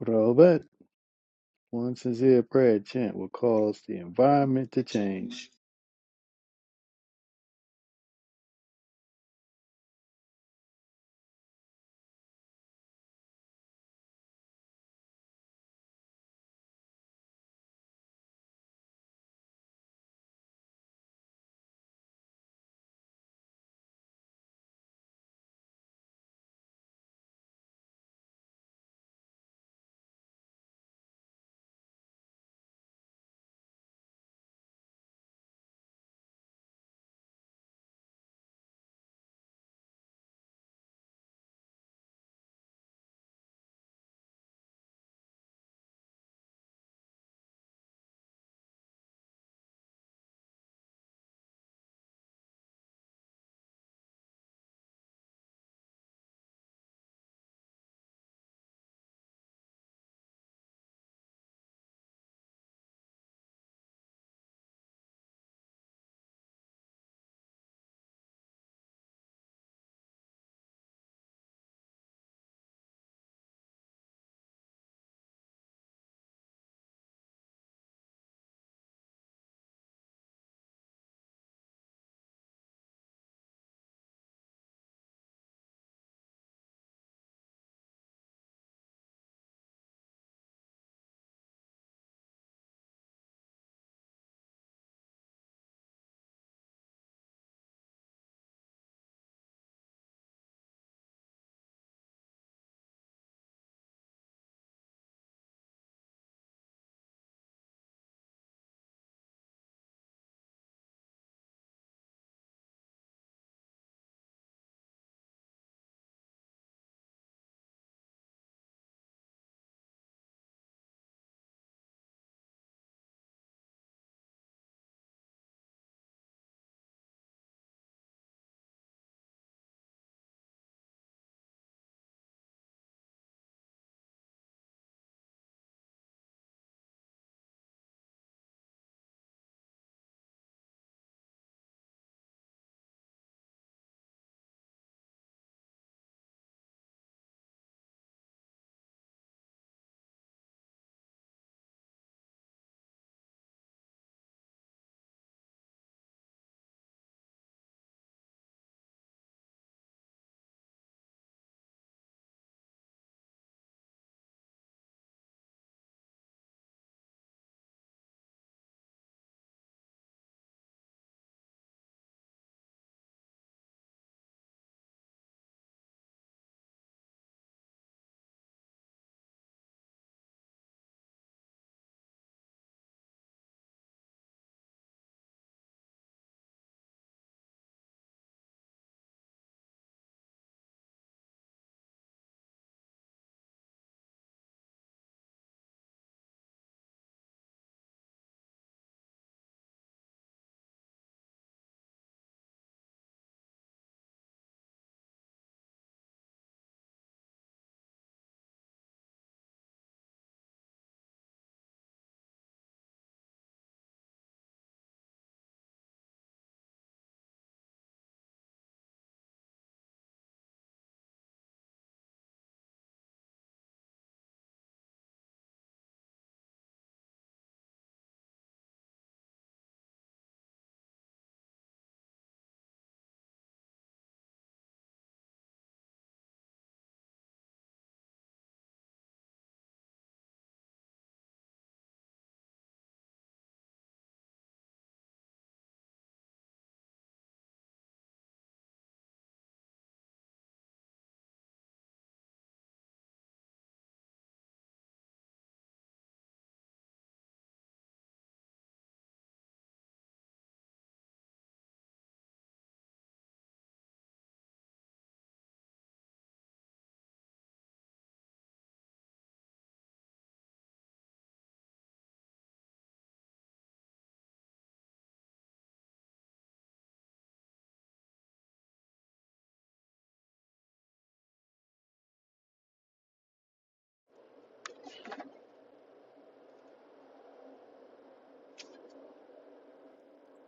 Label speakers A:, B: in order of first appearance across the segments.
A: Robert, one sincere prayer chant will cause the environment to change.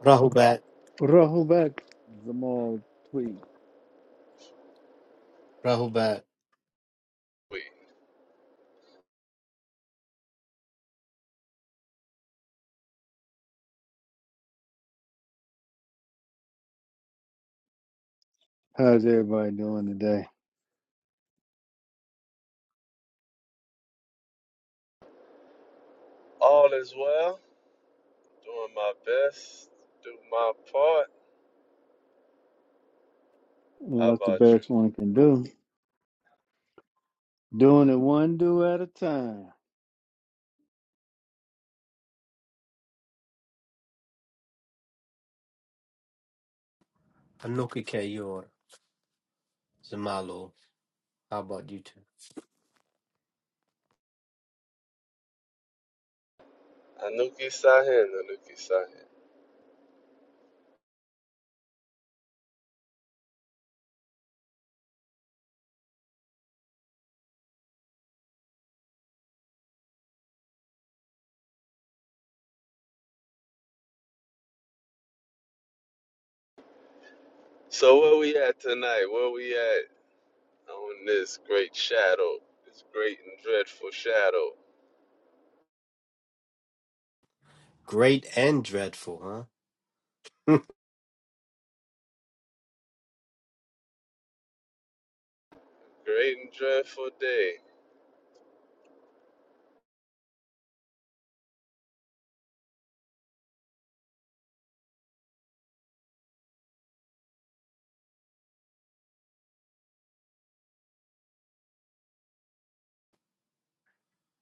B: Rahubat,
A: Rahubat, Zamal, please.
B: Rahubat,
C: We
A: How's everybody doing today?
C: all is well, doing my best, do my part. How
A: Well, that's the
C: about you?
A: best one can do. Doing it one do at a time.
B: Anokikayor, Zamalo. How about you two?
C: Anuki Sahin, Anuki Sahin. So where we at tonight? Where we at on this great shadow, this great and dreadful shadow,
B: Great and dreadful, huh?
C: great and dreadful day?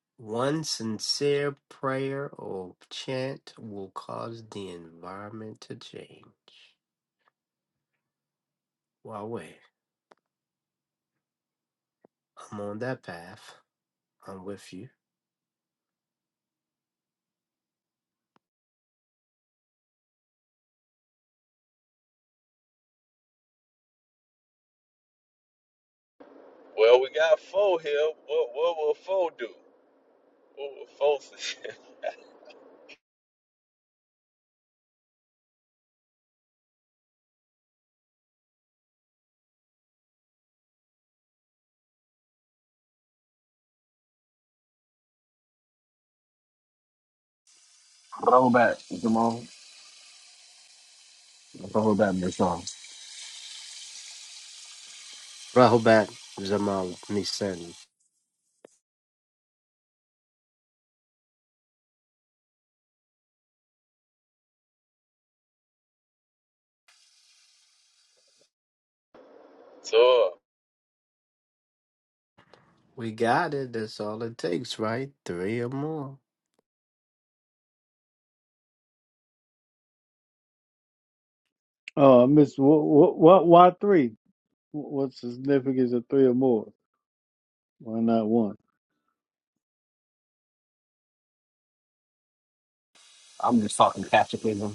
B: One sincere prayer or chant will cause the environment to change. Wawe, I'm on that path. I'm with you.
C: Well, we got four here. What what will four do? What will four say?
D: Roll back, Jamal. Roll back, Michelle.
B: Rahubat, Zamalo, Misani.
C: so,
B: We got it. That's all it takes, right? Three or more.
A: Oh, Miss, what, what, What? why three? Wh- What's the significance of three or more? Why not one?
D: I'm just talking tactically.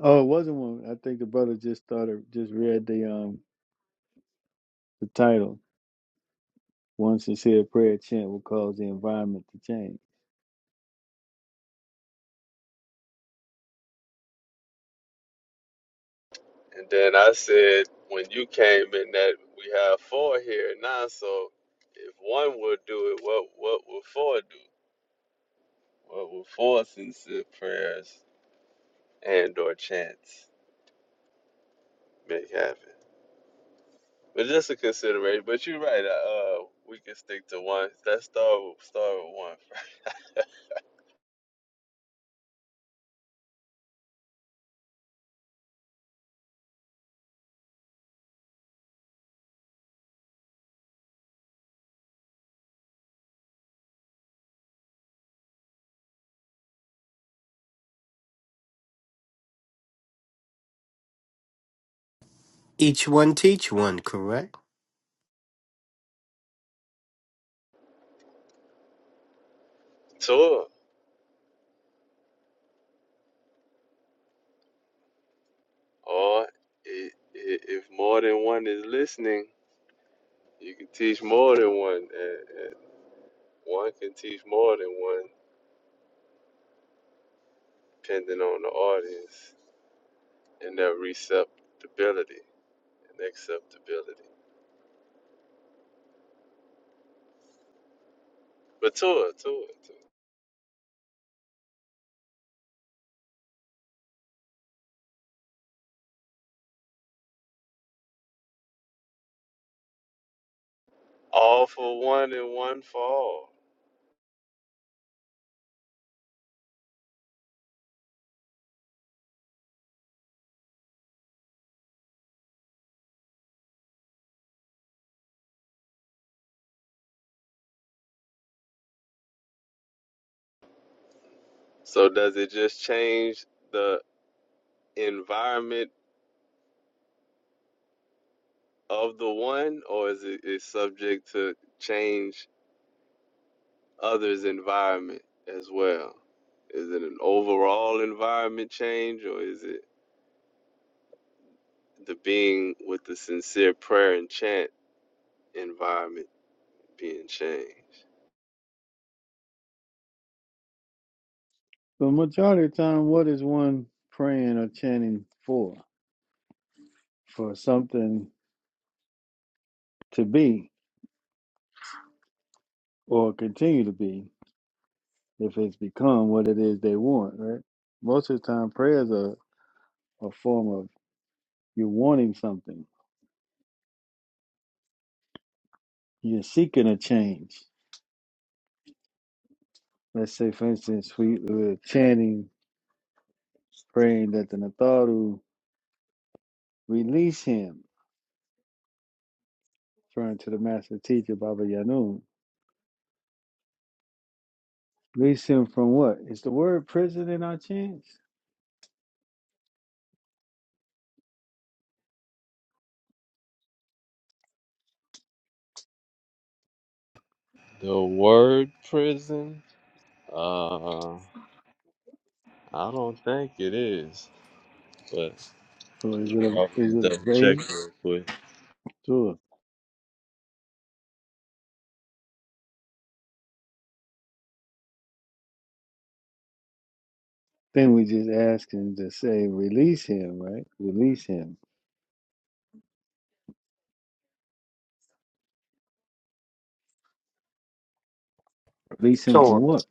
A: Oh, it wasn't one. I think the brother just started, just read the um the title. One sincere prayer chant will cause the environment to change.
C: and then I said when you came in that we have four here now, so if one would do it, what what would four do? Well, will force sincere prayers and or chants make happen? But just a consideration. But you're right. Uh, uh, we can stick to one. Let's start with, start with one
B: Each one teach one, correct?
C: Tour. Or i- i- if more than one is listening, you can teach more than one, and, and one can teach more than one, depending on the audience and their receptibility and acceptability. But tour, tour, tour. All for one and one for all. So does it just change the environment of the one, or is it is subject to change others' environment as well? Is it an overall environment change, or is it the being with the sincere prayer and chant environment being changed?
A: The majority of the time, what is one praying or chanting for? For something to be or continue to be if it's become what it is they want, right? Most of the time, prayers are a form of you're wanting something, you're seeking a change. Let's say, for instance, we were chanting, praying that the Natharu release him, referring to the master teacher, Baba Yanun. Release him from what? Is the word prison in our chants?
C: The word prison? Uh, I don't think it is, but
A: So is
C: we
A: it
C: can
A: a is
C: always
A: it a
C: double check
A: vague?
C: real quick.
A: Then we just ask him to say, release him, right? Release him. Release him from
B: Sure.
A: what?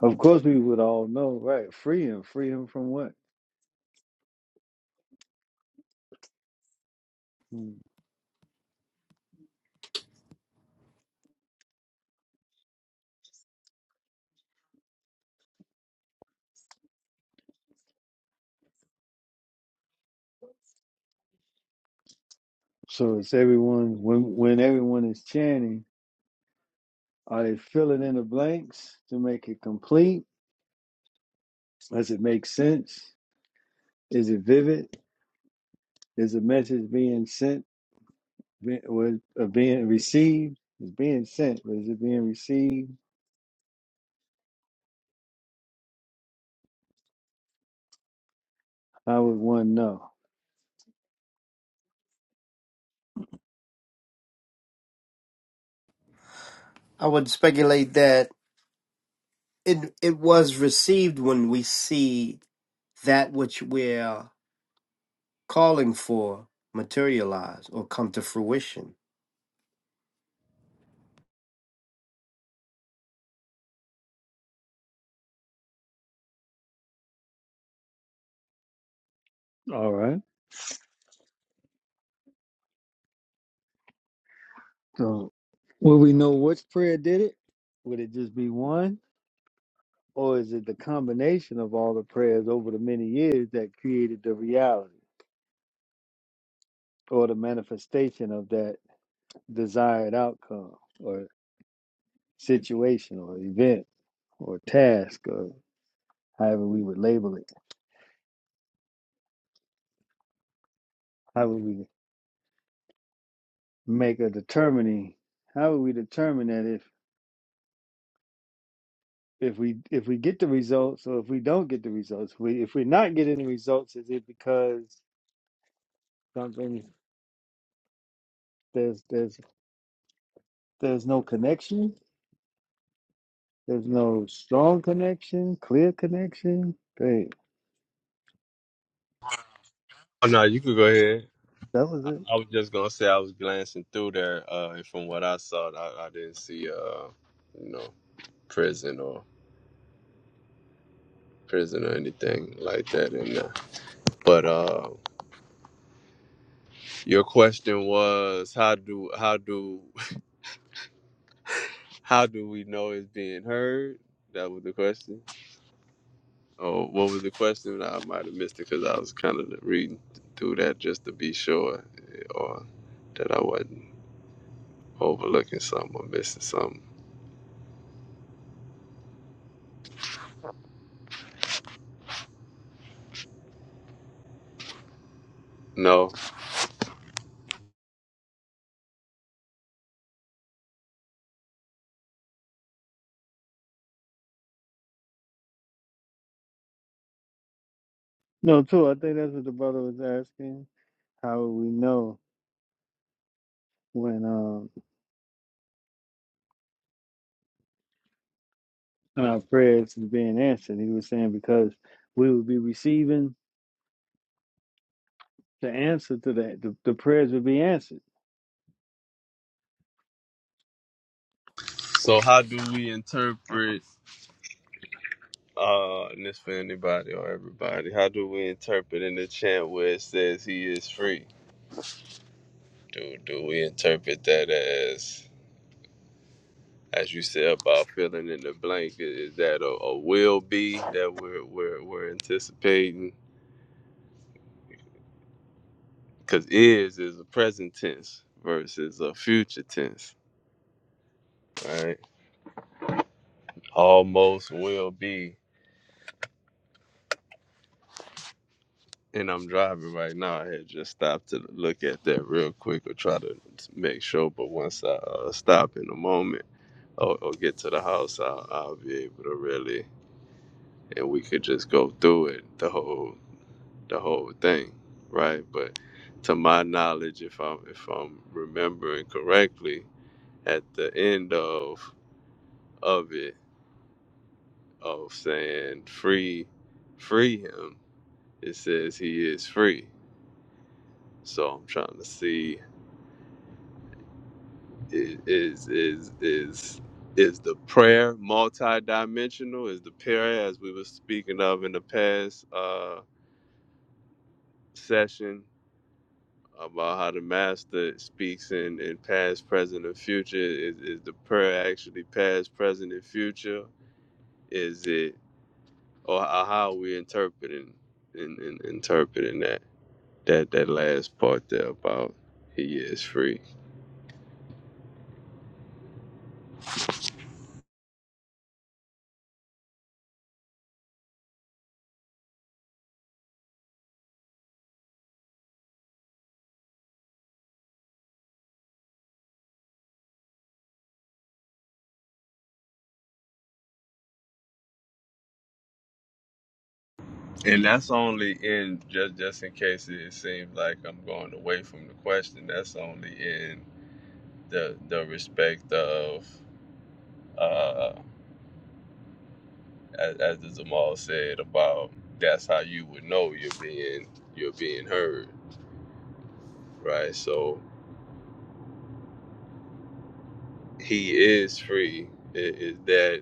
A: Of course, we would all know, right? Free him. Free him from what? Hmm. So it's everyone, when, when everyone is chanting, are they filling in the blanks to make it complete? Does it make sense? Is it vivid? Is the message being sent be- or or being received? It's being sent, but is it being received? How would one know?
B: I would speculate that it it was received when we see that which we're calling for materialize or come to fruition.
A: All right. So, will we know which prayer did it? Would it just be one? Or is it the combination of all the prayers over the many years that created the reality or the manifestation of that desired outcome or situation or event or task or however we would label it? How would we make a determining? How would we determine that if if we if we get the results or if we don't get the results? We if we're not getting the results, is it because something? there's there's There's no connection. There's no strong connection, clear connection. Great.
C: Oh no, you could go ahead.
A: That was it.
C: I was just gonna say I was glancing through there, uh, and from what I saw, I, I didn't see, uh, you know, prison or prison or anything like that in there. But uh, your question was how do how do how do we know it's being heard? That was the question. Oh, what was the question? I might have missed it because I was kind of reading through that just to be sure, eh, or that I wasn't overlooking something or missing something. No.
A: No, too. I think that's what the brother was asking. How would we know when um when our prayers is being answered? He was saying because we would be receiving the answer to that. The, the prayers would be answered.
C: So how do we interpret? Uh, and it's for anybody or everybody. How do we interpret in the chant where it says he is free? Do do we interpret that as as you said about filling in the blank? i- Is that a, a will be that we're we're we're anticipating? Because is is a present tense versus a future tense, right? Almost will be. And I'm driving right now. I had just stopped to look at that real quick or try to make sure. But once I uh, stop in a moment. or, or get to the house, I'll, I'll be able to really, and we could just go through it, the whole, the whole thing, right? But to my knowledge, if I'm if I'm remembering correctly, at the end of of it, of saying free, free him, it says he is free. So I'm trying to see i- is is is is the prayer multidimensional? Is the prayer as we were speaking of in the past? uh, session about how the master speaks in, in past, present, and future. Is, is the prayer actually past, present, and future? Is it or how are we interpreting in, in, interpreting that that that last part there about he is free? And that's only in just just in case it seems like I'm going away from the question. That's only in the the respect of. uh, as, as the Zamal said about that's how you would know you're being you're being heard, right? So he is free. I- Is that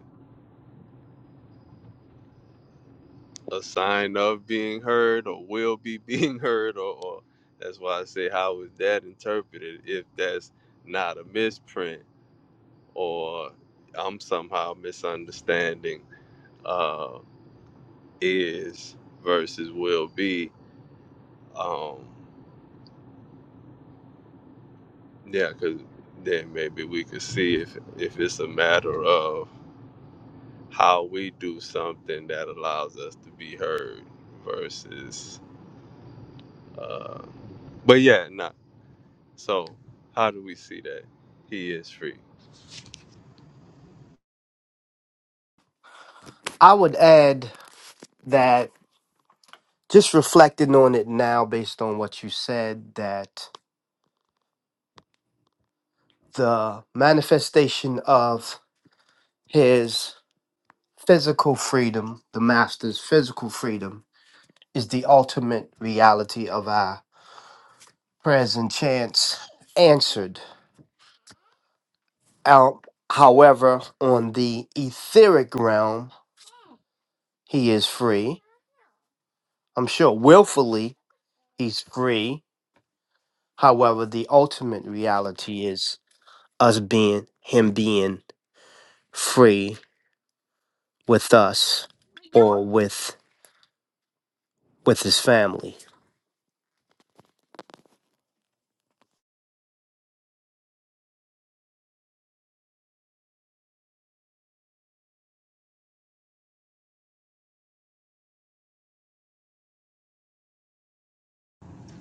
C: a sign of being heard, or will be being heard, or, or that's why I say how is that interpreted if that's not a misprint or I'm somehow misunderstanding uh, is versus will be. Um, Yeah, because then maybe we could see if if it's a matter of how we do something that allows us to be heard versus. Uh, but yeah, not so. How do we see that he is free?
B: I would add that just reflecting on it now based on what you said that the manifestation of his physical freedom, the master's physical freedom is the ultimate reality of our prayers and chants answered Out, however, on the etheric realm, he is free. I'm sure willfully he's free. However, the ultimate reality is us being him being free with us or with with his family.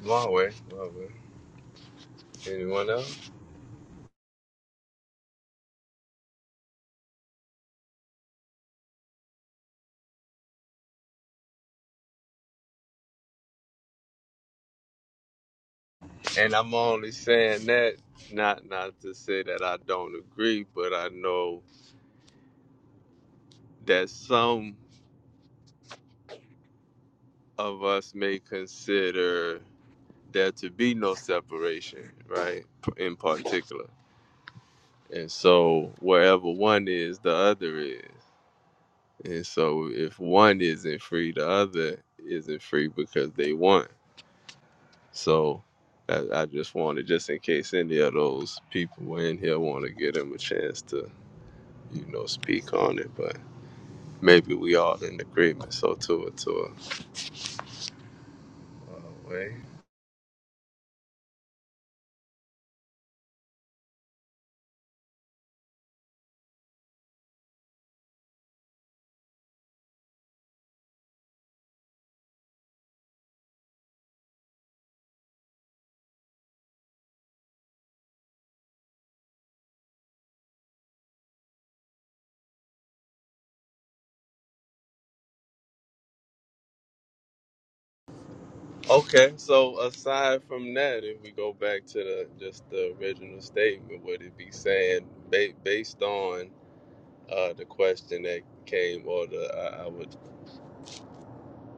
C: Long way, long way. Anyone else? And I'm only saying that not not to say that I don't agree, but I know that some of us may consider there to be no separation, right? In particular And so wherever one is, the other is. And so if one isn't free, the other isn't free because they want. So I, I just wanted, just in case any of those people were in here, want to give them a chance to, you know, speak on it. But maybe we all in agreement. So to it, to it. Right? Okay. So aside from that, if we go back to the just the original statement, what it be saying ba- based on uh, the question that came, or the I, I would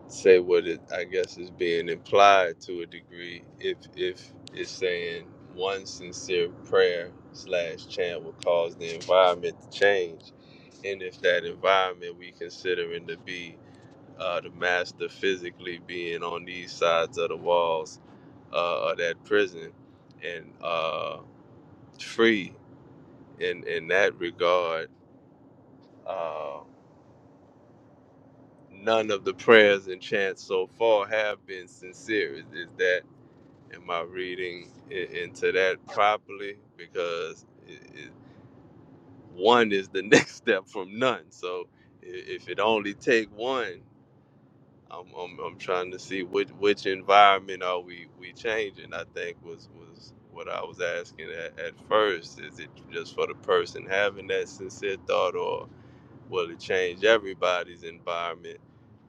C: say what it I guess is being implied to a degree, if if it's saying one sincere prayer slash chant will cause the environment to change, and if that environment we considering to be uh, the master physically being on these sides of the walls uh, of that prison and uh, free in in that regard. Uh, none of the prayers and chants so far have been sincere. Is, is that am I reading i- into that properly? Because i i one is the next step from none. So i- if it only take one, I'm, I'm, I'm trying to see which which environment are we we changing. I think was was what I was asking at, at first. Is it just for the person having that sincere thought, or well, it changed everybody's environment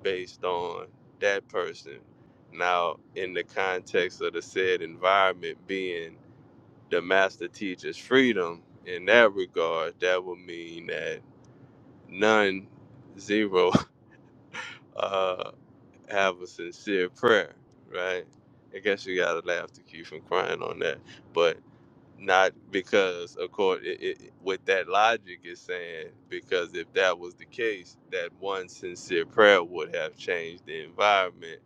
C: based on that person. Now, in the context of the said environment being the master teacher's freedom, in that regard, that would mean that none, zero, uh, have a sincere prayer, right? I guess you gotta laugh to keep from crying on that. But not because of course it, it, with that logic is saying because if that was the case that one sincere prayer would have changed the environment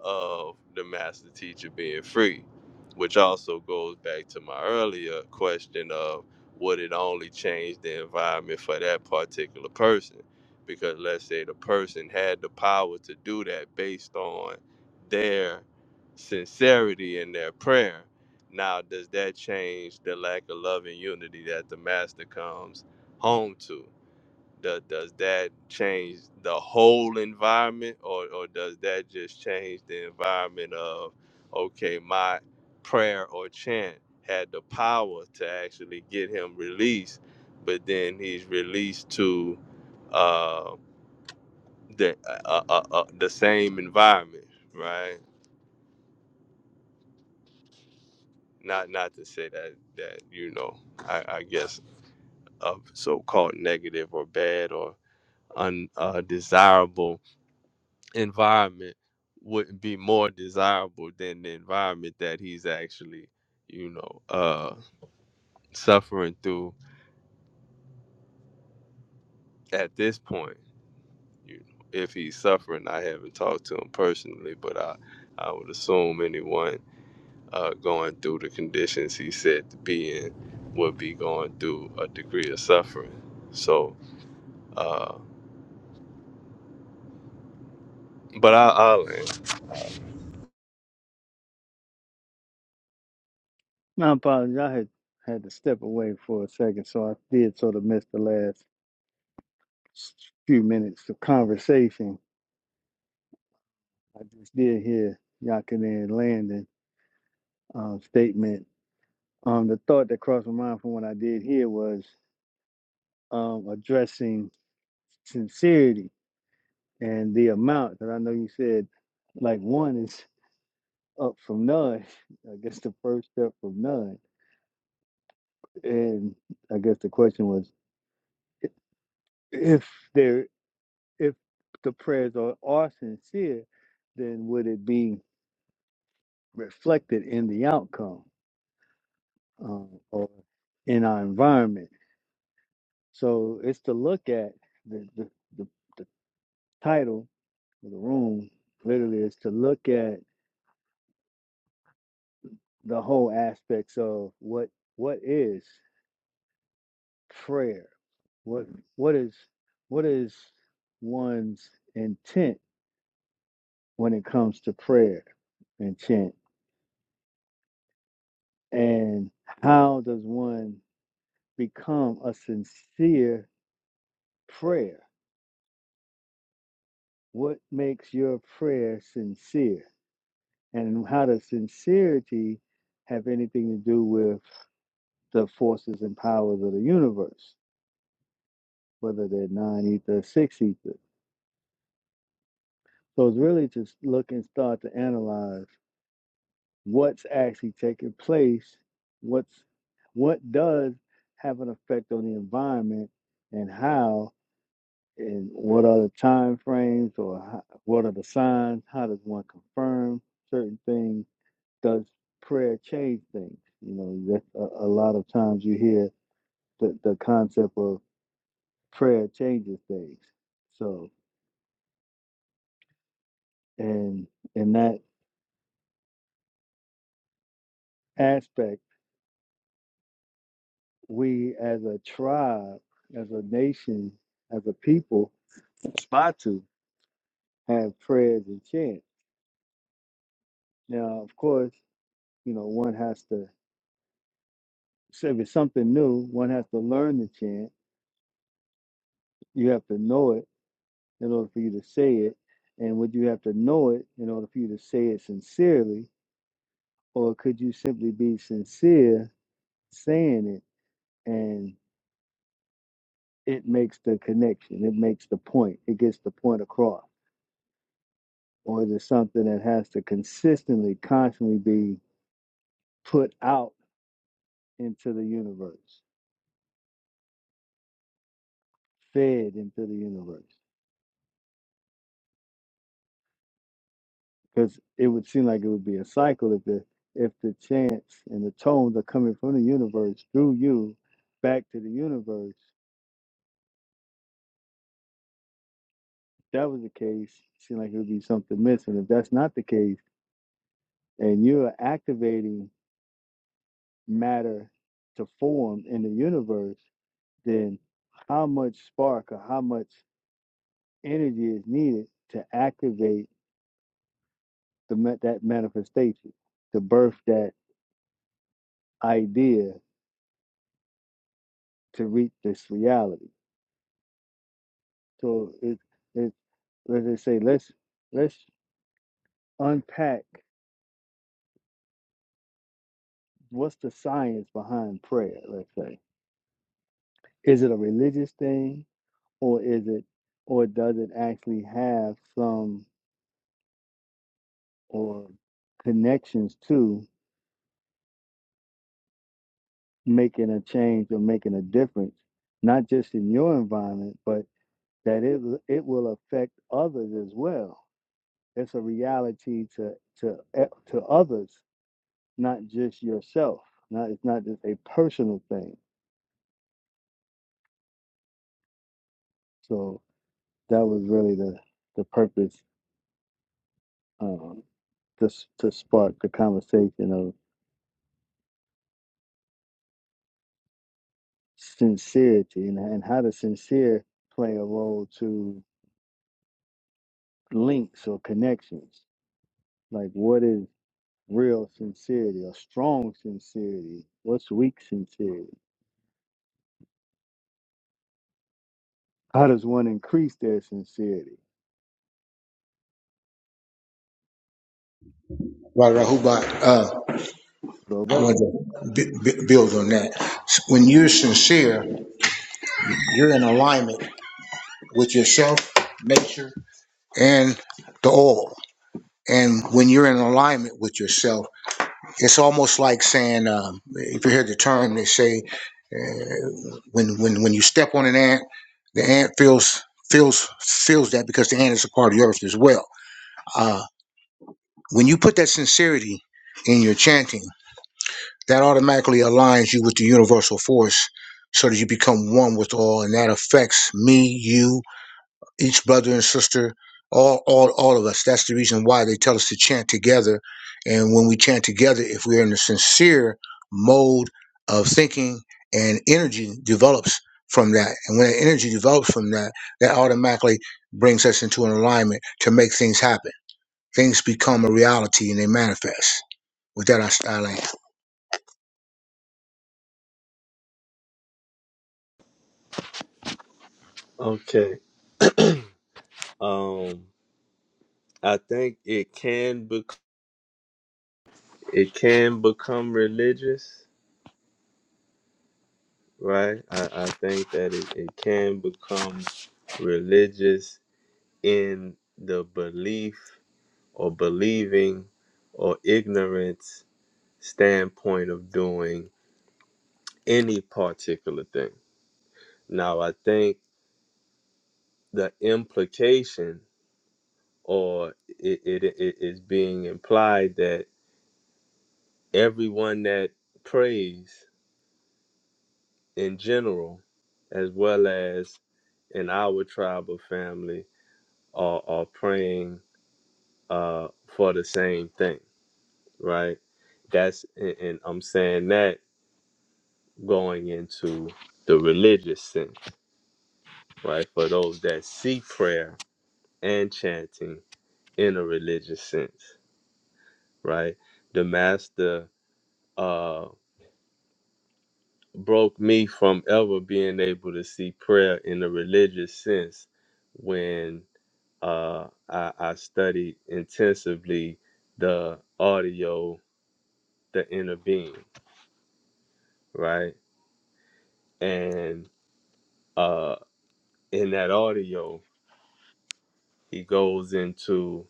C: of the master teacher being free which also goes back to my earlier question of would it only change the environment for that particular person because let's say the person had the power to do that based on their sincerity in their prayer now, does that change the lack of love and unity that the master comes home to? Does, does that change the whole environment, or, or does that just change the environment of, okay, my prayer or chant had the power to actually get him released, but then he's released to uh, the uh, uh, uh, uh, the same environment, right? Not not to say that that you know, I, I guess of so-called negative or bad or undesirable uh, environment wouldn't be more desirable than the environment that he's actually, you know, uh, suffering through at this point. You know, if he's suffering, I haven't talked to him personally, but I, I would assume anyone uh, going through the conditions he said to be in would be going through a degree of suffering. So, uh, but I, I'll end.
A: I apologize. I had had to step away for a second, so I did sort of miss the last s- few minutes of conversation. I just did hear Yakinan Landon um, statement Um, the thought that crossed my mind from what I did here was um, addressing sincerity and the amount that I know you said, like one is up from none. I guess the first step from none, and I guess the question was if there if the prayers are, are sincere, then would it be reflected in the outcome um, or in our environment? So it's to look at the the, the, the title the room literally is to look at the whole aspects of what what is prayer what what is what is one's intent when it comes to prayer and chant and how does one become a sincere prayer what makes your prayer sincere and how does sincerity have anything to do with the forces and powers of the universe whether they're nine ether or six ether. So it's really just look and start to analyze what's actually taking place, what's what does have an effect on the environment, and how, and what are the time frames, or how, what are the signs? How does one confirm certain things? Does prayer change things? You know, that's a, a lot of times you hear the, the concept of prayer changes things. So, and in that aspect we as a tribe, as a nation, as a people, aspire to have prayers and chants. Now, of course, you know, one has to, so if it's something new, one has to learn the chant. You have to know it in order for you to say it. And would you have to know it in order for you to say it sincerely? Or could you simply be sincere saying it and it makes the connection? It makes the point. It gets the point across or is it something that has to consistently, constantly be put out into the universe, fed into the universe? Because it would seem like it would be a cycle if the if the chants and the tones are coming from the universe through you back to the universe. If that was the case, it seemed like it would be something missing. If that's not the case, and you're activating matter to form in the universe, then how much spark or how much energy is needed to activate the that manifestation, to birth that idea to reach this reality. So it it let's say let's let's unpack what's the science behind prayer. Let's say is it a religious thing or is it or does it actually have some or connections to making a change or making a difference, not just in your environment, but that it it will affect others as well. It's a reality to to e- to others, not just yourself. Not it's not just a personal thing. So that was really the the purpose um, to to spark the conversation of sincerity and and how does sincere play a role to links or connections? Like what is real sincerity or strong sincerity? What's weak sincerity? How does one increase their sincerity?
E: Right, right. Hubat, uh,
A: Well,
E: I
A: that's
E: want to b- b- build on that. When you're sincere, you're in alignment with yourself, nature, and the all. And when you're in alignment with yourself, it's almost like saying, um, if you hear the term, they say, uh, when when when you step on an ant, the ant feels feels feels that because the ant is a part of the earth as well. Uh, when you put that sincerity in your chanting. that automatically aligns you with the universal force so that you become one with all and that affects me you each brother and sister all all all of us that's the reason why they tell us to chant together and when we chant together if we're in a sincere mode of thinking and energy develops from that and when that energy develops from that that automatically brings us into an alignment to make things happen things become a reality and they manifest with that i, I land.
C: Okay. Um. I think it can bec- it can become religious, right? I, I think that it, it can become religious in the belief or believing or ignorance standpoint of doing any particular thing. Now I think the implication or it, it it is being implied that everyone that prays in general, as well as in our tribe of family, are, are praying uh, for the same thing, right? That's and and I'm saying that going into the religious sense, right? For those that see prayer and chanting in a religious sense, right? The master uh, broke me from ever being able to see prayer in a religious sense when uh, I, I studied intensively the audio, the inner being, right? And uh, in that audio, he goes into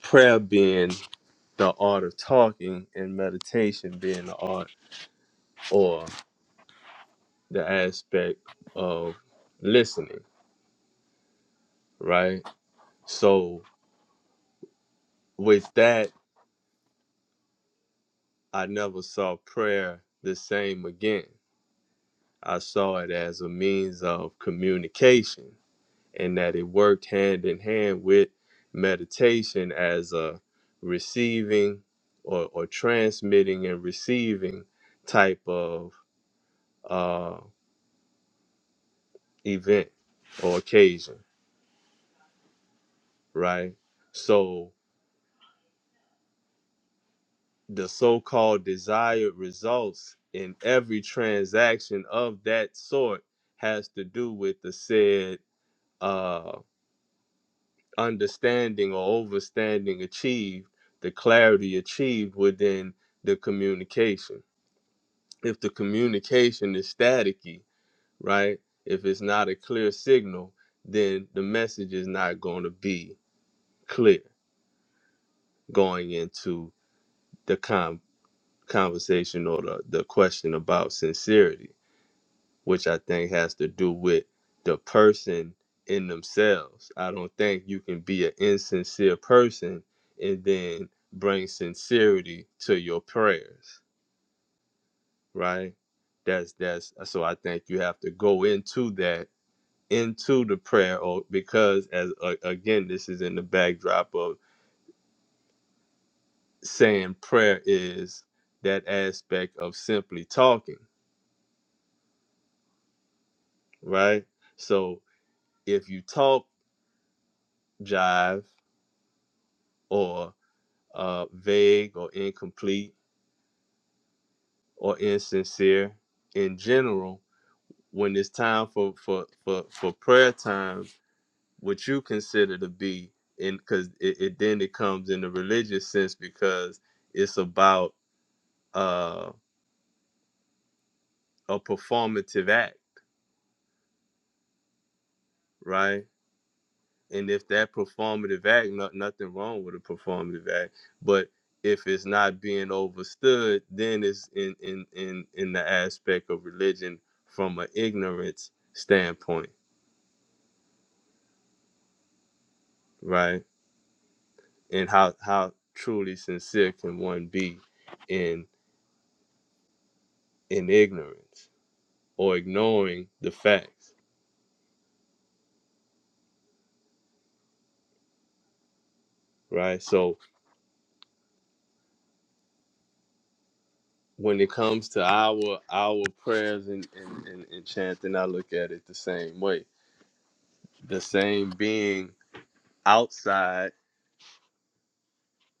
C: prayer being the art of talking and meditation being the art or the aspect of listening, right? So, with that, I never saw prayer the same again. I saw it as a means of communication and that it worked hand in hand with meditation as a receiving or, or transmitting and receiving type of uh, event or occasion, right? So the so called desired results in every transaction of that sort has to do with the said uh, understanding or overstanding achieved, the clarity achieved within the communication. If the communication is staticky, right? If it's not a clear signal, then the message is not going to be clear going into the con- conversation or the, the question about sincerity which I think has to do with the person in themselves. I don't think you can be an insincere person and then bring sincerity to your prayers, right? That's that's so I think you have to go into that into the prayer or because as uh, again this is in the backdrop of saying prayer is that aspect of simply talking, right? So if you talk jive or uh, vague or incomplete or insincere in general when it's time for for for, for prayer time what you consider to be and because it, it then it comes in the religious sense because it's about uh, a performative act right and if that performative act, not, nothing wrong with a performative act, but if it's not being overstood, then it's in in in in the aspect of religion from an ignorance standpoint, right? And how how truly sincere can one be in in ignorance or ignoring the facts, right? So when it comes to our our prayers and and, and, and chanting, I look at it the same way. The same being outside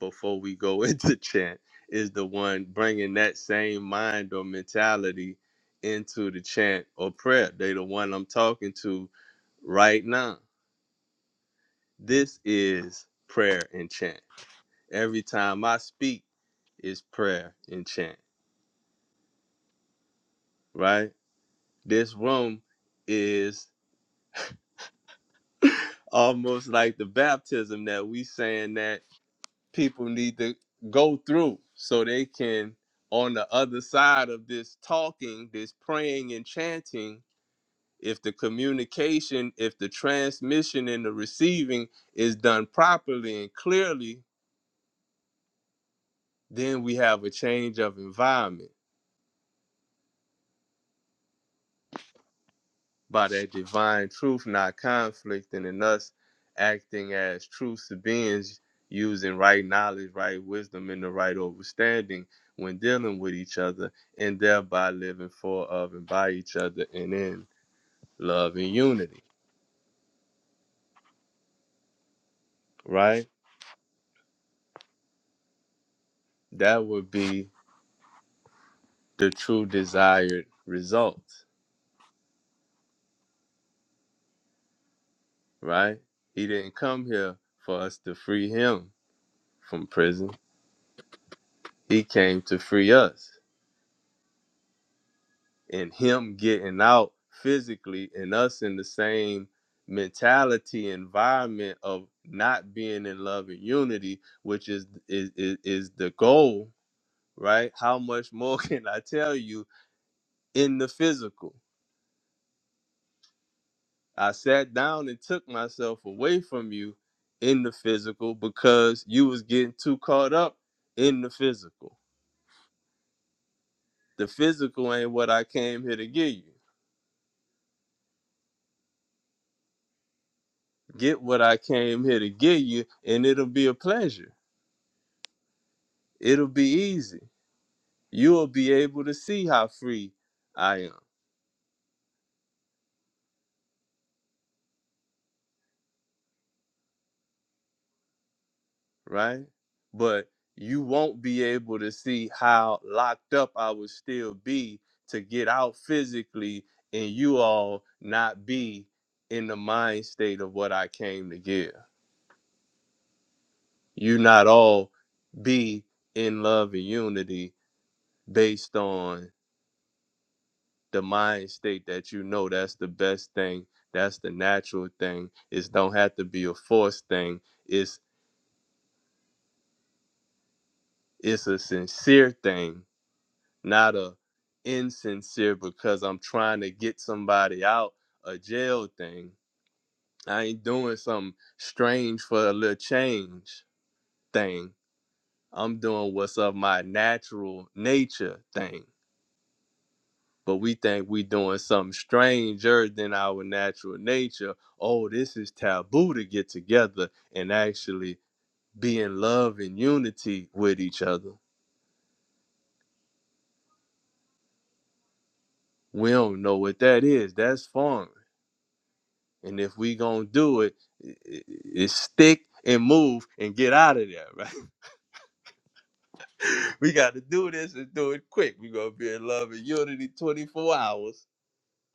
C: before we go into chant is the one bringing that same mind or mentality into the chant or prayer. They the one I'm talking to right now. This is prayer and chant. Every time I speak is prayer and chant, right? This room is almost like the baptism that we saying that people need to go through so they can on the other side of this talking this praying and chanting if the communication if the transmission and the receiving is done properly and clearly then we have a change of environment by that divine truth not conflicting in us acting as true to beings using right knowledge right wisdom and the right understanding when dealing with each other and thereby living for of and by each other and in love and unity right that would be the true desired result right he didn't come here for us to free him from prison he came to free us and him getting out physically and us in the same mentality environment of not being in love and unity which is is is, is the goal right how much more can i tell you in the physical i sat down and took myself away from you in the physical because you was getting too caught up in the physical the physical ain't what i came here to give you get what i came here to give you and it'll be a pleasure it'll be easy. You'll be able to see how free I am, right? But you won't be able to see how locked up I would still be to get out physically and you all not be in the mind state of what I came to give. You not all be in love and unity based on the mind state that you know that's the best thing, that's the natural thing. It don't have to be a forced thing It's it's a sincere thing, not a insincere because I'm trying to get somebody out a jail thing. I ain't doing some strange for a little change thing. I'm doing what's of my natural nature thing. But we think we doing something stranger than our natural nature. Oh, this is taboo to get together and actually be in love and unity with each other. We don't know what that is. That's foreign. And if we gonna do it, i- it's stick and move and get out of there, right? we got to do this and do it quick. We gonna be in love and unity 24 hours.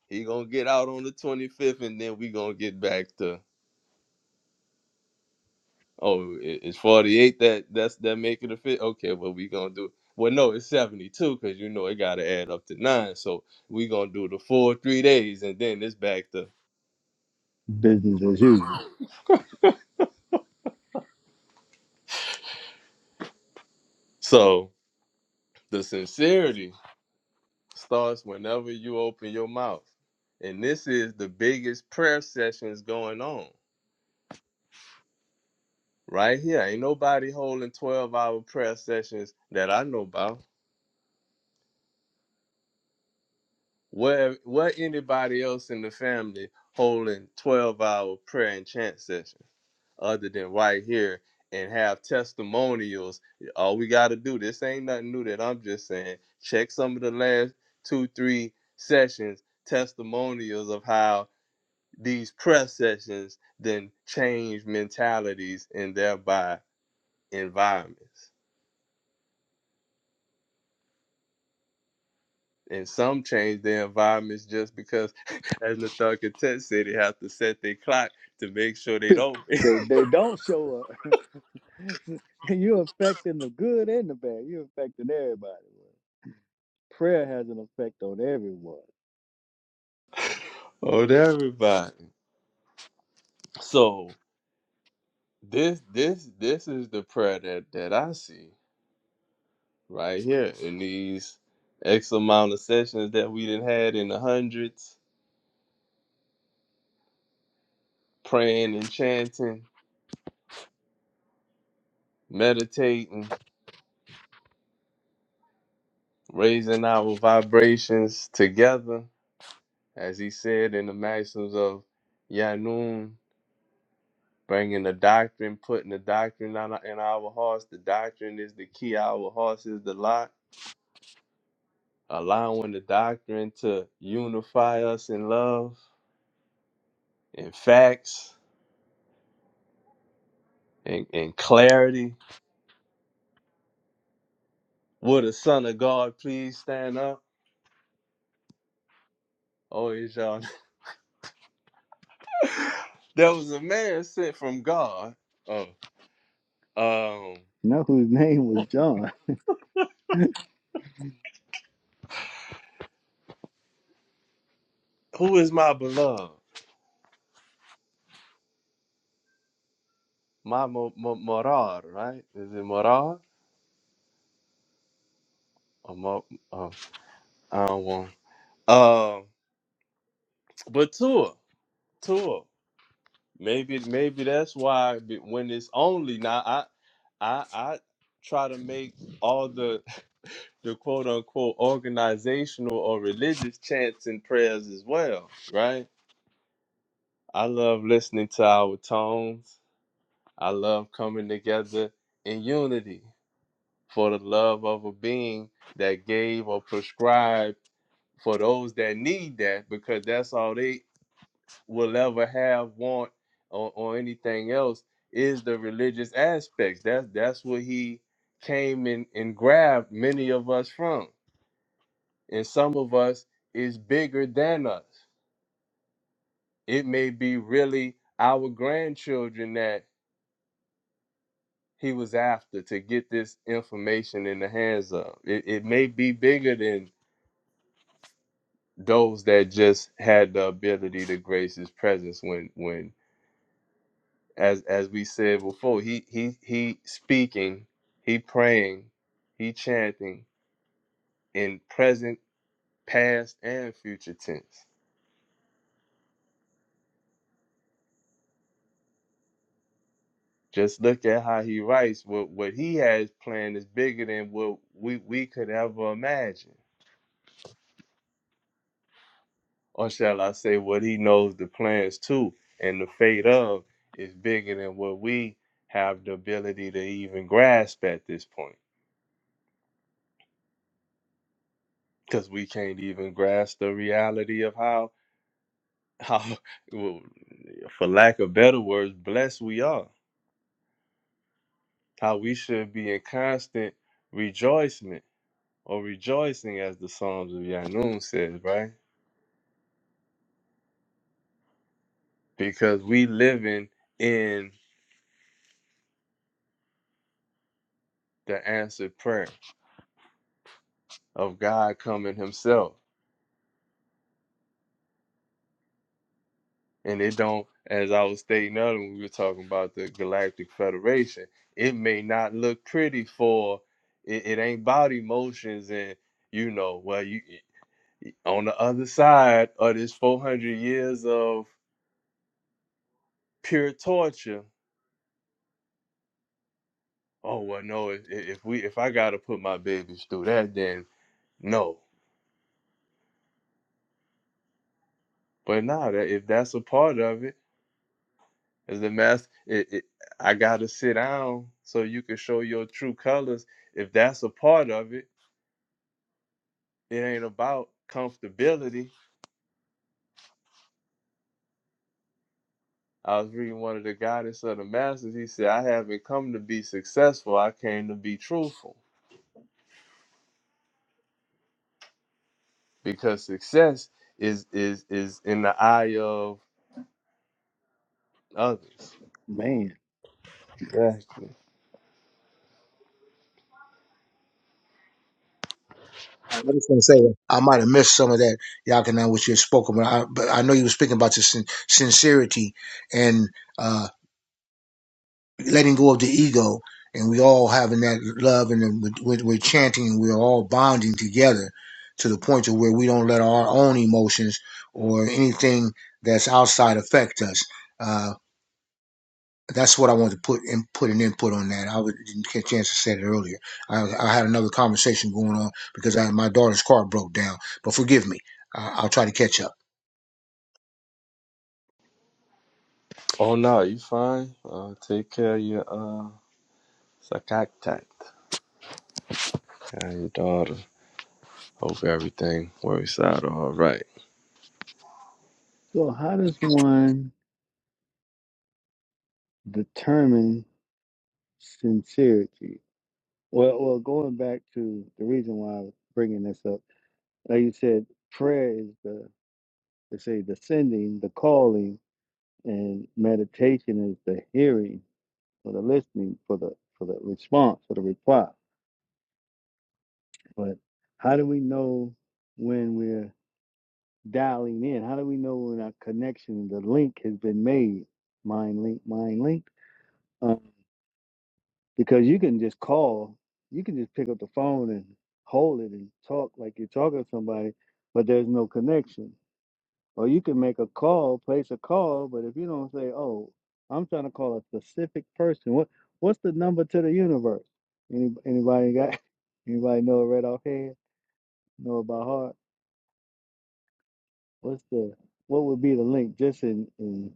C: He gonna get out on the 25th, and then we gonna get back to oh, i- it's 48 that that's that make it a fit. Okay, well we gonna do. Well, no, it's 72 because you know it gotta add up to nine. So we gonna do the full three days, and then it's back to
A: business as usual.
C: so the sincerity starts whenever you open your mouth. And this is the biggest prayer sessions going on right here. Ain't nobody holding 12 hour prayer sessions that I know about. Where what anybody else in the family holding 12 hour prayer and chant sessions other than right here and have testimonials. All we gotta do, this ain't nothing new that I'm just saying. Check some of the last two, three sessions, testimonials of how these prayer sessions then change mentalities and thereby environments. And some change their environments just because, as Nathal Content said, they have to set their clock to make sure they don't
A: They they don't show up. You're affecting the good and the bad. You're affecting everybody. Prayer has an effect on everyone.
C: hold everybody. So this this this is the prayer that that I see right here in these X amount of sessions that we didn't had in the hundreds, praying and chanting, meditating raising our vibrations together, as he said in the maxims of Yanun, bringing the doctrine, putting the doctrine on, in our hearts. The doctrine is the key. Our hearts is the lock. Allowing the doctrine to unify us in love, in facts, and in, in clarity. Would a Son of God please stand up? Oh, is y'all. there was a man sent from God. Oh, um,
A: Now whose name was John?
C: who is my beloved? Ma Mo- Mo- Morar, right? Is it Morar or Mo? Oh, I don't want. Um, but Tua, Tua, maybe maybe that's why be- when it's only now, I I I try to make all the the quote unquote organizational or religious chants and prayers as well, right? I love listening to our tones. I love coming together in unity for the love of a being that gave or prescribed for those that need that because that's all they will ever have want or, or anything else is the religious aspects that's that's what he came and and grabbed many of us from and some of us is bigger than us it may be really our grandchildren that he was after to get this information in the hands of it, it may be bigger than those that just had the ability to grace his presence when when as as we said before, he he he speaking, he praying, he chanting in present, past, and future tense. Just look at how he writes. What what he has planned is bigger than what we we could ever imagine, or shall I say, what he knows the plans to and the fate of is bigger than what we have the ability to even grasp at this point, because we can't even grasp the reality of how how, well, for lack of better words, blessed we are. How we should be in constant rejoicing or rejoicing, as the Psalms of Yanun says, right? Because we living in the answered prayer of God coming Himself, and it don't. As I was stating earlier, when we were talking about the Galactic Federation, it may not look pretty for it, it ain't about emotions and you know well you on the other side of this 400 years of pure torture oh well no if, if we if i gotta put my babies through that then no but nah, that if that's a part of it as the master it, it, i gotta sit down so you can show your true colors if that's a part of it it ain't about comfortability i was reading one of the guidance of the masters he said i haven't come to be successful i came to be truthful because success is is is in the eye of others.
A: Man.
C: Exactly.
E: I just going to say I might have missed some of that, Yakana, which you had spoken, but I, but I know you were speaking about your sin- sincerity and uh, letting go of the ego, and we all having that love, and then we- we- we're chanting, and we're all bonding together to the point to where we don't let our own emotions or anything that's outside affect us. Uh, that's what I wanted to put in, put an input on that. I would, didn't get a chance to say it earlier. I, I had another conversation going on because I, my daughter's car broke down. But forgive me. I, I'll try to catch up.
C: Oh no, you fine? Uh, take care of your uh sacatat and your daughter. Hope everything works out all right.
A: So how does one determine sincerity? Well, well, going back to the reason why I was bringing this up, like you said, prayer is the they say the sending, the calling, and meditation is the hearing for the listening, for the for the response, for the reply. But how do we know when we're dialing in? How do we know when our connection, the link has been made? Mind link, mind link. Um, because you can just call, you can just pick up the phone and hold it and talk like you're talking to somebody, but there's no connection. Or you can make a call, place a call, but if you don't say, "Oh, I'm trying to call a specific person," what what's the number to the universe? Any, anybody got? Anybody know it right off hand? Know it by heart? What's the what would be the link? Just in, in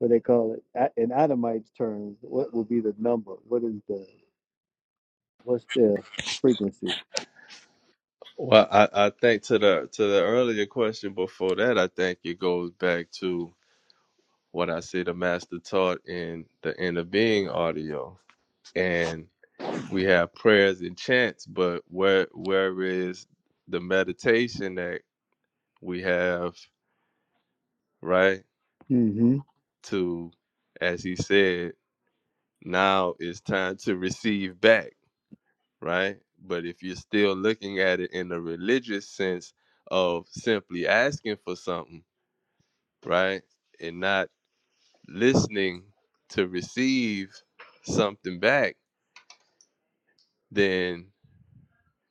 A: what they call it a- in Adamite's terms, what would be the number? What is the what's the frequency?
C: Well, I, I think to the to the earlier question before that, I think it goes back to what I see the master taught in the inner being audio. And we have prayers and chants, but where where is the meditation that we have right
A: Mm-hmm.
C: to as he said now it's time to receive back right but if you're still looking at it in the religious sense of simply asking for something right and not listening to receive something back then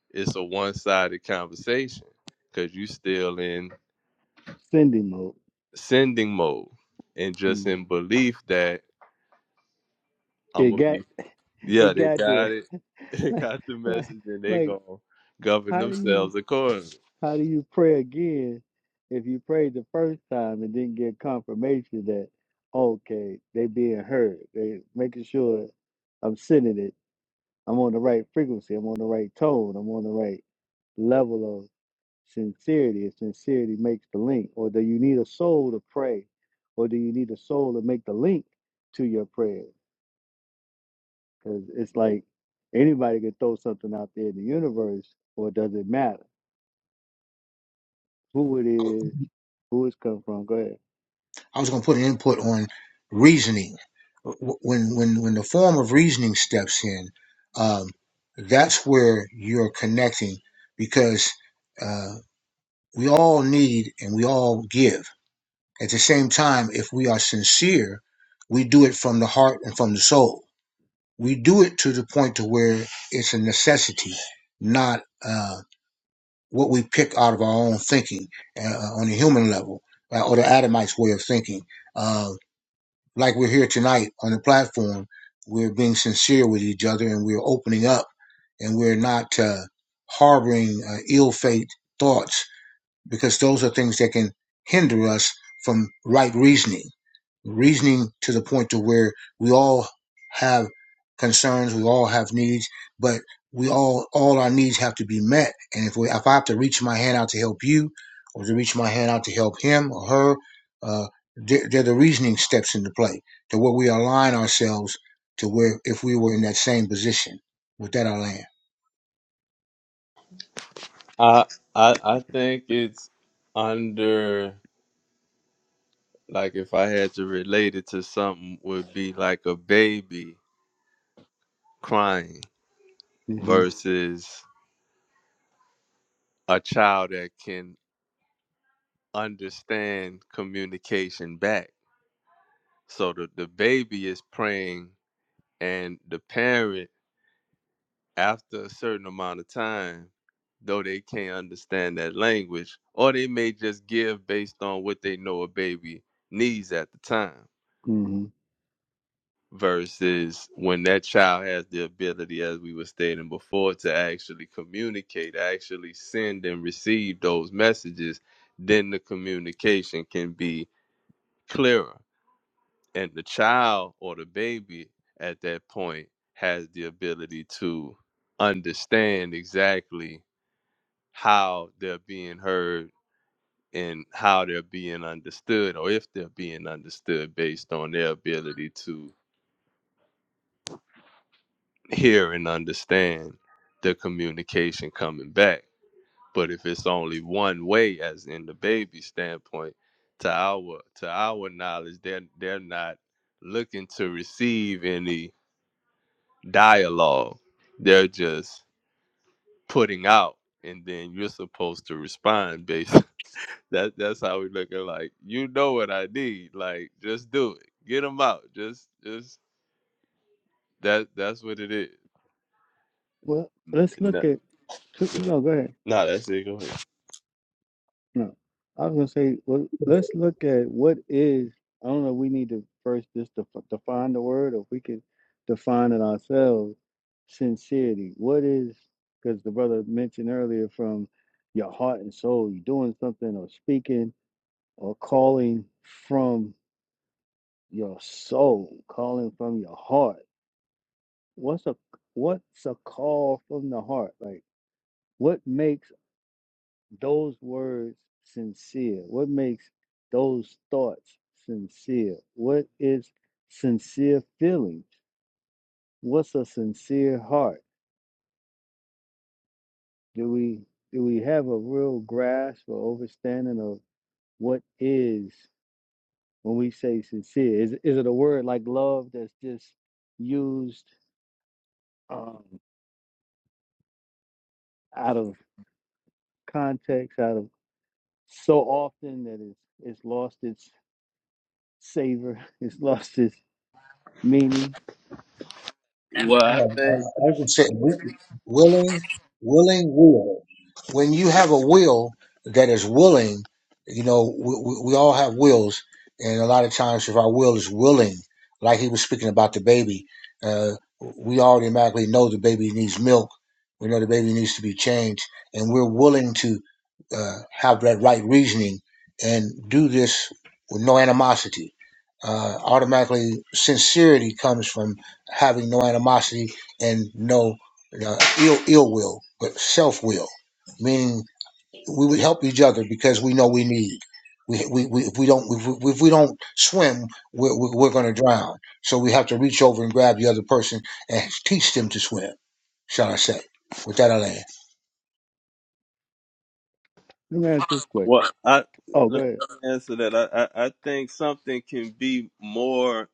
C: it's a one-sided conversation because you are still in
A: Sending mode.
C: sending mode and just
A: Mm.
C: in belief that i'm
A: It
C: gonna
A: got
C: be Yeah,
A: it
C: they
A: got
C: got
A: there.
C: it. They
A: Like
C: got the
A: like
C: message, and they
A: like
C: gonna govern
A: how do you?
C: themselves accordingly.
A: How do you pray again if you prayed the first time and didn't get confirmation that okay, they being heard. They making sure I'm sending it. I'm on the right frequency. I'm on the right tone. I'm on the right level of sincerity. If sincerity makes the link, or do you need a soul to pray, or do you need a soul to make the link to your prayer? Because it's like anybody can throw something out there in the universe, or does it matter who it is, who it's come from? Go ahead.
E: I was going to put an input on reasoning. When when when the form of reasoning steps in, um, that's where you're connecting because uh, we all need and we all give. At the same time, if we are sincere, we do it from the heart and from the soul. We do it to the point to where it's a necessity, not uh, what we pick out of our own thinking uh, on the human level uh, or the Adamite's way of thinking. Uh, like we're here tonight on the platform, we're being sincere with each other and we're opening up and we're not uh, harboring uh, ill fate thoughts because those are things that can hinder us from right reasoning, reasoning to the point to where we all have concerns, we all have needs, but we all all our needs have to be met. And if we, if I have to reach my hand out to help you, or to reach my hand out to help him or her, uh, they're, they're the reasoning steps into play to where we align ourselves to where if we were in that same position. With that, I land.
C: I I I think it's under like if I had to relate it to something, would be like a baby crying
A: hmm
C: versus a child that can understand communication back. So the the baby is praying, and the parent after a certain amount of time, though they can't understand that language, or they may just give based on what they know a baby needs at the time,
A: hmm
C: versus when that child has the ability, as we were stating before, to actually communicate, actually send and receive those messages, then the communication can be clearer. And the child or the baby at that point has the ability to understand exactly how they're being heard and how they're being understood or if they're being understood based on their ability to hear and understand the communication coming back but if it's only one way as in the baby standpoint to our to our knowledge they're they're not looking to receive any dialogue they're just putting out and then you're supposed to respond based That that's how we looking like, you know what I need. Like, just do it. Get them out. Just just that that's what it is.
A: Well, let's look
C: No,
A: at two, no, go ahead.
C: nah, that's it. Go ahead.
A: No, I was gonna say, well, let's look at what is. I don't know. We need to first just def- define the word, or if we could define it ourselves. Sincerity. What is? Because the brother mentioned earlier, from your heart and soul, you're doing something or speaking or calling from your soul, calling from your heart. What's a what's a call from the heart? Like what makes those words sincere? What makes those thoughts sincere? What is sincere feelings? What's a sincere heart? Do we do we have a real grasp or understanding of what is when we say sincere? Is is it a word like love that's just used um, out of context, out of so often that it's it's lost its savor, it's lost its meaning?
C: Well,
E: Um,
C: I
E: I
C: think
E: I would say wi- willing, willing will. When you have a will that is willing, you know, we, we we all have wills, and a lot of times if our will is willing, like he was speaking about the baby, uh, we automatically know the baby needs milk. We know the baby needs to be changed, and we're willing to uh, have that right reasoning and do this with no animosity. Uh, automatically, sincerity comes from having no animosity and no uh, ill ill will, but self will, meaning we would help each other because we know we need. We, we, we, if we don't if we, if we don't swim, we're, we're, we're going to drown. So we have to reach over and grab the other person and teach them to swim. Shall I say? With that, I land.
A: Let me ask this question
C: well, I
A: Oh, go
C: let
A: ahead.
C: me answer that. I, I, I think something can be more,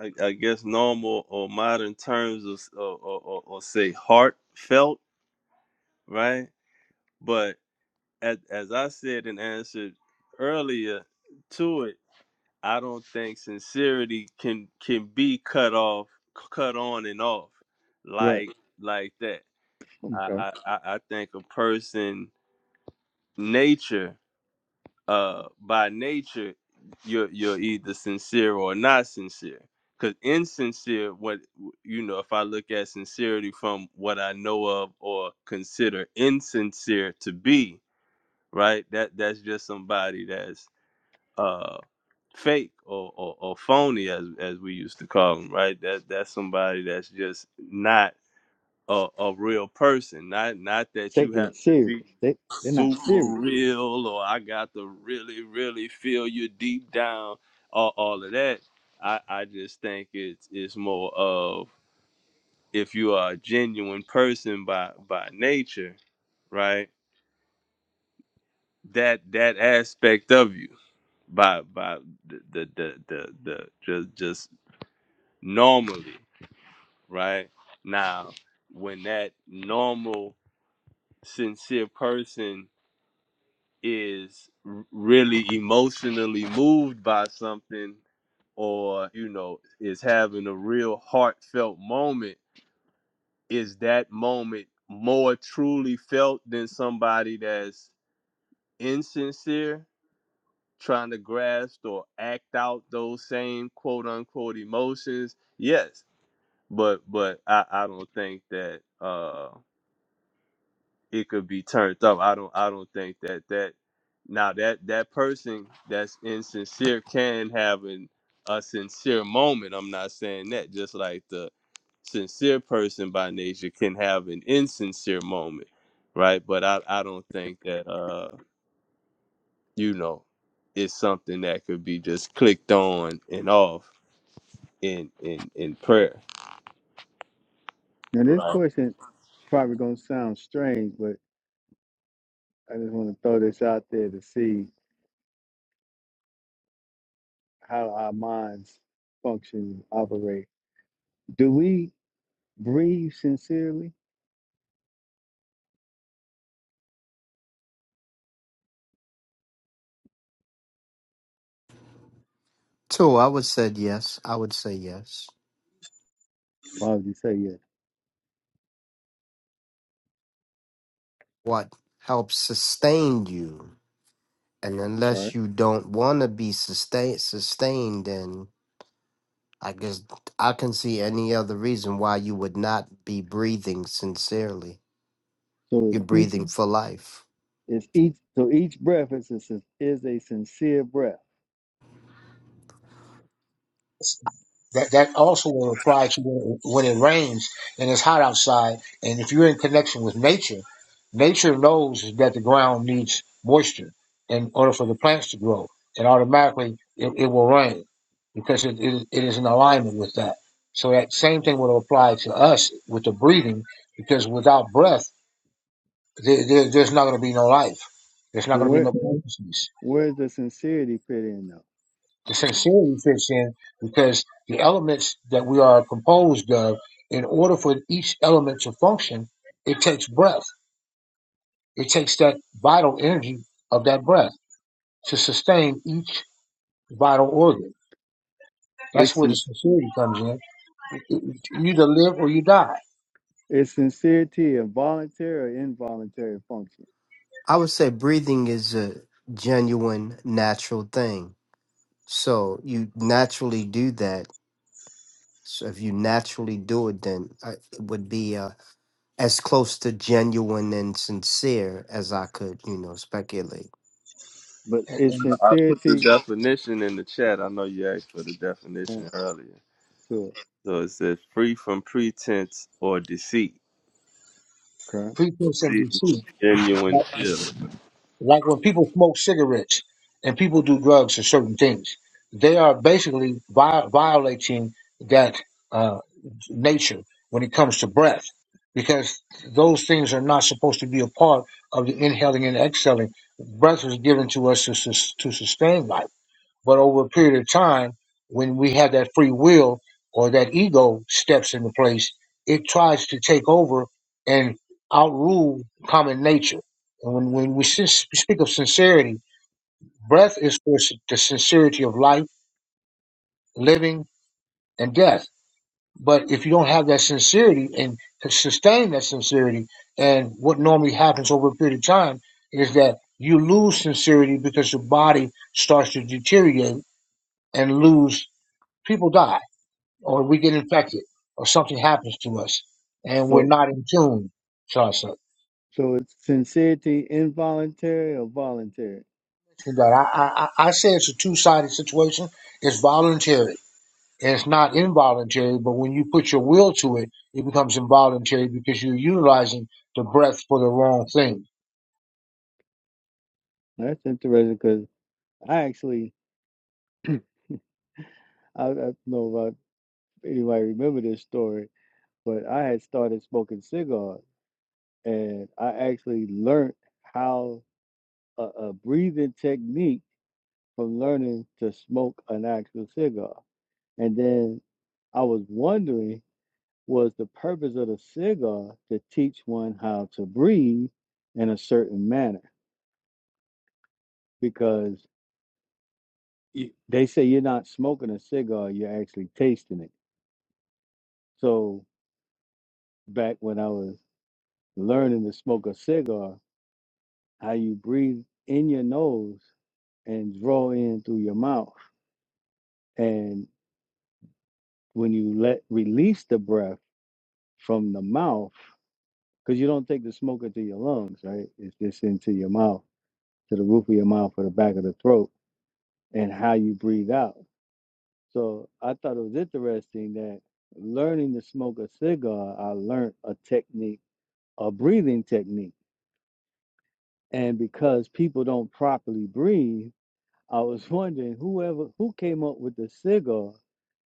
C: I, I guess, normal or modern terms, of, or, or, or, or say heartfelt, right? But as, as I said and answered earlier to it, I don't think sincerity can can be cut off, cut on and off,
A: Right.
C: like like that. I
A: Okay.
C: I, I think a person nature, uh, by nature, you're you're either sincere or not sincere. Cause insincere, what you know, if I look at sincerity from what I know of or consider insincere to be, right? That that's just somebody that's uh fake or, or, or phony as as we used to call them right that that's somebody that's just not a, a real person not not that you
A: Taking
C: have
A: it
C: to
A: serious.
C: be
A: They they're not serious.
C: super real or i got to really really feel you deep down all, all of that i i just think it's it's more of if you are a genuine person by by nature right that that aspect of you by by the the the the, the just just normally, right? Now, when that normal sincere person is r- really emotionally moved by something or you know is having a real heartfelt moment is that moment more truly felt than somebody that's insincere trying to grasp or act out those same quote unquote emotions. Yes, but but I, I don't think that uh it could be turned up. I don't I don't think that that now that that person that's insincere can have an, a sincere moment. I'm not saying that. Just like the sincere person by nature can have an insincere moment, right? But I I don't think that. uh you know, it's something that could be just clicked on and off in in in prayer.
A: Now this
C: Right.
A: question probably gonna sound strange, but I just want to throw this out there to see how our minds function and operate. Do we breathe sincerely?
B: So I would say yes. I would say yes.
A: Why would you say yes?
B: What helps sustain you, and
A: Right.
B: unless you don't want to be sustain, sustained, then I guess I can see any other reason why you would not be breathing sincerely.
A: So it's
B: You're
A: each
B: breathing for life.
A: it's each so each breath is a, sin- is a sincere breath.
E: That that also will apply to when it, when it rains and it's hot outside. And if you're in connection with nature, nature knows that the ground needs moisture in order for the plants to grow, and automatically it, it will rain because it, it, it is in alignment with that. So that same thing will apply to us with the breathing, because without breath, there, there, there's not going to be no life. There's not
A: But
E: going to be
A: where
E: no consciousness.
A: where's the sincerity fit in though?
E: The sincerity fits in because the elements that we are composed of, in order for each element to function, it takes breath. It takes that vital energy of that breath to sustain each vital organ. That's
A: It's
E: where the
A: sin-
E: sincerity comes in. You either live or you die.
A: it's sincerity a voluntary or involuntary function?
B: I would say breathing is a genuine, natural thing. So you naturally do that. So if you naturally do it, then I, it would be uh, as close to genuine and sincere as I could, you know, speculate.
A: but
E: And,
A: it's
C: The
A: sincerity
C: definition in the chat. I know you asked for the definition
A: oh
C: earlier.
A: good
C: So it says free from pretense or deceit,
A: crap.
E: pretense and
C: See,
E: deceit.
C: genuine feeling.
E: Like when people smoke cigarettes and people do drugs or certain things, they are basically vi- violating that uh, nature when it comes to breath, because those things are not supposed to be a part of the inhaling and exhaling. Breath was given to us to, sus- to sustain life but over a period of time, when we have that free will or that ego steps into place, it tries to take over and outrule common nature. And when, when we sin- speak of sincerity, breath is for s- the sincerity of life, living, and death. But if you don't have that sincerity and to sustain that sincerity, and what normally happens over a period of time is that you lose sincerity because your body starts to deteriorate and lose people die or we get infected or something happens to us and we're
A: So
E: not in tune to ourselves.
A: so it's sincerity involuntary or voluntary?
E: I, I, I say it's a two sided situation. It's voluntary. And it's not involuntary, but when you put your will to it, it becomes involuntary because you're utilizing the breath for the wrong thing.
A: That's interesting because I actually I, I don't know about anybody remember this story, but I had started smoking cigars and I actually learned how a, a breathing technique from learning to smoke an actual cigar, and then I was wondering was the purpose of the cigar to teach one how to breathe in a certain manner because y- they say you're not smoking a cigar, you're actually tasting it. So, back when I was learning to smoke a cigar, how you breathe in your nose and draw in through your mouth. And when you let release the breath from the mouth, because you don't take the smoke into your lungs, right? It's just into your mouth, to the roof of your mouth or the back of the throat and how you breathe out. So I thought it was interesting that learning to smoke a cigar, I learned a technique, a breathing technique. And because people don't properly breathe, I was wondering whoever who came up with the cigar,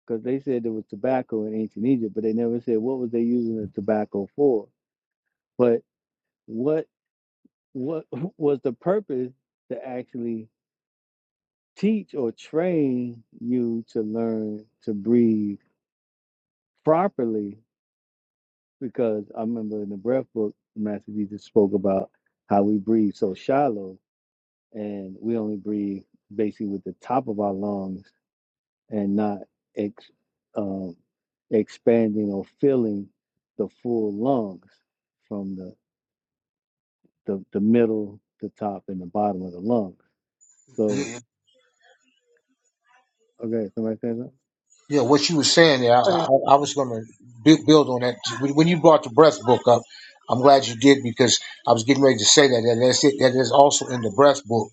A: because they said there was tobacco in ancient Egypt, but they never said what was they using the tobacco for. But what what was the purpose to actually teach or train you to learn to breathe properly because I remember in the breath book, Master Jesus spoke about how we breathe so shallow and we only breathe basically with the top of our lungs and not ex, um, expanding or filling the full lungs from the, the, the middle, the top, and the bottom of the lung. So, okay, somebody say that?
E: Yeah, you know, what you were saying there, I, I, was going to build on that. When you brought the breath book up, I'm glad you did because I was getting ready to say that. That that's it. That is also in the breath book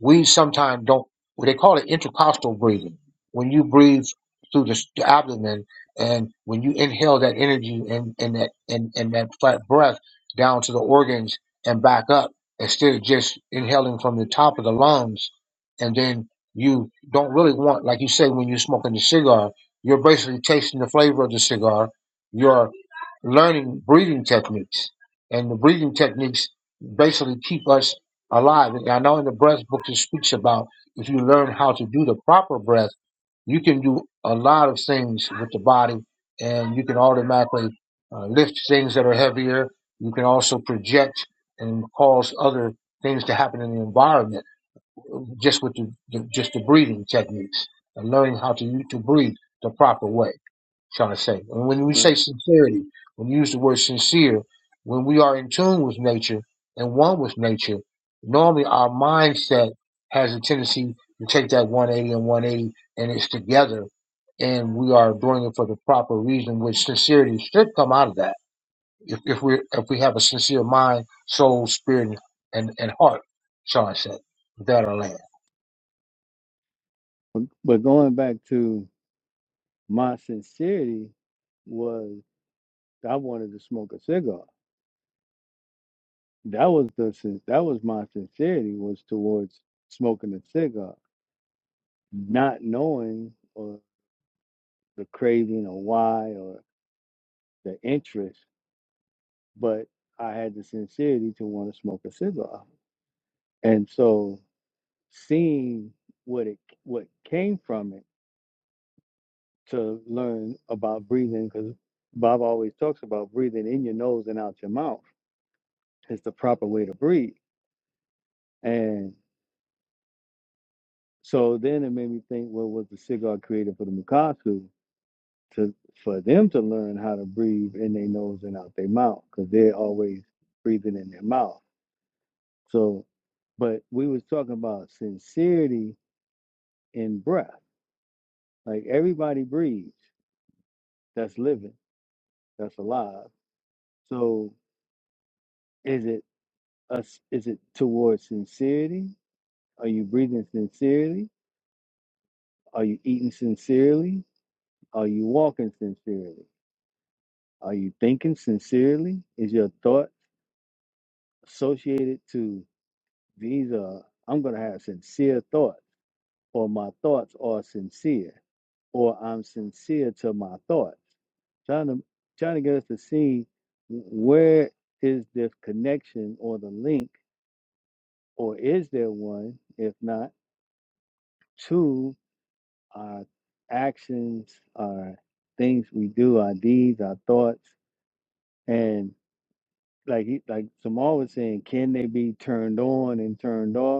E: We sometimes don't. Well, they call it intercostal breathing. When you breathe through the, the abdomen, and when you inhale that energy and, and that and, and that flat breath down to the organs and back up, instead of just inhaling from the top of the lungs, and then you don't really want, like you say, when you're smoking the cigar, you're basically tasting the flavor of the cigar. You're learning breathing techniques. And the breathing techniques basically keep us alive. And I know in the breath book it speaks about if you learn how to do the proper breath, you can do a lot of things with the body and you can automatically uh, lift things that are heavier. You can also project and cause other things to happen in the environment just with the, the just the breathing techniques and learning how to to breathe the proper way trying to say. And when we say
A: Right.
E: sincerity, when you use the word sincere, when we are in tune with nature and one with nature, normally our mindset has a tendency to take that 180 and 180 and it's together and we are doing it for the proper reason, which sincerity should come out of that. If, if we if we have a sincere mind, soul, spirit, and, and heart, Sean said, that our land.
A: But but going back to my sincerity was I wanted to smoke a cigar That was the sin- that was my sincerity was towards smoking a cigar, not knowing or the craving or why or the interest, but I had the sincerity to want to smoke a cigar, and so seeing what it what came from it to learn about breathing because Bob always talks about breathing in your nose and out your mouth is the proper way to breathe, and so then it made me think, well, was the cigar created for the Mukasu? to for them to learn how to breathe in their nose and out their mouth because they're always breathing in their mouth. So, but we was talking about sincerity in breath. Like everybody breathes. That's living. That's alive. So, is it us? Is it towards sincerity? Are you breathing sincerely? Are you eating sincerely? Are you walking sincerely? Are you thinking sincerely? Is your thought associated to These are, I'm going to have sincere thoughts, or my thoughts are sincere, or I'm sincere to my thoughts. Trying to, trying to get us to see where is this connection or the link, or is there one, if not, to our actions, our things we do, our deeds, our thoughts, and like he, like Samal was saying, can they be turned on and turned off?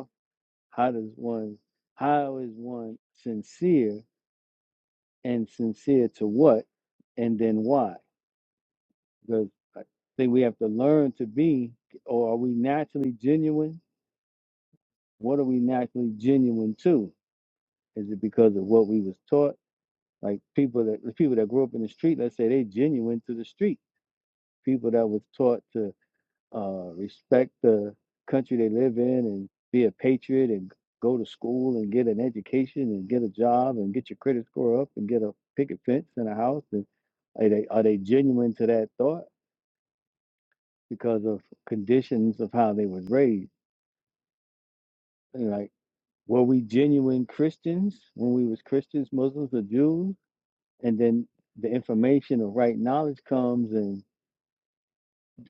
A: How does one, how is one sincere and sincere to what and then why? Because I think we have to learn to be, or are we naturally genuine? What are we naturally genuine to? Is it because of what we was taught? Like people that the people that grew up in the street, let's say they genuine to the street. People that was taught to uh, respect the country they live in and be a patriot and go to school and get an education and get a job and get your credit score up and get a picket fence and a house and are they are they genuine to that thought because of conditions of how they was raised And, like were we genuine christians when we was christians muslims or jews and then the information of right knowledge comes and.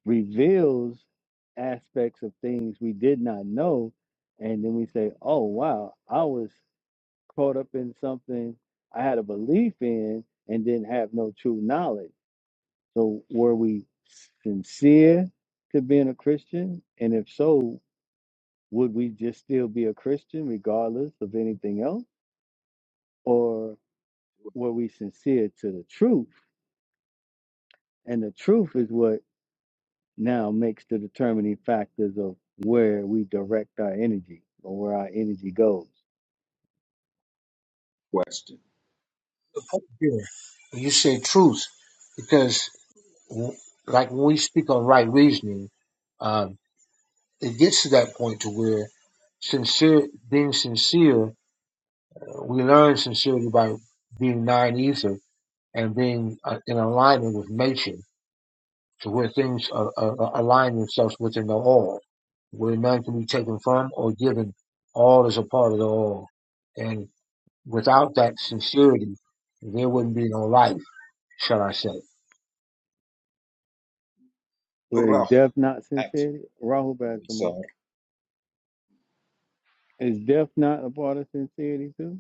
A: reveals aspects of things we did not know. And then we say, oh, wow, I was caught up in something I had a belief in and didn't have no true knowledge. So, were we sincere to being a Christian? And if so, would we just still be a Christian regardless of anything else? Or were we sincere to the truth? And the truth is what now makes the determining factors of where we direct our energy or where our energy goes.
F: question.
E: The point here, you say truth, because. w- like when we speak on right reasoning, um, it gets to that point to where sincere, being sincere, we learn sincerity by being non-ether and being uh, in alignment with nature, to where things are, are, are align themselves within the all, where none can be taken from or given. All is a part of the all, and without that sincerity, there wouldn't be no life, shall I say?
A: Where is
F: Rahat
A: death not sincerity? Rahul Kumar.
F: Nisar.
A: Is death not a part of sincerity too?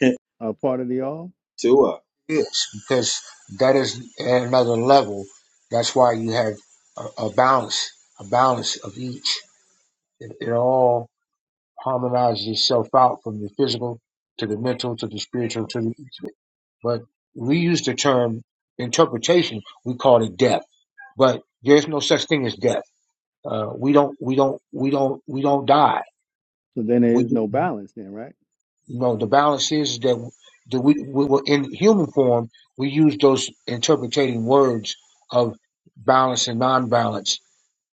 A: A part of the all?
F: Tua.
E: is because that is at another level. That's why you have a, a balance, a balance of each. It, it all harmonizes itself out from the physical to the mental to the spiritual to the intimate. But we use the term interpretation. We call it death, but there's no such thing as death. Uh, we don't, we don't, we don't, we don't die.
A: So then there is
E: We
A: no balance then, right?
E: You know the balance is that that we, we were in human form. We use those interpreting words of balance and non-balance,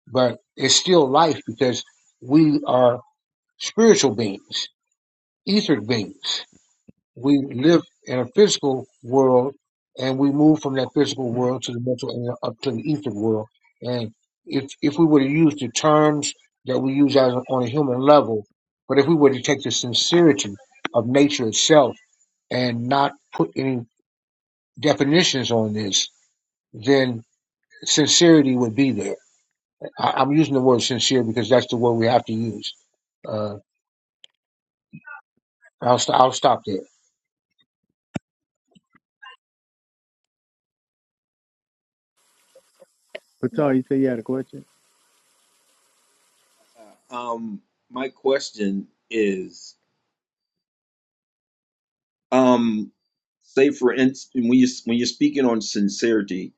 E: but it's still life because we are spiritual beings, ether beings. We live in a physical world, and we move from that physical world to the mental and up to the ether world. And if if we were to use the terms that we use as on a human level, but if we were to take the sincerity of nature itself and not put any definitions on this, then sincerity would be there. I, I'm using the word sincere because that's the word we have to use. Uh, I'll, st- I'll stop there.
A: Patel, you say you had a question?
F: Uh, um, my question is, um, say for instance, when you when you're speaking on sincerity,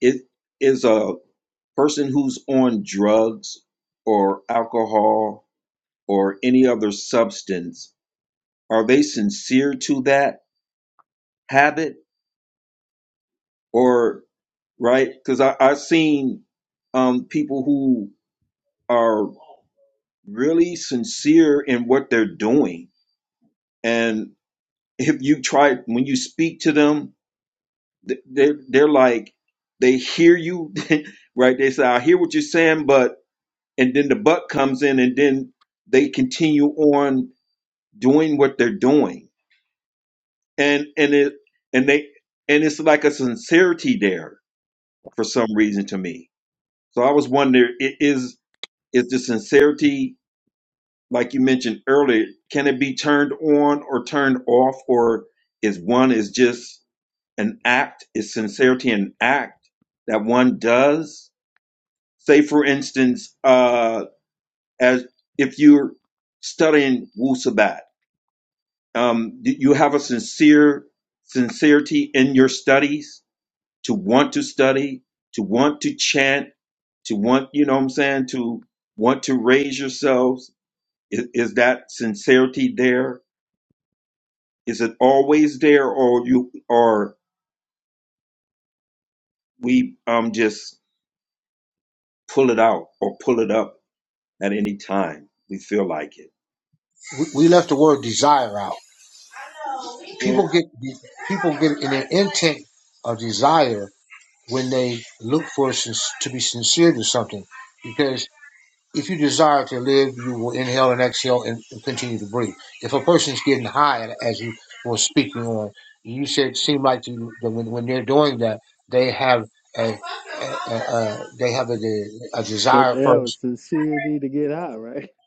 F: it is a person who's on drugs or alcohol or any other substance. Are they sincere to that habit or right? Because I I've seen um people who are really sincere in what they're doing and if you try when you speak to them th- they're, they're like they hear you right they say i hear what you're saying but and then the butt comes in and then they continue on doing what they're doing and and it and they and it's like a sincerity there for some reason to me so i was wondering i- is is the sincerity like you mentioned earlier can it be turned on or turned off or is one is just an act is sincerity an act that one does say for instance uh as if you're studying Wu Sabat, um you have a sincere sincerity in your studies to want to study to want to chant to want you know what i'm saying to want to raise yourselves is, is that sincerity there is it always there or you or we um just pull it out or pull it up at any time we feel like it.
E: We, we left the word desire out. People
F: Well,
E: get people get in an intent of desire when they look for sin- to be sincere to something, because If you desire to live, you will inhale and exhale and, and continue to breathe. If a person's getting high, as you were speaking on, you said seem like you, that when, when they're doing that, they have a, a, a, a they have a, de- a
A: Don't
E: desire
A: they have
E: first
A: a sincerity to get high, right?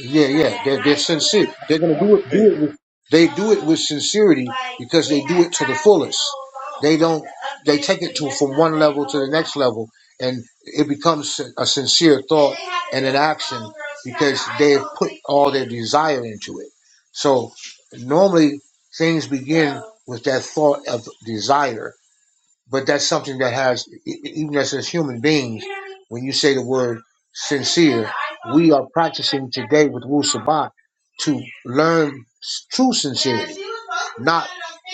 E: yeah, yeah. They're, they're sincere. They're gonna do it. Do
F: hey,
E: it. With, they do it with sincerity because they do it to the fullest. They don't. They take it to from one level to the next level, and it becomes a sincere thought and an action because they have put all their desire into it. So normally things begin with that thought of desire but that's something that has e- e- even as as human beings when you say the word sincere we are practicing today with Wu Sabat to learn s- true sincerity not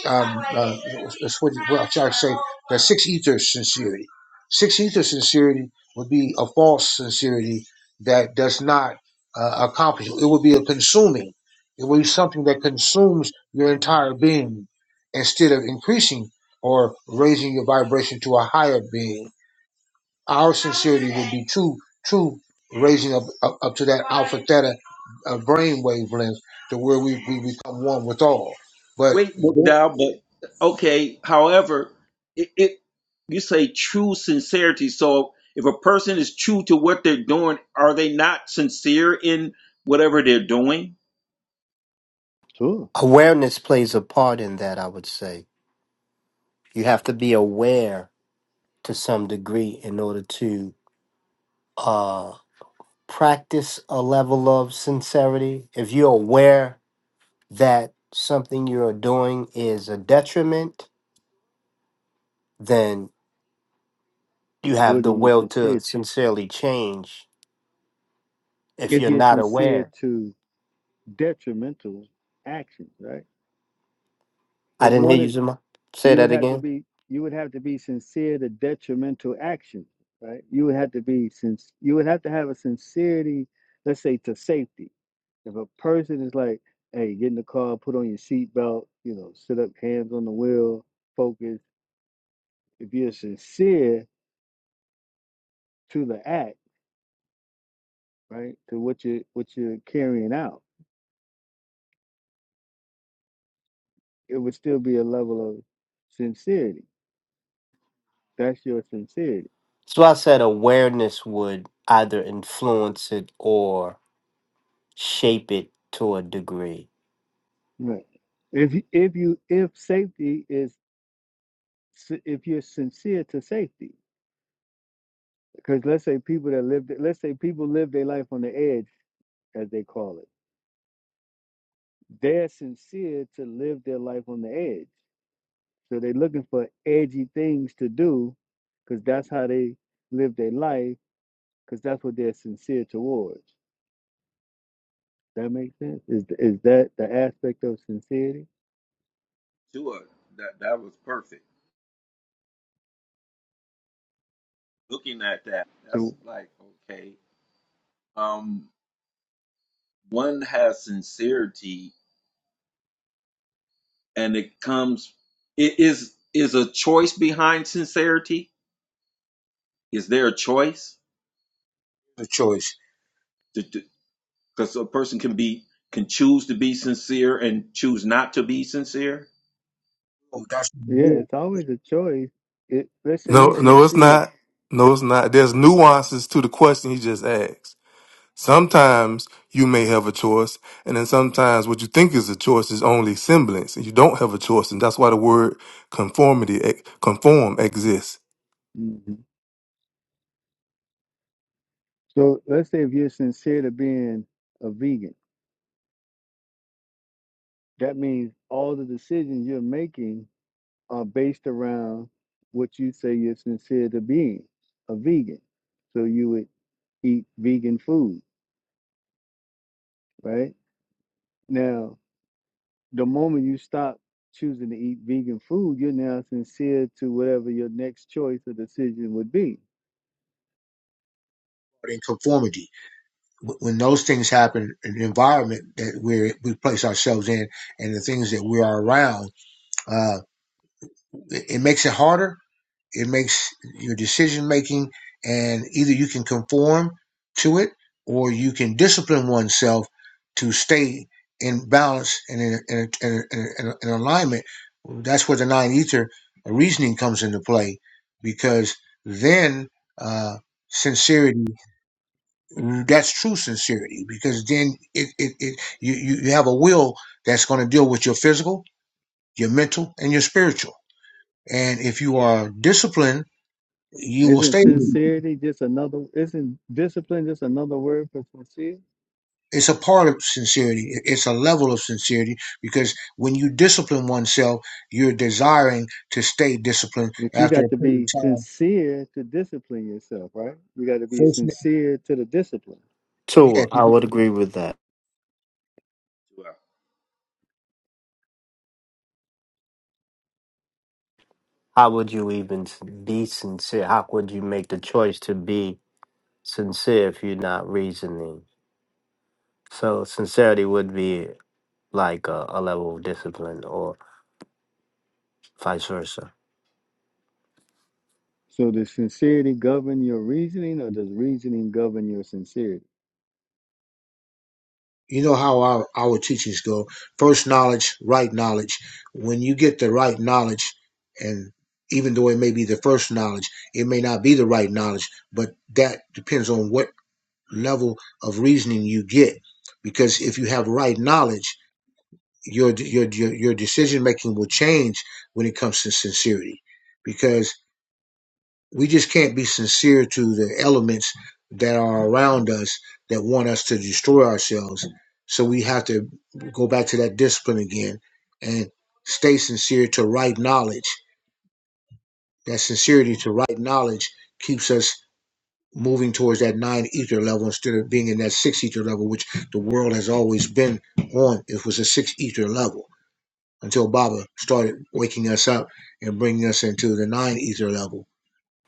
E: um uh, that's what well I try to say the six ether sincerity six ether sincerity would be a false sincerity that does not uh, accomplish it would be a consuming it would be something that consumes your entire being instead of increasing or raising your vibration to a higher being. Our sincerity would be true, true raising up up, up to that alpha theta uh, brain wavelength to where we, we become one with all. But
F: wait,
E: that's the
F: McDowell, but okay. However, it, it you say true sincerity. So if a person is true to what they're doing, are they not sincere in whatever they're doing?
A: Sure.
B: Awareness plays a part in that, I would say. You have to be aware to some degree in order to. uh practice a level of sincerity, if you're aware that something you're doing is a detriment, then you have
A: What are
B: the
A: you
B: will to
A: sincere to?
B: sincerely change. If
A: If
B: you're
A: you're
B: not
A: sincere
B: aware,
A: to detrimental actions, right?
B: I
A: If
B: didn't hear
A: one
B: you,
A: is
B: Zuma. Say
A: you
B: that
A: would have to
B: again.
A: be you would have to be sincere to detrimental actions, right? You would have to be since you would have to have a sincerity, let's say to safety. If a person is like, hey, get in the car, put on your seatbelt, you know, sit up, hands on the wheel, focus. If you're sincere to the act, right, to what you what you're carrying out, it would still be a level of sincerity. That's your sincerity,
B: So I said awareness would either influence it or shape it to a degree.
A: right? If you- if you if safety is si- if you're sincere to safety because let's say people that live let's say people live their life on the edge as they call it they're sincere to live their life on the edge so they're looking for edgy things to do because that's how they live their life because that's what they're sincere towards that makes sense is is that the aspect of sincerity
F: Tua, that that was perfect. Looking at that, that's
A: so
F: like okay. Um, one has sincerity, and it comes. It is is a choice behind sincerity. Is there a choice?
E: choice.
F: Because a person can be can choose to be sincere and choose not to be sincere.
E: Oh, That's
A: yeah
E: more
A: it's always a choice it, let's say
G: No,
A: you are
G: no, it's
A: sincere
G: not. No, it's not. There's nuances to the question he just asked. Sometimes you may have a choice, and then sometimes what you think is a choice is only semblance, and you don't have a choice, and that's why the word conformity, eh, conform exists.
A: Mhm. so let's say if you're sincere to being a vegan That means all the decisions you're making are based around what you say you're sincere to being a vegan. So you would eat vegan food, right? Now, the moment you stop choosing to eat vegan food, you're now sincere to whatever your next choice or decision would be.
E: in conformity. When those things happen, in the environment that we we place ourselves in and the things that we are around, uh, it, it makes it harder It makes your decision making, and either you can conform to it or you can discipline oneself to stay in balance and in, in, in, in, in alignment. That's where the nine ether reasoning comes into play because then uh, sincerity that's true sincerity because then it, it, it you, you you have a will that's going to deal with your physical your mental and your spiritual and if you are disciplined you will
A: Isn't
E: stay.
A: sincerity just another, isn't discipline just another word for sincere?
E: it's a part of sincerity. It's a level of sincerity because when you discipline oneself, you're desiring to stay disciplined
A: But you
E: after a
A: got to
E: period of
A: be
E: time.
A: sincere to discipline yourself, right? You got to be
E: First,
A: sincere to the discipline.
E: yeah,
B: Too, I would agree with that.
F: Wow.
B: how would you even s- be sincere? How could you make the choice to be sincere if you're not reasoning? So sincerity would be like a, a level of discipline or vice versa.
A: So does sincerity govern your reasoning or does reasoning govern your sincerity?
E: you know how our, our teachings go. First knowledge, right knowledge. When you get the right knowledge, and even though it may be the first knowledge, it may not be the right knowledge, but that depends on what level of reasoning you get. Because if you have right knowledge, your your your, your decision making will change when it comes to sincerity because we just can't be sincere to the elements that are around us that want us to destroy ourselves so we have to go back to that discipline again and stay sincere to right knowledge that sincerity to right knowledge keeps us moving towards that nine ether level instead of being in that six ether level which the world has always been on it was a six ether level until Baba started waking us up and bringing us into the nine ether level,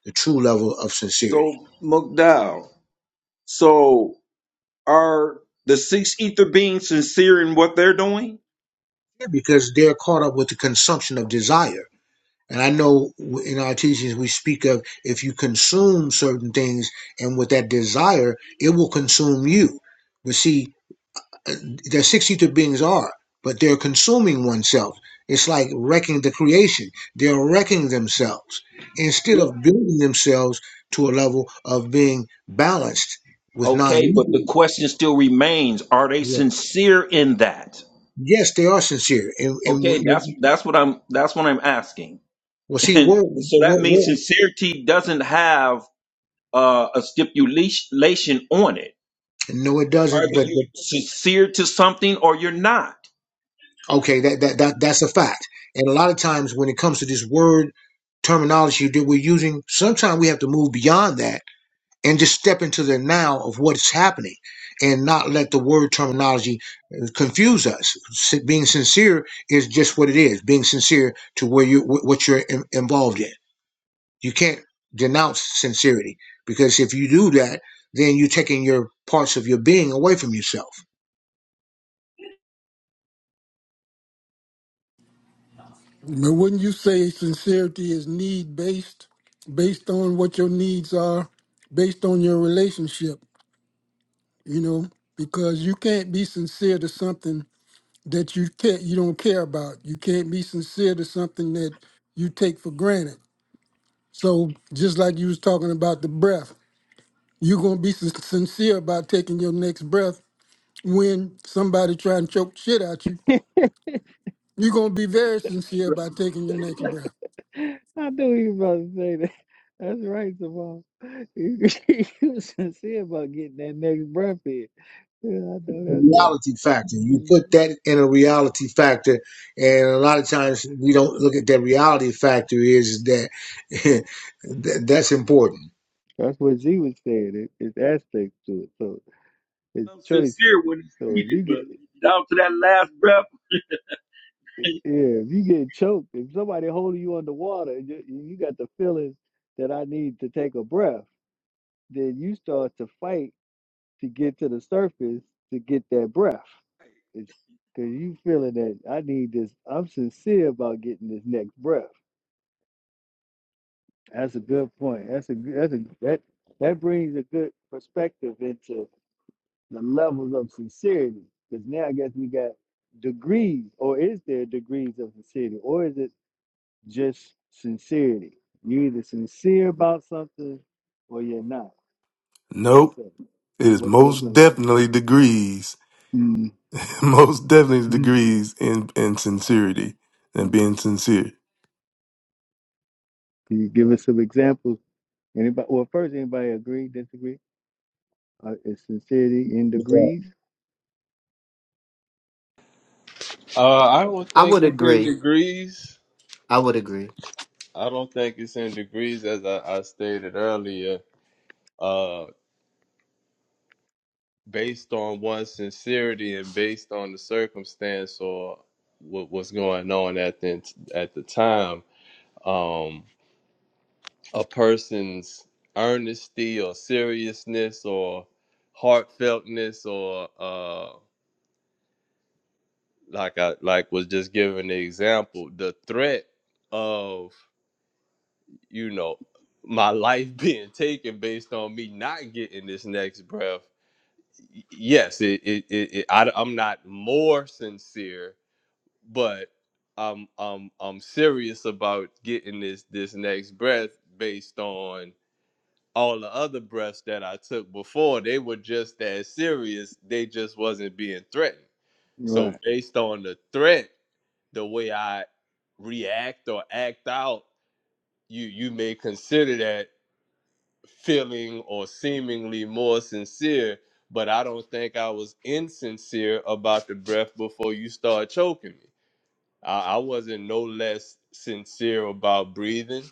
E: the true level of sincerity.
F: So McDowell. so are the six ether beings sincere in what they're doing?
E: Yeah, Because they're caught up with the consumption of desire. And I know in our teachings we speak of if you consume certain things and with that desire, it will consume you. But see, their 62 beings are, but they're consuming oneself. It's like wrecking the creation. They're wrecking themselves instead
F: Yeah.
E: of building themselves to a level of being balanced with nine.
F: Okay, but
E: ether.
F: the question still remains: Are they
E: Yeah.
F: sincere in that?
E: Yes, they are sincere. And, and w-
F: Okay, that's
E: w-
F: that's what I'm that's what I'm asking,
E: well, see,
F: and
E: we're,
F: so that
E: we're,
F: means
E: we're,
F: sincerity doesn't have uh, a stipulation on it.
E: no, it
F: Either
E: doesn't. But,
F: you're
E: but
F: sincere to something or you're not.
E: okay, that, that that that's a fact. And a lot of times when it comes to this word terminology that we're using, sometimes we have to move beyond that and just step into the now of what's happening and not let the word terminology uh, confuse us S- being sincere is just what it is being sincere to where you wh- what you're in, involved in you can't denounce sincerity because if you do that then you're taking your parts of your being away from yourself
H: But wouldn't you say sincerity is need based, based on what your needs are, based on your relationship? You know, because you can't be sincere to something that you can't, you don't care about. You can't be sincere to something that you take for granted. So just like you was talking about the breath, you're gonna be sin- sincere about taking your next breath when somebody try and choke shit out you. You're gonna be very sincere about taking your next breath.
A: I knew he was about to say that. That's right, Samal. You, you was sincere about getting that next breath in. Yeah, I know that's right.
E: reality factor you put
A: Mhm.
E: that in a reality factor and a lot of times we don't look at that reality factor is that that- that's important
A: That's what Z was saying. It, it's aspects to it. So it's
F: I'm
A: choices.
F: sincere when it's
A: So if
F: needed,
A: you get
F: but down to that last breath,
A: yeah, if you get choked, if somebody holding you underwater, and you, you got the feeling that I need to take a breath, then you start to fight to get to the surface to get that breath. It's because you feeling that I need this. I'm sincere about getting this next breath. That's a good point. That's a g- that's a that that brings a good perspective into the levels of sincerity. Because now I guess we got degrees, or is there degrees of sincerity, or is it just sincerity? You're either sincere about something, or you're not. What they
G: Nope.
A: say?
G: It is
A: What what?
G: most
A: the-
G: definitely degrees,
A: Mm.
G: most definitely degrees in, in sincerity and
A: Can
G: being sincere.
A: you give us some examples? Anybody? Well, first, anybody agree, disagree? Uh, is sincerity in
E: But, uh,
A: degrees?
C: Uh, I don't
B: I
C: think
B: would
C: it's in
B: agree.
C: degrees.
B: I would agree.
C: I don't think it's in degrees, as I, I stated earlier. Um, based on one's sincerity and based on the circumstance or what was going on at the at the time um a person's earnesty or seriousness or heartfeltness or uh like I like was just giving the example the threat of you know my life being taken based on me not getting this next breath yes it, it, it, it I, i'm not more sincere but I'm I'm I'm serious about getting this this next breath based on all the other breaths that I took before. They were just as serious. They just wasn't being threatened. So
A: Right.
C: based on the threat, the way I react or act out, you you may consider that feeling or seemingly more sincere. But I don't think I was insincere about the breath before you start choking me. I, I wasn't no less sincere about breathing,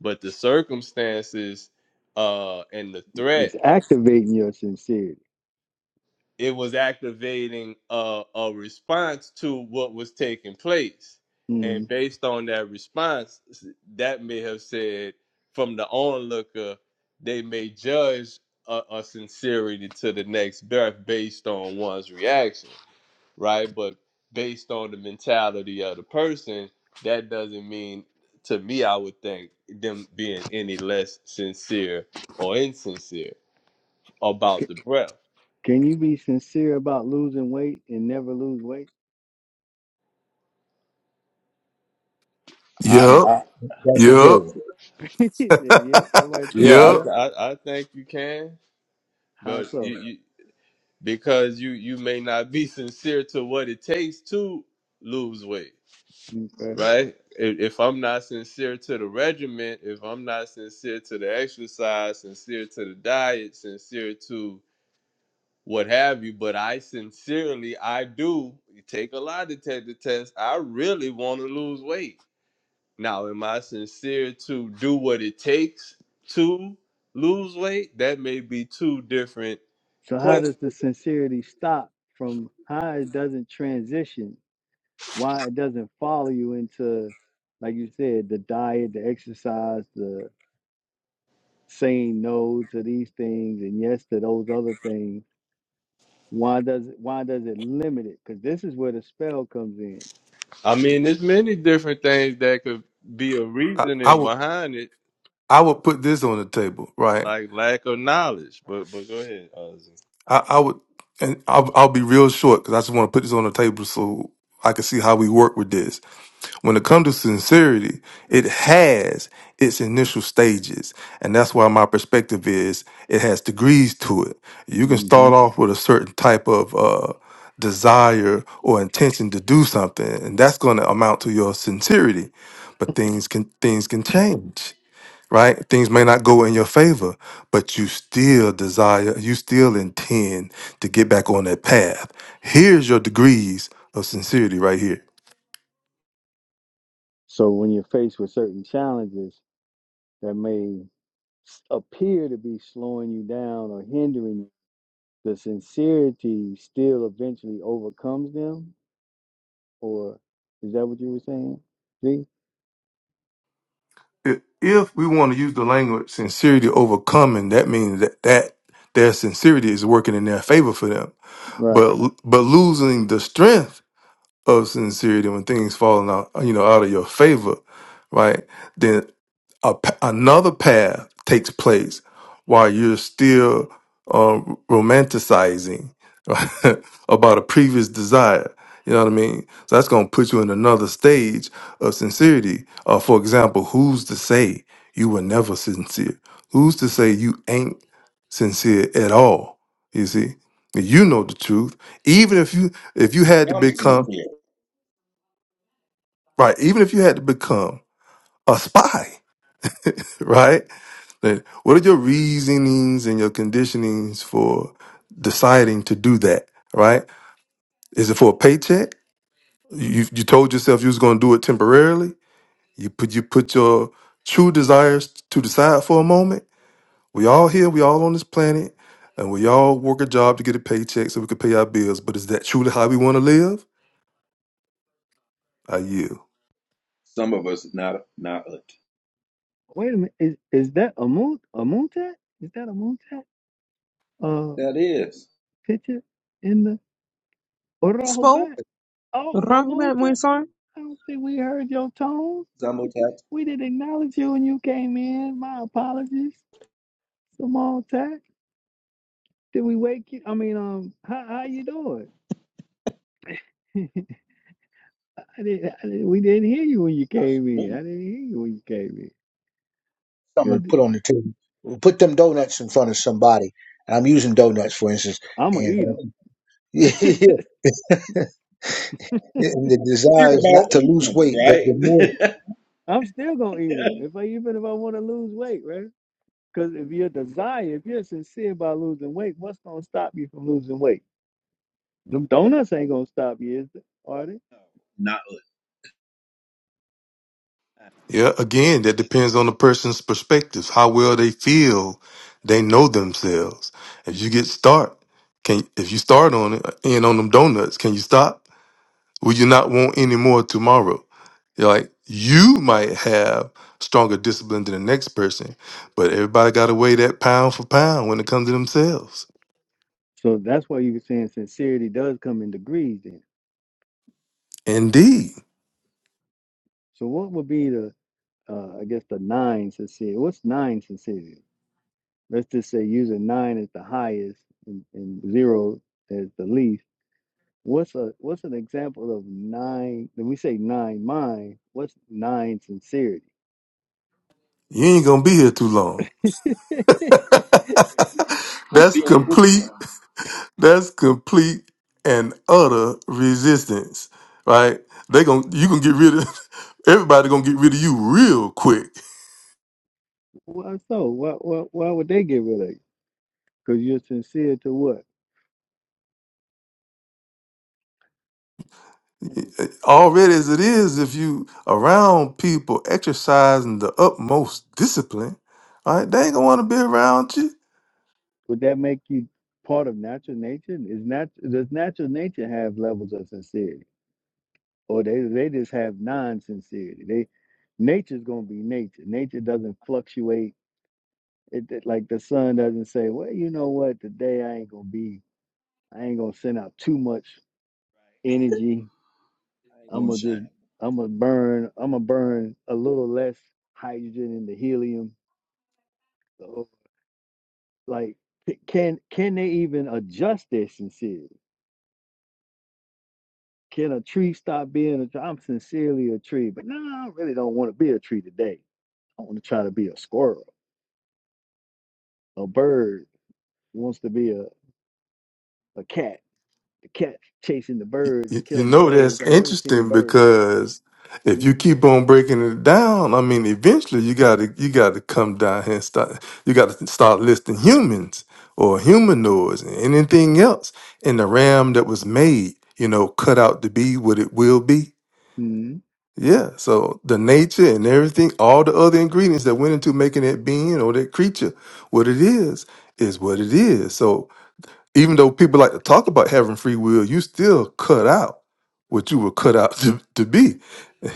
C: but the circumstances uh, and the threat
A: It's activating your sincerity.
C: it was activating a, a response to what was taking place, and
A: Mhm.
C: based on that response, that may have said from the onlooker they may judge a, a sincerity to the next breath based on one's reaction. right? But based on the mentality of the person, that doesn't mean to me, I would think them being any less sincere or insincere about
A: C-
C: the breath.
A: Can you be sincere about losing weight and never lose weight?
C: I
G: Yup,
E: that's a good
G: yup,
E: one
A: Say, yeah. Somebody say,
C: yeah,
A: yeah.
G: yup.
C: I I, I think you can,
A: How
C: but
A: so?
C: you, you because you you may not be sincere to what it takes to lose weight,
A: Okay.
C: right? If, if I'm not sincere to the regimen, if I'm not sincere to the exercise, sincere to the diet, sincere to what have you. But I sincerely, I do take a lie detector test. I really want to lose weight. Now, am I sincere to do what it takes to lose weight? That may be two different.
A: So how does the sincerity stop from how it doesn't transition? Why it doesn't follow you into, like you said, the diet, the exercise, the saying no to these things and yes to those other things? Why does it, why does it limit it? Because this is where the spell comes in.
C: I mean, there's many different things that could be a
G: I, I
C: reasoning
G: would,
C: behind it,
G: I would put this on the table, right?
C: like lack of knowledge. But but go ahead, Ozzy.
G: I, I would, and I'll, I'll be real short because I just want to put this on the table so I can see how we work with this. When it comes to sincerity, it has its initial stages, and that's why my perspective is it has degrees to it. You can
A: hmm
G: start off with a certain type of uh, desire or intention to do something, and that's going to amount to your sincerity. But things can things can change right? Things may not go in your favor, but you still desire, you still intend to get back on that path. Here's your degrees of sincerity right here.
A: So when you're faced with certain challenges that may s- appear to be slowing you down or hindering you, the sincerity still eventually overcomes them. Or is that what you were saying? See,
G: I- If we want to use the language sincerity overcoming, that means that, that their sincerity is working in their favor for them.
A: right?
G: But but losing the strength of sincerity, when things falling out, you know, out of your favor, right? Then a, pa- another path takes place while you're still um, romanticizing about a previous desire. You know what I mean? So that's going to put you in another stage of sincerity. Uh, for example, who's to say you were never sincere? Who's to say you ain't sincere at all? You see, you know the truth. Even if you if you had to
F: I'm
G: become
F: sincere.
G: right? Even if you had to become a spy, right? Then what are your reasonings and your conditionings for deciding to do that, right? Is it for a paycheck? You you told yourself you was going to do it temporarily. You put you put your true desires to the side for a moment. We all here, we all on this planet, and we all work a job to get a paycheck so we can pay our bills. But is that truly how we want to live? I yield.
F: Some of us not not us.
A: Wait a minute. Is is that a moon a moon tat? Is that a moon tat? Uh,
F: That is
A: picture in the Orojo
I: spoke
A: back? Oh, a
I: wrong
A: moon
I: about my
A: tat?
I: son.
A: I don't think we heard your tone.
F: Zamotat
A: We didn't acknowledge you when you came in. My apologies, Simone Tack. Did we wake you? I mean, um, how how you doing? I didn't, I didn't. We didn't hear you when you came in. I
F: Achman.
A: didn't hear you when you came in.
E: something to
A: Good.
E: put on the table. Put them donuts in front of somebody. And I'm using donuts for instance,
A: I'm gonna
E: and
A: eat them.
E: and the
F: Hear
E: desire is
F: about
E: not to lose
F: evening,
E: weight, but
F: right?
E: the more
A: I'm still gonna eat them. If I even if I want to lose weight, right? Because if your desire, if you're sincere about losing weight, what's gonna stop you from losing weight? Them donuts ain't gonna stop you, is they? Are they?
F: Not
G: Yeah, again, that depends on the person's perspective, how well they feel they know themselves. If you get start, can if you start on it and on them donuts, can you stop? Will you not want any more tomorrow? You're like you might have stronger discipline than the next person, but everybody gotta weigh that pound for pound when it comes to themselves.
A: So that's why you were saying sincerity does come in degrees. Then.
G: Indeed.
A: So what would be the uh, I guess the nine sincerity. What's nine sincerity? Let's just say using nine as the highest and, and zero as the least. What's a what's an example of nine? When we say nine mind, what's nine sincerity?
G: You ain't gonna be here too long.
F: you won't be
G: That's
F: on this plan.
G: complete That's complete and utter resistance, right? They gon' you gonna get rid of everybody gonna get rid of you real quick.
A: Why so? Why, why why would they get rid of you? Because you're sincere to what? Mm.
G: Already as it is, if you around people exercising the utmost discipline, all right? They ain't gonna want to be around you
A: Would that make you part of natural nature? Is nat does natural nature have levels of sincerity? or they they just have non-sincerity. They nature's gonna be nature. Nature doesn't fluctuate. It, it- like the sun doesn't say, well, you know what, today I ain't gonna be, I ain't gonna send out too much energy.
F: I ain't
A: I'm
F: gonna
A: gonna
F: shine.
A: just, I'm gonna burn, I'm gonna burn a little less hydrogen in the helium. So, like, can can they even adjust their sincerity? Can a tree stop being a tree? I'm sincerely a tree, but no, I really don't want to be a tree today. I want to try to be a squirrel a bird wants to be a, a cat. The cat chasing the birds
G: You,
A: and
G: you
A: killing the
G: know that's
A: birds. I never seen
G: interesting
A: birds.
G: because if you keep on breaking it down, I mean, eventually you gotta you gotta come down here and start. You gotta start listing humans or humanoids and anything else in the ram that was made. You know, cut out to be what it will be.
A: Mm-hmm.
G: Yeah. So the nature and everything, all the other ingredients that went into making that being or that creature what it is, is what it is. So even though people like to talk about having free will, you still cut out what you were cut out to, to be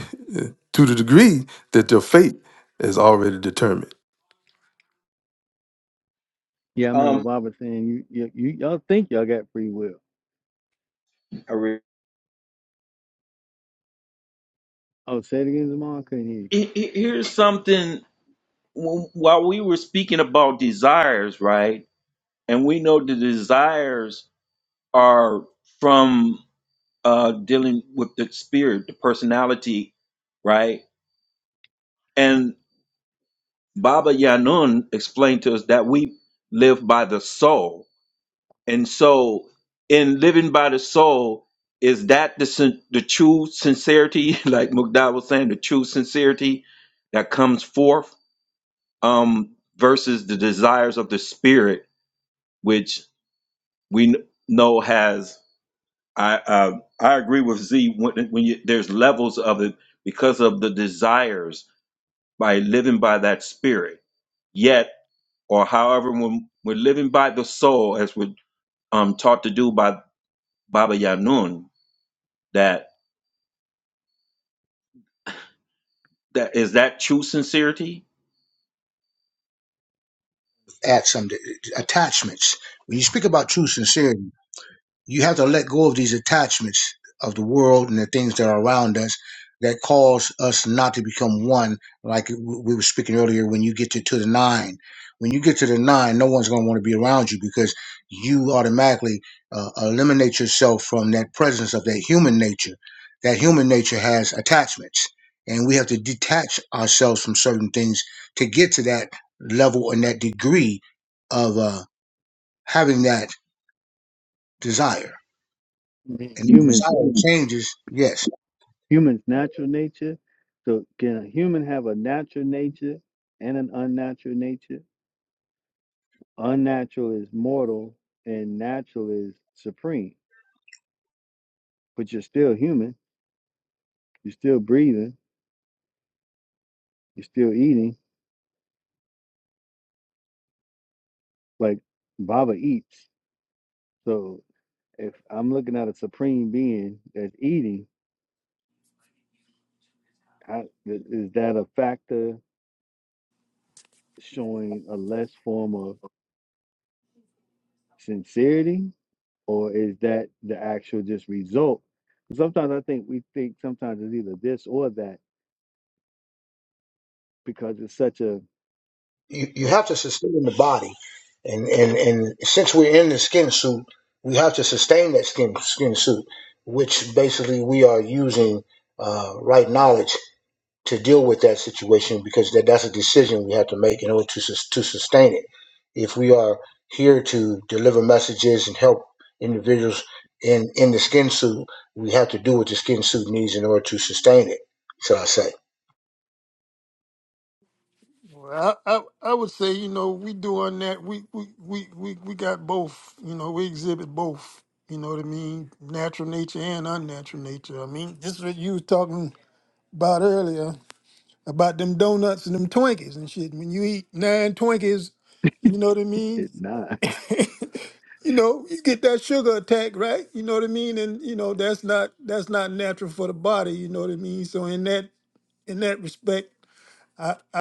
G: to the degree that your fate is already determined.
A: Yeah, I remember
F: Um,
A: Robert saying you, you, you y'all think y'all got free will.
F: I re-
A: Oh, say it again, Zamar. I Couldn't hear. You.
F: He- he- Here's something. Wh- While we were speaking about desires, right? And we know the desires are from uh, dealing with the spirit, the personality, right? and Baba Yanun explained to us that we live by the soul. And so, in living by the soul, is that the, sin- the true sincerity, like Mugdad was saying, the true sincerity that comes forth um, versus the desires of the spirit, which we kn- know has. I uh, I agree with Z when, when you, there's levels of it because of the desires by living by that spirit. yet. or however when we're living by the soul as we're um, taught to do by Baba Yanun, that that is that true sincerity?
E: at some attachments. When you speak about true sincerity. you have to let go of these attachments of the world and the things that are around us that cause us not to become one. Like we were speaking earlier, when you get to, to the nine, when you get to the nine, no one's going to want to be around you because you automatically uh, eliminate yourself from that presence of that human nature. That human nature has attachments, and we have to detach ourselves from certain things to get to that level and that degree of uh, having that desire
A: Mhm.
E: and the
A: Humans,
E: desire changes, yes,
A: humans, natural nature. So can a human have a natural nature and an unnatural nature? Unnatural is mortal, and natural is supreme. But you're still human. You're still breathing. You're still eating. Like Baba eats. So If I'm looking at a supreme being that's eating, I, th- is that a factor showing a less form of sincerity, or is that the actual just result? Sometimes I think we think sometimes it's either this or that because it's such a
E: you, you
A: well,
E: have to sustain the body, and and and since we're in the skin suit, we have to sustain that skin skin suit, which basically we are using uh, right knowledge to deal with that situation because that that's a decision we have to make in order to sus- to sustain it. If we are here to deliver messages and help individuals in in the skin suit, we have to do what the skin suit needs in order to sustain it. Shall I say?
H: Well, I, I I would say you know we doing that we we we we we got both you know we exhibit both you know what I mean natural nature and unnatural nature I mean this is what you was talking about earlier about them donuts and them Twinkies and shit when you eat nine Twinkies you know what I mean
A: it not.
H: you know you get that sugar attack right you know what I mean and you know that's not that's not natural for the body you know what I mean so in that in that respect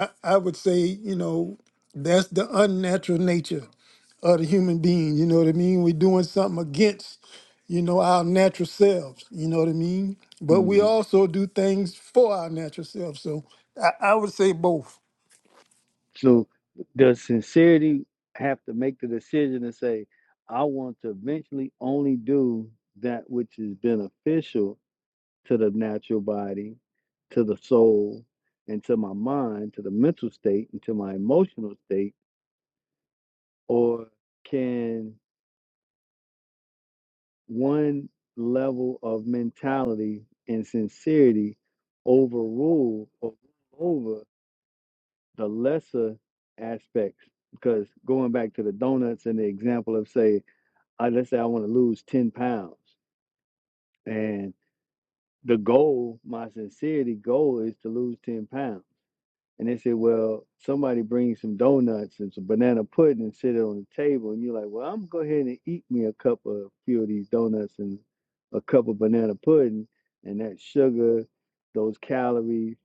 H: I, I would say you know that's the unnatural nature of the human being. You know what I mean? We're doing something against, you know, our natural selves. You know what I mean? But we
A: Mhm.
H: also do things for our natural selves. So I, I would say both.
A: So does sincerity have to make the decision and say, I want to eventually only do that which is beneficial to the natural body, to the soul, and to my mind, to the mental state, and to my emotional state? Or can one level of mentality and sincerity overrule or over the lesser aspects? Because going back to the donuts and the example of, say, I, let's say I want to lose 10 pounds, and the goal, my sincerity goal is to lose 10 pounds And they said, well, somebody brings some donuts and some banana pudding and sit it on the table. And you're like, well, I'm going to go ahead and eat me a cup of a few of these donuts and a cup of banana pudding and that sugar, those calories.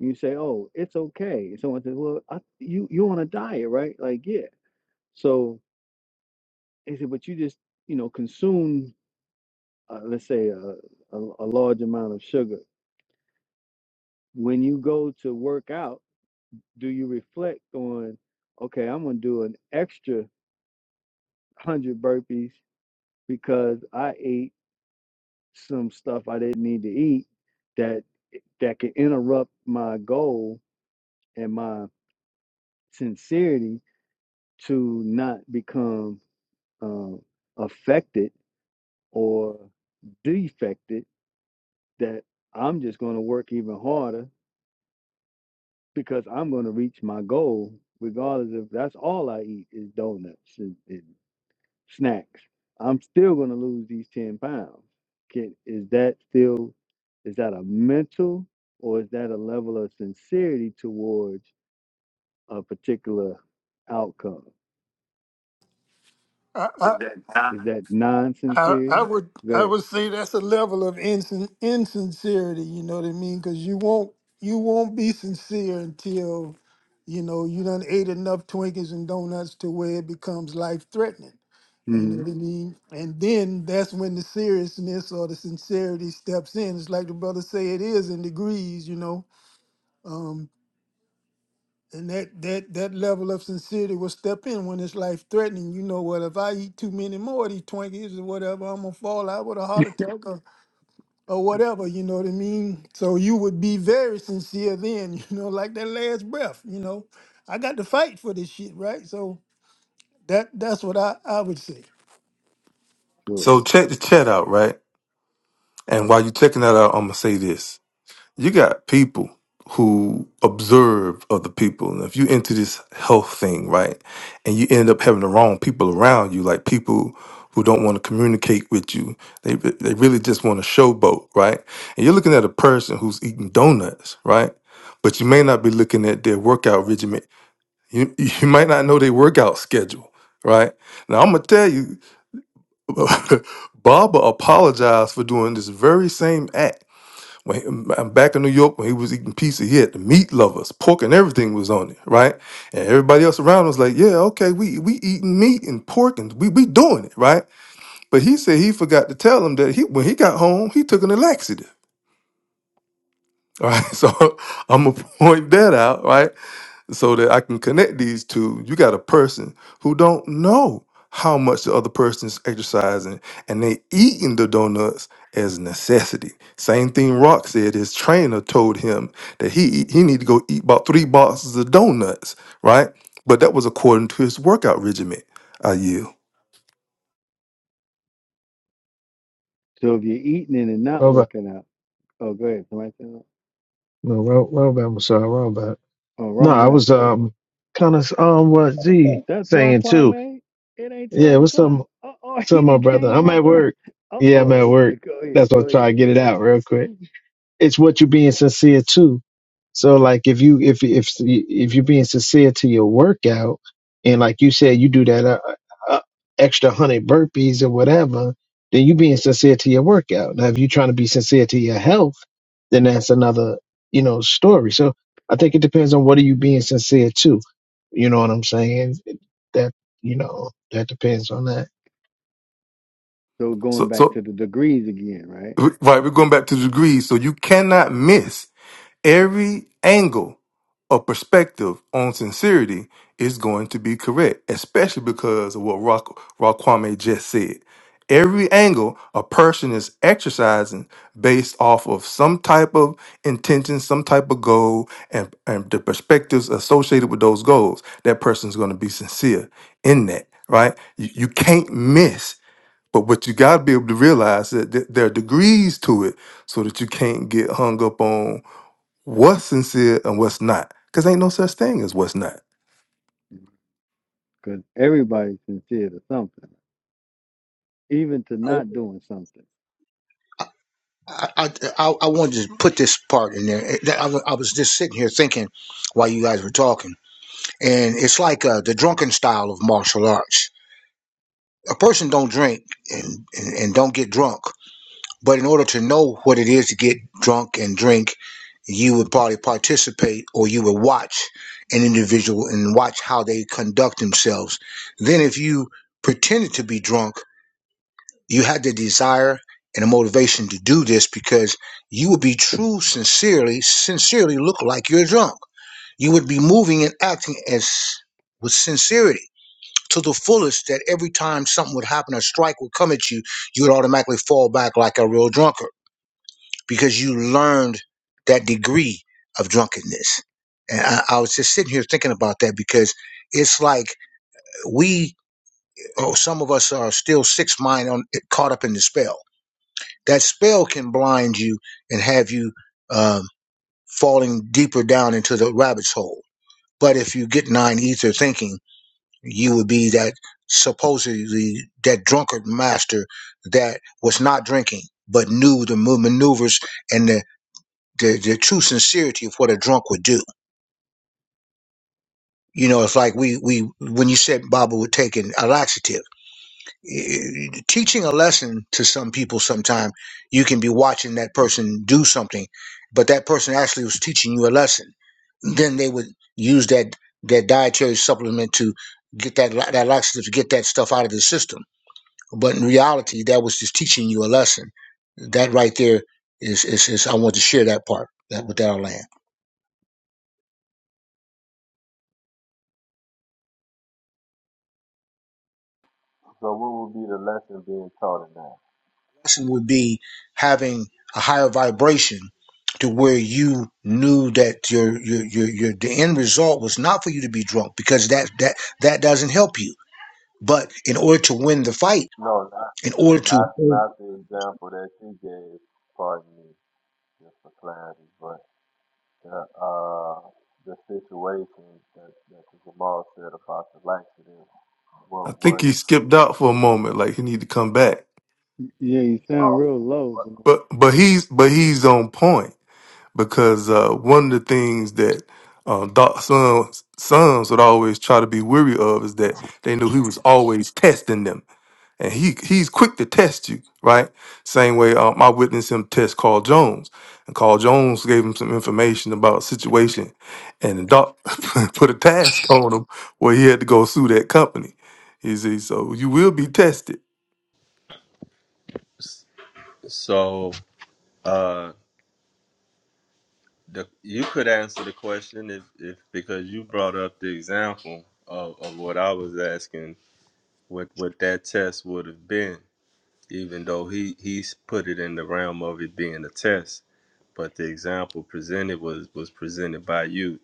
A: You say, oh, it's okay. And someone says, well, I, you, you're on a diet, right? Like, yeah. So they said, but you just, you know, consume, uh, let's say, a, a, a large amount of sugar. When you go to work out, do you reflect on, okay, I'm going to do an extra 100 burpees because I ate some stuff I didn't need to eat that eh, that could interrupt my goal and my sincerity to not become um, affected or defected that I'm just going to work even harder because I'm going to reach my goal regardless if that's all I eat is donuts and. and snacks. I'm still going to lose these 10 pounds. Can, is that still, is that a mental or is that a level of sincerity towards a particular outcome?
H: I, I,
A: Is that non
H: I, I
A: sincerity?
H: would
A: Go
H: I
A: ahead.
H: would say that's a level of insin- insincerity. You know what I mean? Because you won't you won't be sincere until you know you done ate enough Twinkies and donuts to where it becomes life threatening. You know
A: hmm
H: what I mean? And then that's when the seriousness or the sincerity steps in. It's like the brother say it is in degrees, you know. Um, and that that that level of sincerity will step in when it's life threatening. You know what? If I eat too many more of these Twinkies or whatever, I'm gonna fall out with a heart attack or, or whatever. You know what I mean? So you would be very sincere then. You know, like that last breath. You know, I got to fight for this shit, right? So that that's what I I would say.
A: Sure.
G: So check the chat out, right? And while you're checking that out, I'm gonna say this. you got people who observe other people and if you into this health thing right and you end up having the wrong people around you like people who don't want to communicate with you they they really just want to showboat right and you're looking at a person who's eating donuts right but you may not be looking at their workout regimen you, you might not know their workout schedule right now i'm gonna tell you baba apologized for doing this very same act when I'm back in New York, when he was eating pizza, he had the meat lovers, pork and everything was on it, right? And everybody else around was like, "Yeah, okay, we we eating meat and pork and we we doing it, right?" But he said he forgot to tell him that he when he got home, he took an laxative. All right, so I'm gonna point that out, right? so that I can connect these two, you got a person who don't know how much the other person's exercising and they eating the donuts as necessity. Same thing Rock said, his trainer told him that he he need to go eat about three boxes of donuts, right? But that was according to his workout regimen, I yield.
A: So if you're eating it and not
J: Robot.
A: working out, oh, go ahead. Somebody said, that?
J: No, Ro- Robot. I'm sorry, Robot.
A: oh,
J: No,
A: wrong
J: I
A: back.
J: was um kind of on what Z
A: That's
J: saying too.
A: Raquame. It ain't
J: Yeah,
A: 12
J: what's
A: o'clock.
J: some
A: Uh oh, he
J: some my
A: done
J: brother.
A: came
J: I'm
A: up.
J: at work.
A: Uh
J: Yeah, I'm at
A: oh, okay.
J: work.
A: Go
J: That's
A: ahead.
J: why I
A: Go
J: try
A: ahead.
J: to get it out real quick. it's what you're being sincere to. So like if you if if if you're being sincere to your workout, and like you said, you do that uh, uh, uh, extra hundred burpees or whatever, then you being sincere to your workout. Now if you're trying to be sincere to your health, then that's another you know story. So I think it depends on what are you being sincere to. You know what I'm saying? That you know that depends on that.
A: So going
G: So
A: back
G: so
A: to the degrees again, right?
G: right, we're going back to the degrees. So you cannot miss every angle or perspective on sincerity is going to be correct, especially because of what Rock Raquame just said. Every angle a person is exercising based off of some type of intention, some type of goal, and, and the perspectives associated with those goals, that person's going to be sincere in that, right? You, you can't miss, but what you got to be able to realize that th- there are degrees to it so that you can't get hung up on what's sincere and what's not. Because ain't no such thing as what's not.
A: because everybody's sincere to something, even to not doing something.
E: I, I, I wanted to put this part in there. Eh, I, wa- I was just sitting here thinking while you guys were talking, and it's like uh, the drunken style of martial arts. A person don't drink and, and, and don't get drunk, but in order to know what it is to get drunk and drink, you would probably participate or you would watch an individual and watch how they conduct themselves. Then, if you pretended to be drunk you had the desire and the motivation to do this because you would be true, sincerely, sincerely look like you're drunk. You would be moving and acting as with sincerity to the fullest that every time something would happen, a strike would come at you, you would automatically fall back like a real drunkard because you learned that degree of drunkenness. And I, I was just sitting here thinking about that because it's like we, oh, some of us are still six mind on, caught up in the spell that spell can blind you and have you um, falling deeper down into the rabbit's hole. But if you get nine ether thinking, you would be that supposedly that drunkard master that was not drinking but knew the maneuvers and the, the, the true sincerity of what a drunk would do. You know, it's like we, we when you said Baba would take an laxative. eh, teaching a lesson to some people sometime you can be watching that person do something but that person actually was teaching you a lesson then they would use that that dietary supplement to get that la- that laxative to get that stuff out of the system but in reality that was just teaching you a lesson that right there is is, is i want to share that part that with that I'll land
C: So what would be the lesson being taught in that?
E: passion would be having a higher vibration to where you knew that your, your your your the end result was not for you to be drunk because that that that doesn't help you. But in order to win the fight, in order to
G: I think he skipped out for a moment, like he need to come back.
A: Yeah, you sound real low. Zamar.
G: But but he's but he's on point because uh, one of the things that um, Doc Sons, sons would always try to be weary of is that they knew he was always testing them. and he he's quick to test you, right? Same way um, I witnessed him test Carl Jones, and Carl Jones gave him some information about a situation, and the doc put a task on him where he had to go sue that company. He said, "So you will be tested."
C: S- So. The, you could answer the question if, if because you brought up the example of, of what I was asking, what, what that test would have been, even though he, he's put it in the realm of it being a test. But the example presented was, was presented by you.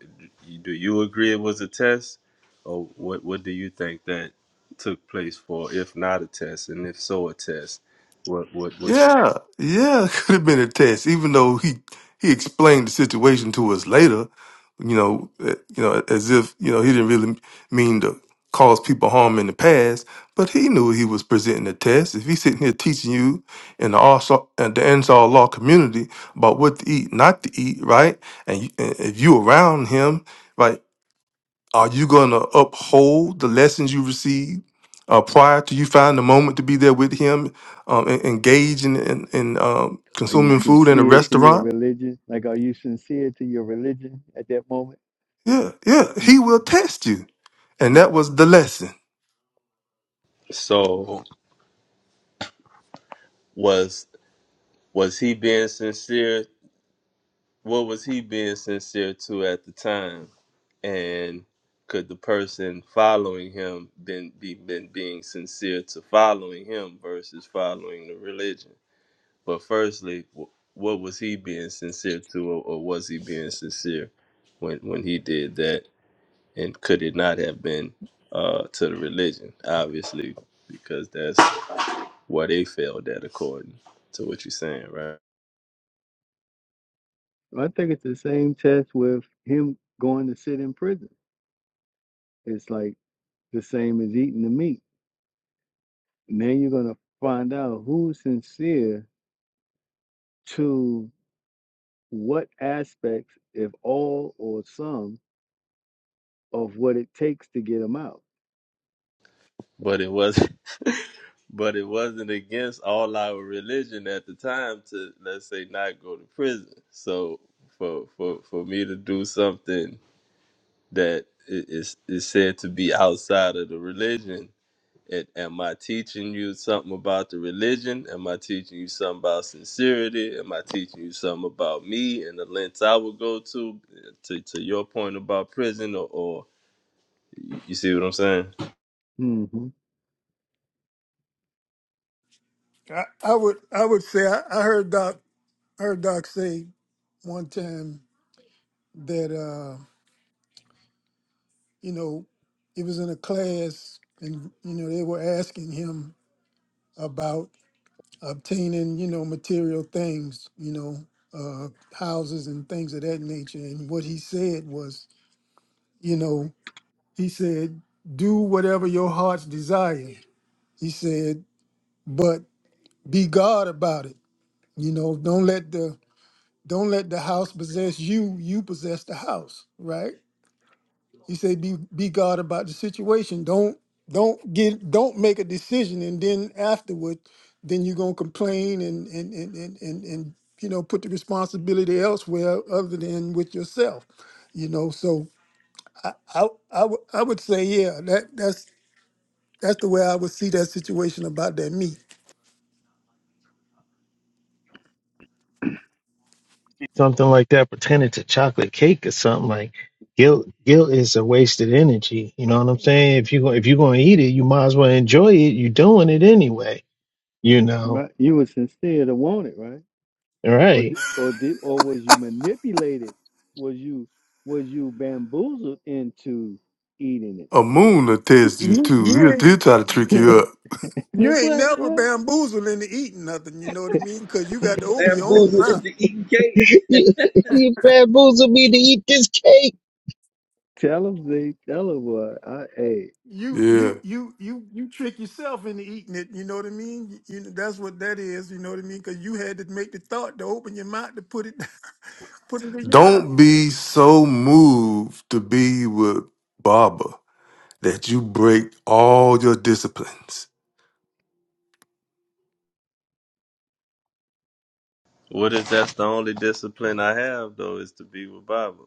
C: Do you agree it was a test? Or what, what do you think that took place for, if not a test, and if so a test? What what what
G: Yeah, yeah, could have been a test, even though he he explained the situation to us later, you know, eh, you know, as if you know he didn't really mean to cause people harm in the past, but he knew he was presenting a test. If he's sitting here teaching you in the Arsa- in the Ansar law community about what to eat, not to eat, right, and, you, and if you around him. right? Are you going to uphold the lessons you received uh, prior to you find the moment to be there with him, um, and engage in, in, in um,
A: Are you
G: consuming food in a
A: sincere to your
G: restaurant?
A: religion? Like, are you sincere to your religion at that moment?
G: Yeah, yeah. He will test you. And
A: Mhm.
G: that was the lesson.
C: so was was he being sincere what was he being sincere to at the time and could the person following him been be been being sincere to following him versus following the religion but firstly wh- what was he being sincere to or, or was he being sincere when when he did that and could it not have been uh to the religion obviously because that's where they failed at according to what you're saying right
A: I think it's the same test with him going to sit in prison. It's like the same as eating the meat. Now you're going to find out who's sincere to what aspects, if all or some, of what it takes to get him out.
C: but it wasn't but it wasn't against all our religion at the time to let's say not go to prison so for for for me to do something that i- is is said to be outside of the religion it, am i teaching you something about the religion am i teaching you something about sincerity am i teaching you something about me and the lengths i would go to to, to your point about prison or, or you see what i'm saying
A: Mm-hmm.
H: I, I would I would say I, I heard Doc I heard Doc say one time that uh, you know he was in a class and you know they were asking him about obtaining you know material things, you know uh, houses and things of that nature, and what he said was, you know, he said, "Do whatever your heart's desire." He said, "But be God about it." You know, don't let the don't let the house possess you. You possess the house, right? He said, "Be be God about the situation. Don't don't get don't make a decision, and then afterward, then you're gonna complain and and and and and, and you know put the responsibility elsewhere other than with yourself. You know, so I I I would I would say, yeah, that that's that's the way I would see that situation about that meat.
J: something like that pertaining to chocolate cake or something like guilt guilt is a wasted energy you know what i'm saying if you go- if you're going to eat it you might as well enjoy it you're doing it anyway you know
A: Right, you were sincere to want it, right?
J: right?
A: Or di- or did or was you manipulated? Was you was you bamboozled into eating
G: A moon will test you
H: You,
G: too.
H: you
G: He'll,
H: ain't
G: he'll try to trick
A: it?
G: you up.
H: you ain't
A: what
H: never
A: what?
H: bamboozled into eating nothing. You know what I mean? Because you got to open your own
F: Bamboozled
H: mouth.
F: into eat.
J: you, you bamboozled me to eat this cake
A: Tell them they tell them what I ate.
H: you
G: Yeah.
H: you you you you trick yourself into eating it. You know what I mean? You, you- know, that's what that is. You know what I mean? Because you had to make the thought to open your mouth to put it put it in your mouth.
G: Don't be so moved to be with Baba that you break all your disciplines.
C: What if that's the only discipline I have though is to be with Baba?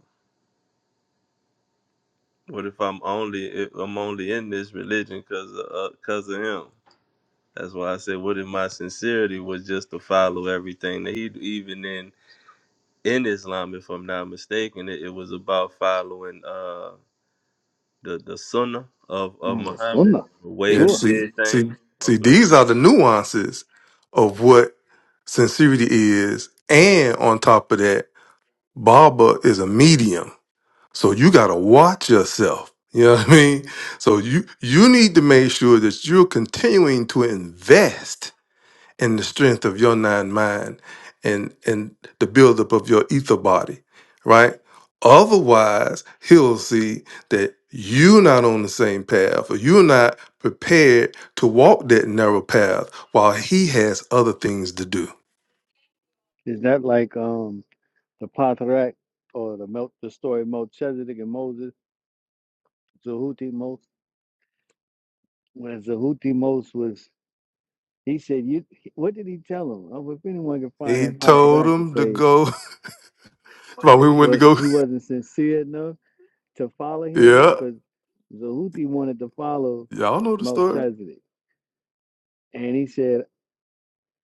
C: What if I'm only if I'm only in this religion because of uh, cause of him? That's why I said, what if my sincerity was just to follow everything that he do? even in in Islam, if I'm not mistaken, it, it was about following uh the the sunnah of of
A: on the
C: Muhammad,
A: sunnah
C: the way
G: Yeah,
C: he
A: tour.
G: see,
C: did
G: see,
C: things.
G: see,
C: Okay,
G: these are the nuances of what sincerity is. And on top of that, Baba is a medium. So you gotta watch yourself. You know what I mean? So you you need to make sure that you're continuing to invest and the strength of your nine mind and and the buildup of your ether body, right? Otherwise, he'll see that you're not on the same path or you're not prepared to walk that narrow path while he has other things to do.
A: Is that like um the Patriarch or the Mel the story of Melchizedek and Moses, Zahuti Mos? When Zahuti Mos was, he said, "You." What did he tell him? Oh, if anyone can find
G: He
A: that
G: told
A: Patriarch and
G: him to
A: say.
G: go while
A: that
G: we went to
A: was
G: go.
A: he wasn't sincere enough to follow him
G: Yeah,
A: because Zahuti wanted to follow
G: y'all know the story.
A: Melchizedek, and he said,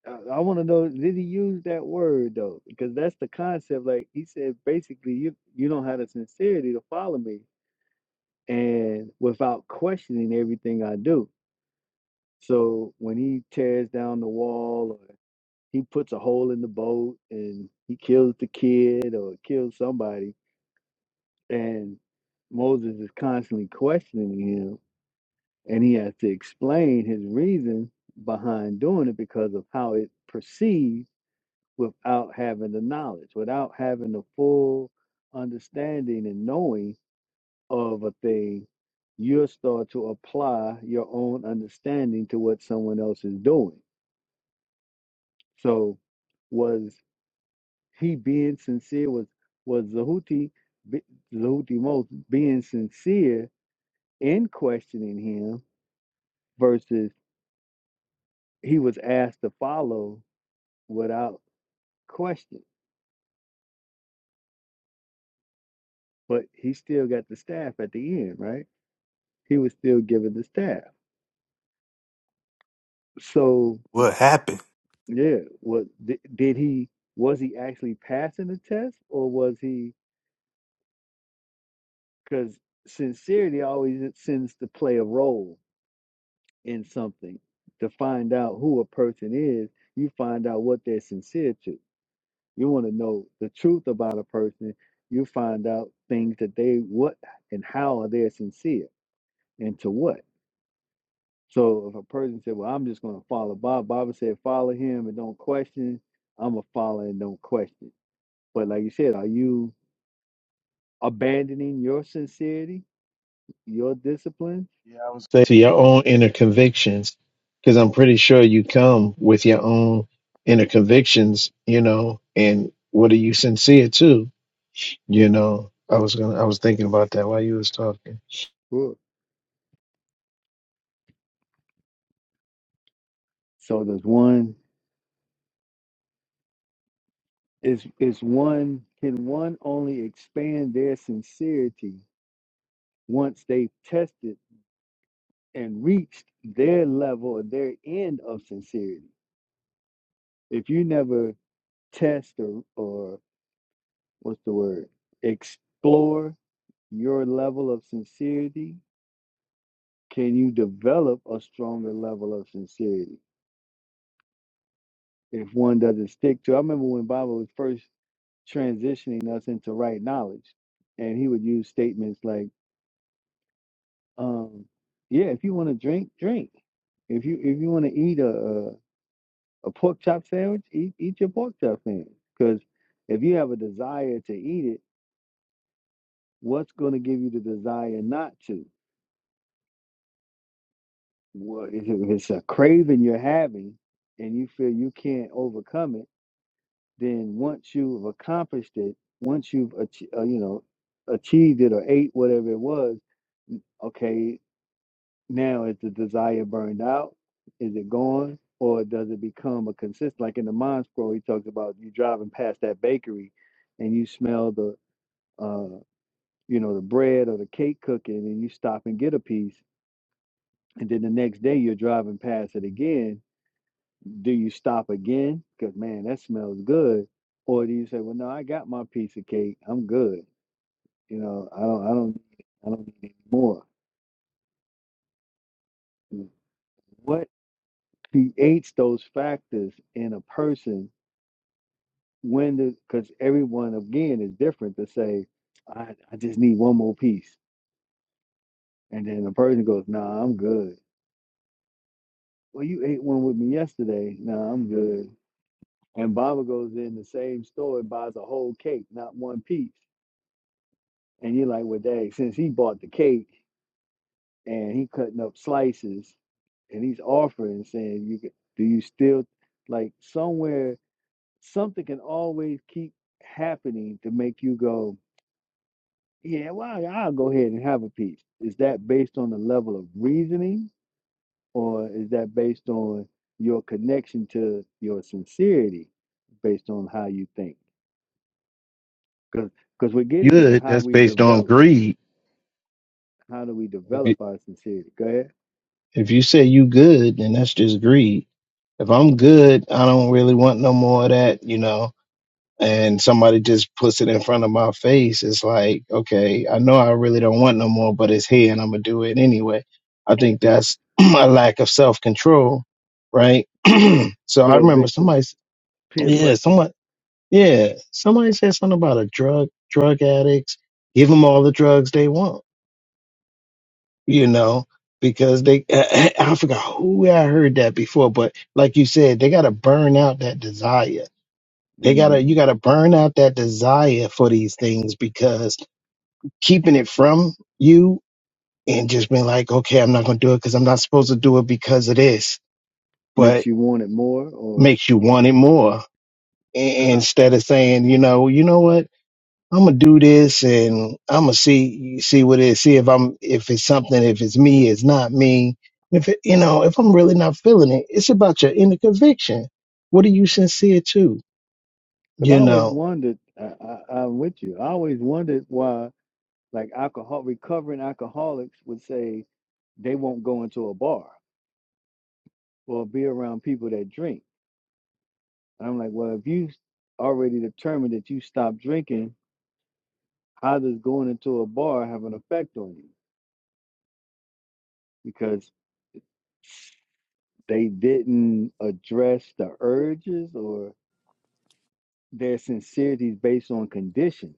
A: "I, I want to know did he use that word though? Because that's the concept. Like he said, basically, you you don't have the sincerity to follow me, and without questioning everything I do. So when he tears down the wall, or he puts a hole in the boat, and he kills the kid or kills somebody and Moses is constantly questioning him, and he has to explain his reason behind doing it because of how it proceeds without having the knowledge, without having the full understanding and knowing of a thing. You'll start to apply your own understanding to what someone else is doing. So, was he being sincere? Was was Zahuti, Zahuti Most being sincere in questioning him versus he was asked to follow without question, but he still got the staff at the end, right? He was still given the staff. So,
G: What happened?
A: yeah, what did he was he actually passing the test or was he because sincerity always it sends to play a role in something to find out who a person is, you find out what they're sincere to You want to know the truth about a person. You find out things that they what and how are they sincere and to what. So if a person said, "Well, I'm just going to follow Bob," Bob said, "Follow him and don't question." I'm a follow and don't question. But like you said, are you abandoning your sincerity, your discipline?
J: yeah i was saying to your own inner convictions because i'm pretty sure you come with your own inner convictions you know and what are you sincere to you know i was gonna i was thinking about that while you was talking
A: Sure. So does one is is one can one only expand their sincerity once they've tested? and reached their level or their end of sincerity. If you never test or, or what's the word, explore your level of sincerity, can you develop a stronger level of sincerity? If one doesn't stick to, I remember when Baba was first transitioning us into right knowledge, and he would use statements like, um, "Yeah, if you want to drink, drink. If you if you want to eat, a." a pork chop sandwich, eat, eat your pork chop sandwich. Because if you have a desire to eat it, what's going to give you the desire not to? Well, if it- if it's a craving you're having and you feel you can't overcome it, then once you've accomplished it, once you've ach- uh, you know achieved it or ate whatever it was, okay, now is the desire burned out? Is it gone? Or does it become a consistent? Like in the mind scroll, he talks about you driving past that bakery and you smell the uh, you know, the bread or the cake cooking and you stop and get a piece. And then the next day you're driving past it again. Do you stop again? Because, man, that smells good. Or do you say, well, no, I got my piece of cake. I'm good. You know, I don't, I don't, I don't need any more. What creates those factors in a person when the, because everyone again is different to say, I, I just need one more piece. And then the person goes, nah, I'm good Well, you ate one with me yesterday. No, I'm good. And Baba goes in the same store and buys a whole cake, not one piece. And you're like, well, dang, since he bought the cake and he cutting up slices and he's offering, saying, you could, do you still like somewhere something can always keep happening to make you go, yeah, well, I'll go ahead and have a piece. Is that based on the level of reasoning or is that based on your connection to your sincerity based on how you think because because we're getting to
J: good
A: how
J: that's
A: we
J: based on
A: develop
J: greed
A: how do we
J: If you
A: develop our sincerity go ahead
J: if you say you good, then that's just greed. If I'm good, I don't really want no more of that, you know. And somebody just puts it in front of my face. It's like, okay, I know I really don't want no more, but it's here, and I'm gonna do it anyway. I think
A: You
J: that's a lack of self control, right? so I
A: feel
J: remember
A: victim
J: somebody, s-
A: peer
J: yeah,
A: pressure
J: someone, yeah, somebody said something about a drug drug addicts. Give them all the drugs they want you know, because they, I forgot who I heard that before, but like you said, they got to burn out that desire. They got
A: hmm
J: to, you got to burn out that desire for these things because keeping it from you and just being like, okay, I'm not going to do it because I'm not supposed to do it because of this,
A: makes
J: but
A: you want it more or
J: makes you want it more. A-
A: because i
J: Instead of saying, you know, you know what? I'm gonna do this and I'm gonna see see what it is. See if I'm if it's something. If it's me, it's not me. If it, you know, if I'm really not feeling it, it's about your inner conviction. What are you sincere to?
A: because i
J: You
A: always
J: know,
A: wondered I, I i'm with you i always wondered why like alcohol recovering alcoholics would say they won't go into a bar or be around people that drink And I'm like, well, if you already determined that you stopped drinking, how does going into a bar have an effect on you? Because they didn't address the urges or their sincerities based on conditions.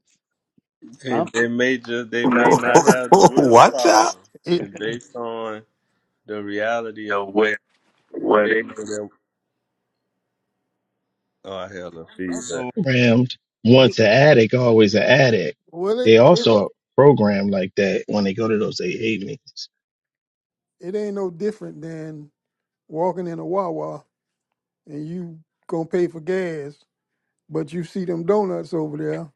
C: they,
A: I'm
C: they may just they may
H: Not that,
C: not have the
G: Oh, watch
C: willpower,
G: out.
H: It you
C: and based on the reality of
H: what,
C: where where
H: what
C: they
H: it,
C: know Oh, I held no feedback.
J: Also, programmed
H: it
J: once an addict, always an addict.
H: well it
J: They
H: it,
J: also are programmed like that when they go to those AA meetings.
H: it ain't no different than walking in a Wawa and you gonna pay for gas, but you see them donuts over there.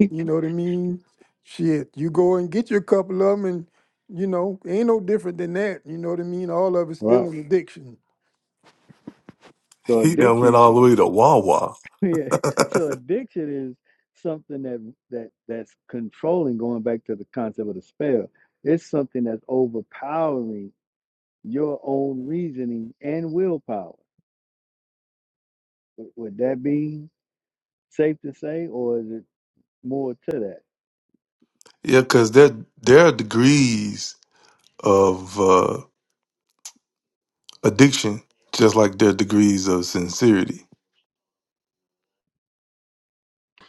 H: You know what I mean? Shit, you go and get your couple of them, and you know ain't no different than that. You know what I mean? All of it's still
A: right.
H: an addiction.
A: So
G: He done went
A: addiction,
G: all the way to Wawa.
A: yeah. So addiction is something that that that's controlling. Going back to the concept of the spell, it's something that's overpowering your own reasoning and willpower. would that be? safe to say, or is it more to that?
G: Yeah, because there, there are degrees of uh, addiction, just like their degrees of sincerity.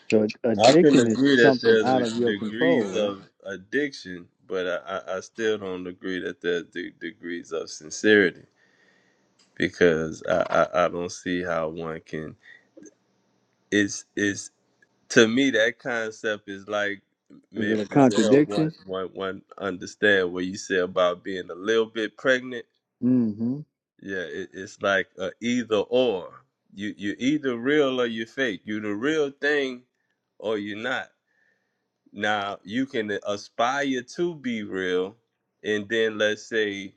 A: So ad-
C: I couldn't
A: addiction is
C: agree that
A: something
C: there's
A: out of your control,
C: degrees
A: right?
C: of addiction, but I, I, I still don't agree that there's de- degrees of sincerity because I, I, I don't see how one can. It's it's to me that concept is like
A: Is it
C: maybe
A: a
C: this will help one
A: contradiction?
C: one one understand what you said about being a little bit pregnant.
A: Mm-hmm.
C: Yeah, it, it's like a either or. You you either real or you fake. You the real thing or you're not Now you can aspire to be real, and then let's say,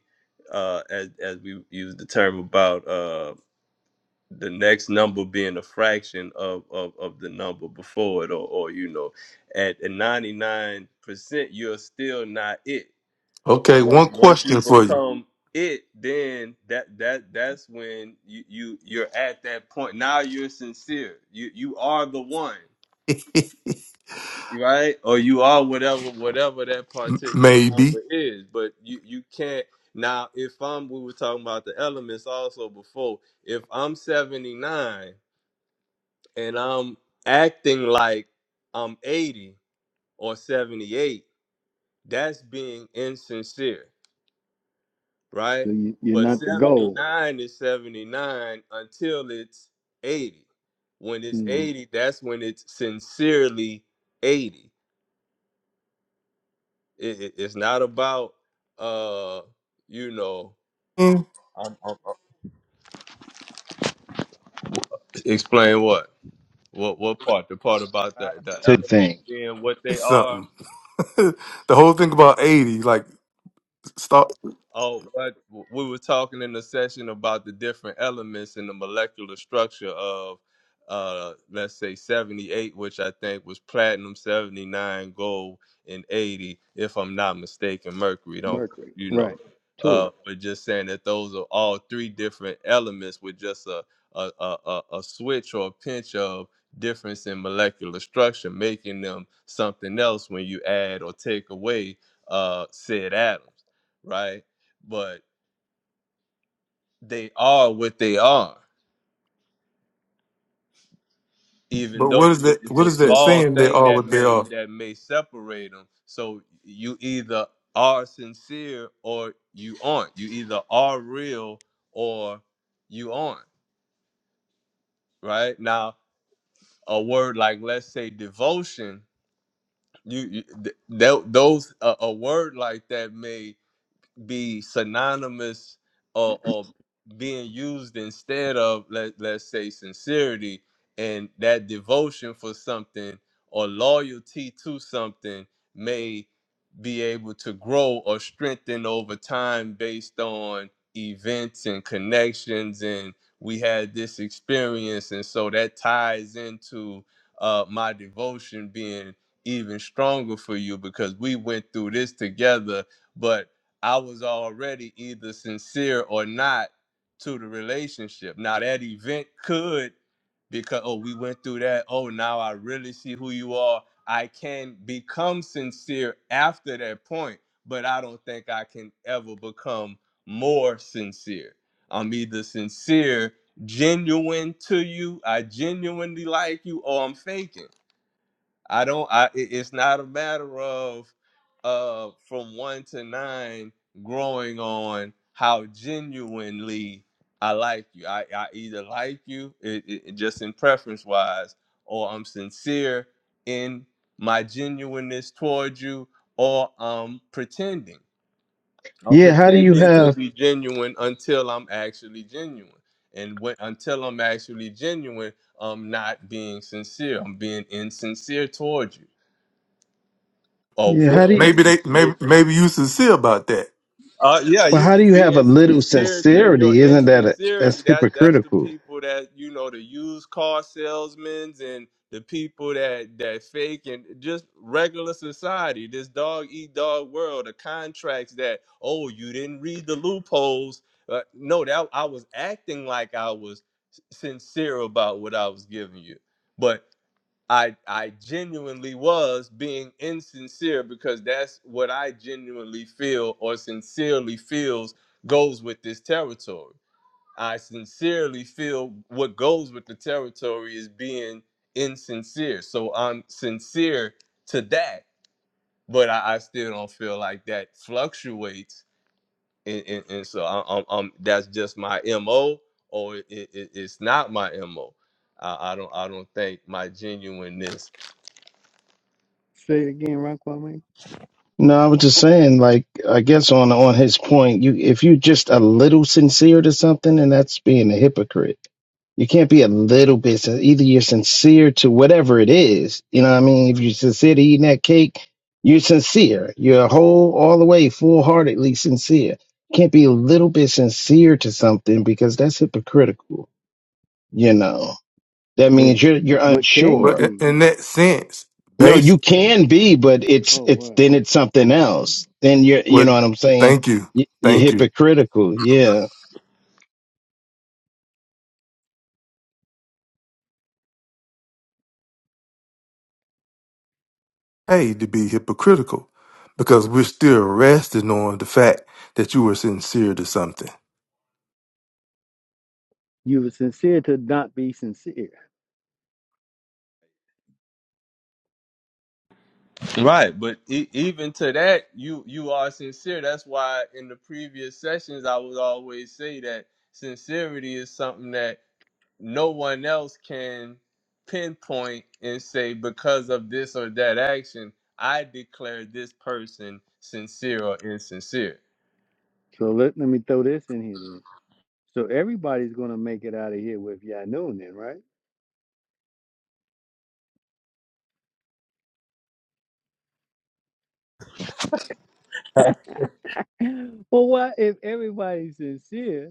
C: uh, as as we use the term about uh, the next number being a fraction of of, of the number before it, or or you know, at ninety nine percent, you're still not it.
G: Okay,
C: Once
G: one
C: once you
G: question for you.
C: become it, then that that that's when you you you're at that point. Now you're sincere. You you are the one right? Or you are whatever whatever that
G: M-
C: particular
G: Maybe
C: number is. But you you can't now if I'm we were talking about the elements also before, if I'm 79 and I'm acting like I'm 80 or 78, that's being insincere,
A: So
C: right?
A: you, you're
C: But
A: not the goal.
C: 79 is 79 until it's 80. When it's
A: hmm
C: 80, that's when it's sincerely 80. It, it, it's not about uh, you know.
G: Mm,
C: I'm, I'm- Explain what? What what part? The part about the the
J: To think.
C: elements being what they
G: it's
C: are.
G: something. the whole thing about eighty, like stop.
C: Oh, what we were talking in the session about the different elements in the molecular structure of, uh, let's say 78, which I think was platinum, 79, gold, and 80, if I'm not mistaken, mercury. Don't
A: Mercury,
C: you know?
A: right? Tour.
C: Uh, but just saying that those are all three different elements with just a a, a, a a switch or a pinch of difference in molecular structure, making them something else when you add or take away uh, said atoms right? but they are what they are even
G: But
C: though
G: what is
C: it-
G: that?
C: it's
G: What
C: a
G: is that
C: small
G: saying? They
C: thing
G: are
C: that
G: what they
C: may
G: are.
C: that may separate them so you either are sincere or you aren't you either are real or you aren't right now a word like let's say devotion you, you th- th- those a a word like that may. be synonymous or, or being used instead of let, let's say sincerity and that devotion for something or loyalty to something may be able to grow or strengthen over time based on events and connections and we had this experience and so that ties into uh, my devotion being even stronger for you because we went through this together but I was already either sincere or not to the relationship. Now that event could because oh we went through that. Oh now I really see who you are. I can become sincere after that point, but I don't think I can ever become more sincere. I'm either sincere, genuine to you, I genuinely like you, or I'm faking. I don't. I. It's not a matter of, uh, from one to nine, growing on how genuinely I like you. I, I either like you, it, it just in preference wise, or I'm sincere in my genuineness towards you, or I'm pretending. I'm
J: yeah. How do you
C: pretending to
J: have?
C: be genuine until I'm actually genuine, and when until I'm actually genuine, I'm not being sincere. I'm being insincere towards you Oh,
J: Yeah,
A: Say,
J: how do
C: oh,
J: you?
G: Maybe they. Maybe
C: wait.
G: maybe you sincere about that.
C: Uh, yeah,
J: Well, how do
C: you
J: you have a
C: being
J: little
C: sincere to your
J: sincerity? Isn't that a,
C: insincerity.
J: that's
C: That that's the
J: hypocritical?
C: people that you know, the used car salesmen and the people that that fake and just regular society. This dog eat dog world. The contracts that oh, you didn't read the loopholes. Uh, no, that I was acting like I was s- sincere about what I was giving you, but. I I genuinely was being insincere because that's what I genuinely feel or sincerely feels goes with this territory. I sincerely feel what goes with the territory is being insincere. So I'm sincere to that, but I, I still don't feel like that fluctuates. And, and, and so I, I'm, I'm- that's just my mo, or it, it, it's not my mo. I I don't I don't think my genuineness
A: say it again, Ron Kwame.
J: No, I was just saying, like, I guess on on his point, you if you just a little sincere to something, and that's being a hypocrite. You can't be a little bit. sin- Either you're sincere to whatever it is, you know. what I mean, if you're sincere to eating that cake, you're sincere. You're whole, all the way, full heartedly sincere. You can't be a little bit sincere to something because that's hypocritical. You know, that
A: But
J: means you're you're
A: but can you
G: But
J: unsure
G: in,
A: be?
G: in that sense,
J: no, you
G: based
J: can be, but it's
A: Oh
J: it's
A: wow.
J: then it's something else. Then
A: Right.
J: you're you know
G: with
J: what I'm saying?
G: thank you,
J: You- You're
G: thank you.
J: hypocritical. Yeah.
G: Hey, to be hypocritical, because we're still resting on the fact that you were sincere to something.
A: You were sincere to not be sincere.
C: Right, but e- even to that, you you are sincere. That's why in the previous sessions, I would always say that sincerity is something that no one else can pinpoint and say because of this or that action, I declare this person sincere or insincere.
A: So let let me throw this in here then. So everybody's gonna make it out of here with Yanun then, right? Well, why if everybody's sincere?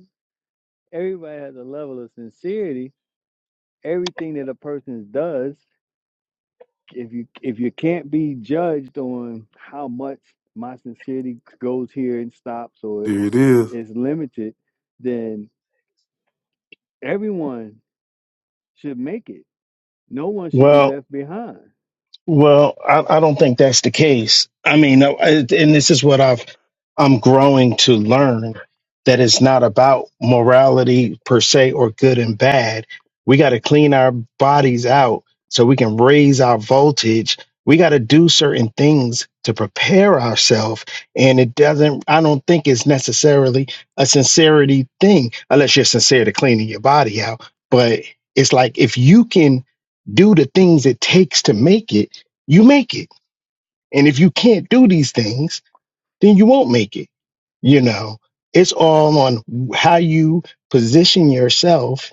A: everybody has a level of sincerity. Everything that a person does, if you if you can't be judged on how much my sincerity goes here and stops or
G: There it is.
A: is limited, then everyone should make it. No one should be
J: Well,
A: left behind.
J: Well, I, I don't think that's the case. I mean, I, I- and this is what I've I'm growing to learn that it's not about morality per se or good and bad. We got to clean our bodies out so we can raise our voltage. We got to do certain things to prepare ourselves, and it doesn't. I don't think it's necessarily a sincerity thing, unless you're sincere to cleaning your body out. But it's like if you can do the things it takes to make it you make it. And if you can't do these things, then you won't make it. You know, it's all on how you position yourself,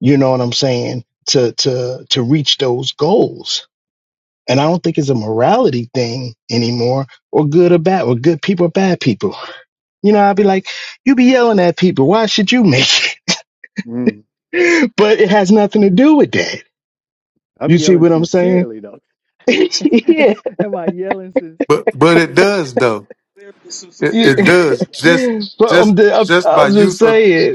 J: you know what I'm saying, to to to reach those goals. And I don't think it's a morality thing anymore, or good or bad, or good people or bad people. You know, I'd be like, you be yelling at people, why should you make it?
A: Mm.
J: But it has nothing to do with that.
A: I'm
J: You see
A: yelling
J: what I'm saying?
A: sincerely though.
J: yeah.
A: Am I yelling sincere?
G: But but it
A: It's-
G: does though.
F: There's some
G: It
J: You-
G: it
F: sincerity.
G: does just
J: but
G: just
J: I'm, I'm,
G: just by
J: I'm just
G: use of
J: saying.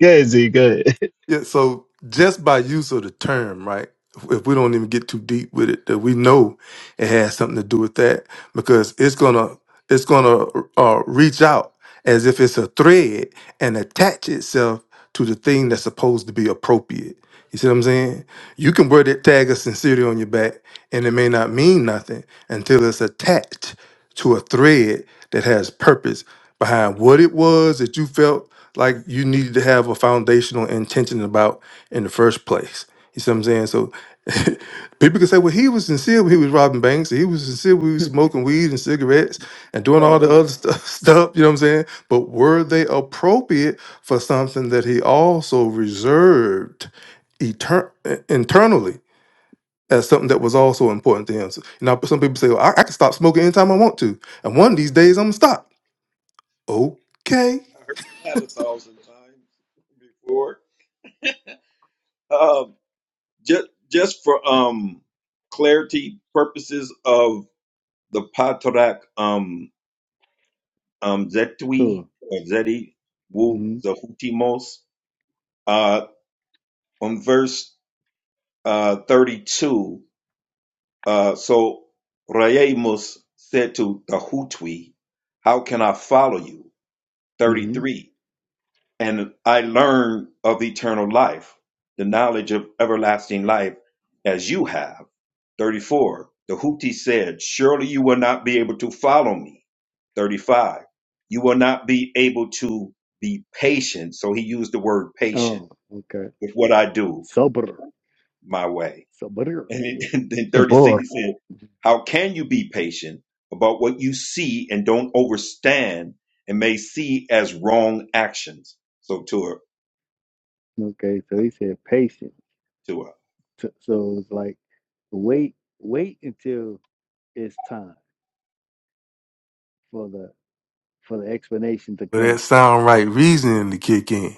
J: Good, Z, good.
G: yeah, so just by use of the term, right? If we don't even get too deep with it, that we know it has something to do with that. because it's gonna it's gonna uh, reach out as if it's a thread and attach itself to the thing that's supposed to be appropriate. You see what I'm saying? You can wear that tag of sincerity on your back, and it may not mean nothing until it's attached to a thread that has purpose behind what it was that you felt like you needed to have a foundational intention about in the first place. You see what I'm saying? So people can say, well, he was sincere when he was robbing banks. He was sincere when he was smoking weed and cigarettes and doing
F: Uh,
G: all the other stuff, stuff. You know what I'm saying? But were they appropriate for something that he also reserved etern- uh, internally as something that was also important to him? So, you know, some people say, well, I, I can stop smoking anytime I want to. And one of these days, I'm going to stop. Okay.
F: I heard that a thousand times before. Um, just just for um clarity purposes of the Patarak um um Zetui
A: Sure.
F: or Zeti Wu
A: hmm
F: the Hutimos uh on verse uh 32 Uh, so Raimus said to the Hutwi, How can I follow you?
A: hmm
F: 33. And I learned of eternal life, the knowledge of everlasting life, as you have. 34. The Huti said, Surely you will not be able to follow me. 35. You will not be able to be patient. So he used the word patient
A: Oh, okay.
F: with what I do
A: Sober.
F: my way.
A: Sober.
F: And, it, and then 36, he
J: Tabor.
F: said, How can you be patient about what you see and don't overstand and may see as wrong actions? So to her,
A: Okay, so he said patient.
F: to her.
A: So, so it's like wait, wait until it's time for the for the explanation to
G: But that
A: come.
G: sound right reasoning to kick in.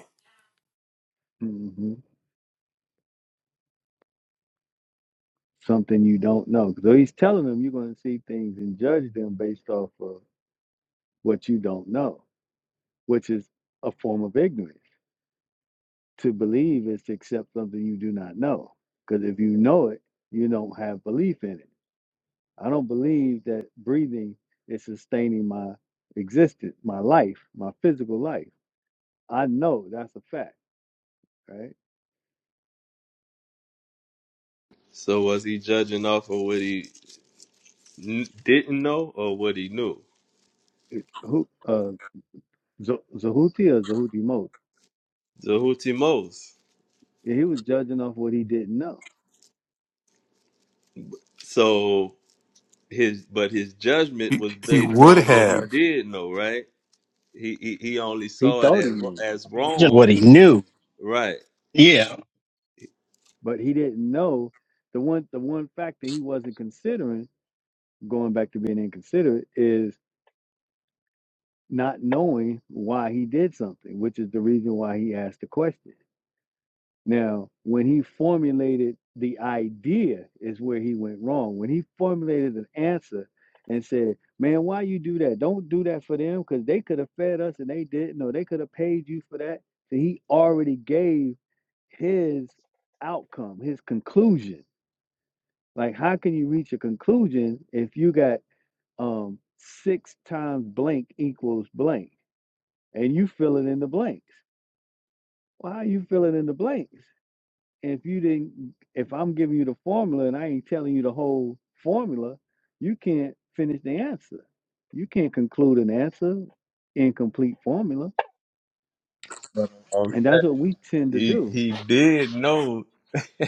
A: hmm Something you don't know. So he's telling them you're going to see things and judge them based off of what you don't know, which is a form of ignorance. To believe is to accept something you do not know, because if you know it, you don't have belief in it. I don't believe that breathing is sustaining my existence, my life, my physical life. I know that's a fact, right?
C: So was he judging off of what he n- didn't know or what he knew?
A: who uh Z- Zahuti or Zahuti Most.
C: Zahuti Mos.
A: Yeah, He was judging off what he didn't know.
C: So his but his judgment
G: He,
C: was
G: he
C: based
G: would
C: on what he
G: have.
C: did know, right? he he, he only
A: He
C: saw it
A: thought he
C: as,
A: knew,
C: as
J: Just what
C: wrong,
J: he knew.
C: right?
J: Yeah.
A: but he didn't know the one the one factor he wasn't considering, going back to being inconsiderate, is not knowing why he did something, which is the reason why he asked the question. Now, when he formulated the idea, is where he went wrong. When he formulated an answer and said, Man, why you do that? Don't do that for them because they could have fed us and they didn't, or they could have paid you for that. So he already gave his outcome, his conclusion. Like, how can you reach a conclusion if you got um six times blank equals blank and you fill it in the blanks? Why are you filling in the blanks? if you didn't if i'm giving you the formula and i ain't telling you the whole formula you can't finish the answer you can't conclude an answer in complete formula
C: But, um,
A: and that's what we tend to
C: He
A: do
C: he did know.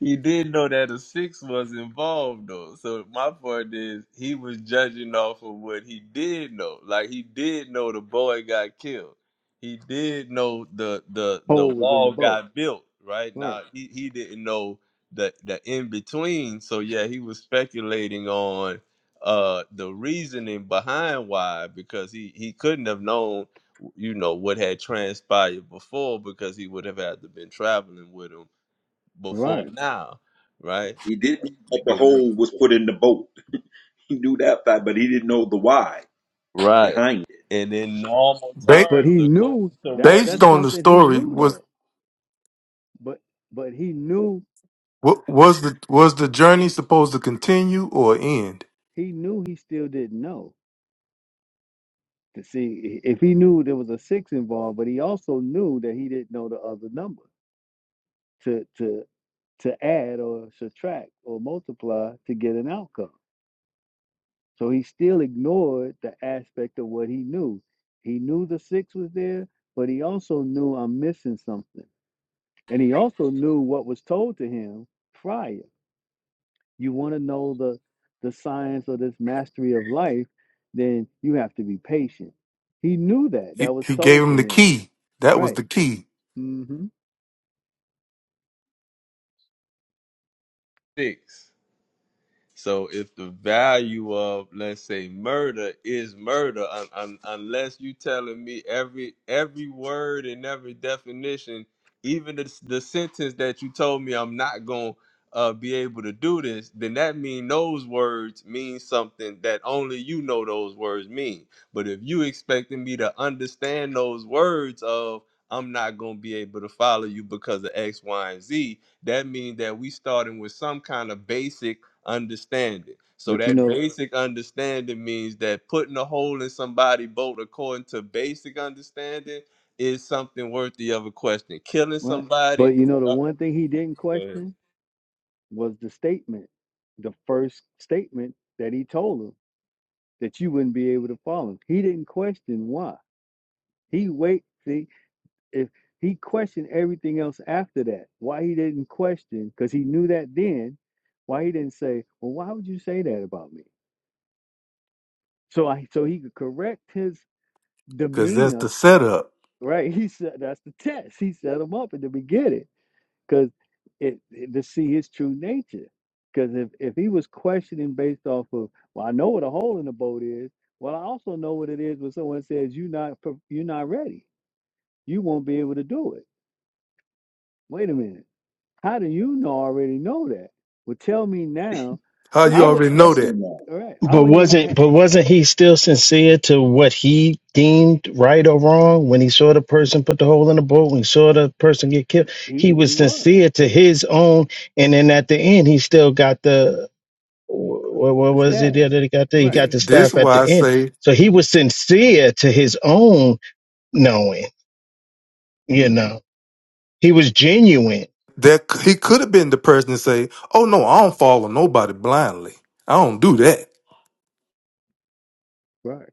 C: he didn't know that a six was involved though. So my point is he was judging off of what he did know. Like he did know the boy got killed. He did know the the the
A: Paul was in the
C: wall
A: boat
C: got built, right?
A: right
C: Now he, he didn't know the the in between. So yeah, he was speculating on uh the reasoning behind why because he he couldn't have known you know what had transpired before because he would have had to been traveling with him before
A: right
C: now, right?
F: He didn't know that the
C: Because-
F: hole was put in the boat. He knew that fact, but he didn't know the why
C: right.
F: behind it.
C: And in normal
A: And- but
C: terms,
A: he
C: according
A: knew
C: to
A: that's
C: what
G: Based
C: he
A: that's
G: on the
A: something he
G: story,
A: knew
G: was
A: though but but he knew
G: wa- was the was the journey supposed to continue or end?
A: he knew he still didn't know to see i- if he knew there was a six involved but he also knew that he didn't know the other number to to. to add or subtract or multiply to get an outcome. So he still ignored the aspect of what he knew. He knew the six was there, but he also knew I'm missing something. And he also knew what was told to him prior. You want to know the the science or this mastery of life, then you have to be patient. He knew that.
G: He
A: That was
G: he gave
A: told to
G: him the
A: him.
G: key. That was
A: Right.
G: the key
A: hmm
C: thinks. So if the value of let's say murder is murder, un- un- unless you telling me every every word and every definition, even the, the sentence that you told me I'm not gonna uh, be able to do this, then that mean those words mean something that only you know those words mean. But if you expecting me to understand those words of I'm not gonna be able to follow you because of X, Y, and Z, that means that we starting with some kind of basic understanding. So
A: But you
C: that
A: know
C: basic understanding means that putting a hole in somebody's boat according to basic understanding is something worthy of a question. Killing
A: what?
C: somebody,
A: But you know the
C: uh,
A: one thing he didn't question? was the statement, the first statement that he told him that you wouldn't be able to follow him. He didn't question why. He wait, see, if he questioned everything else after that, why he didn't question, because he knew that then, why he didn't say, Well, why would you say that about me? So I so he could correct his
G: because that's the
A: demeanor,
G: setup.
A: right? He said that's the test. He set him up at the beginning because it, it- to see his true nature. Because if, if he was questioning based off of, well, I know what a hole in the boat is. Well, I also know what it is when someone says you not pre- you're not ready. You won't be able to do it. Wait a minute. How do you know already know that? Well, tell me now.
G: How you
A: I would
G: already know that?
F: Question mark.
A: all right. I
J: But
A: wouldn't even
J: wasn't
A: have.
J: but wasn't he still sincere to what he deemed right or wrong when he saw the person put the hole in the boat, when he saw the person get killed?
A: He
J: He
A: he
J: was
A: was
J: sincere to his own and then at the end he still got the what, what
A: the
J: was it
A: staff,
J: that he got there? He
A: right?
J: got
G: Th-
J: the
G: This
J: staff at
G: why I
J: the end.
G: say
J: So he
A: Mm,
J: was sincere to his own knowing, you know. He was genuine
G: That he could have been the person to say, "Oh no, I don't follow nobody blindly. I don't do that."
A: Right.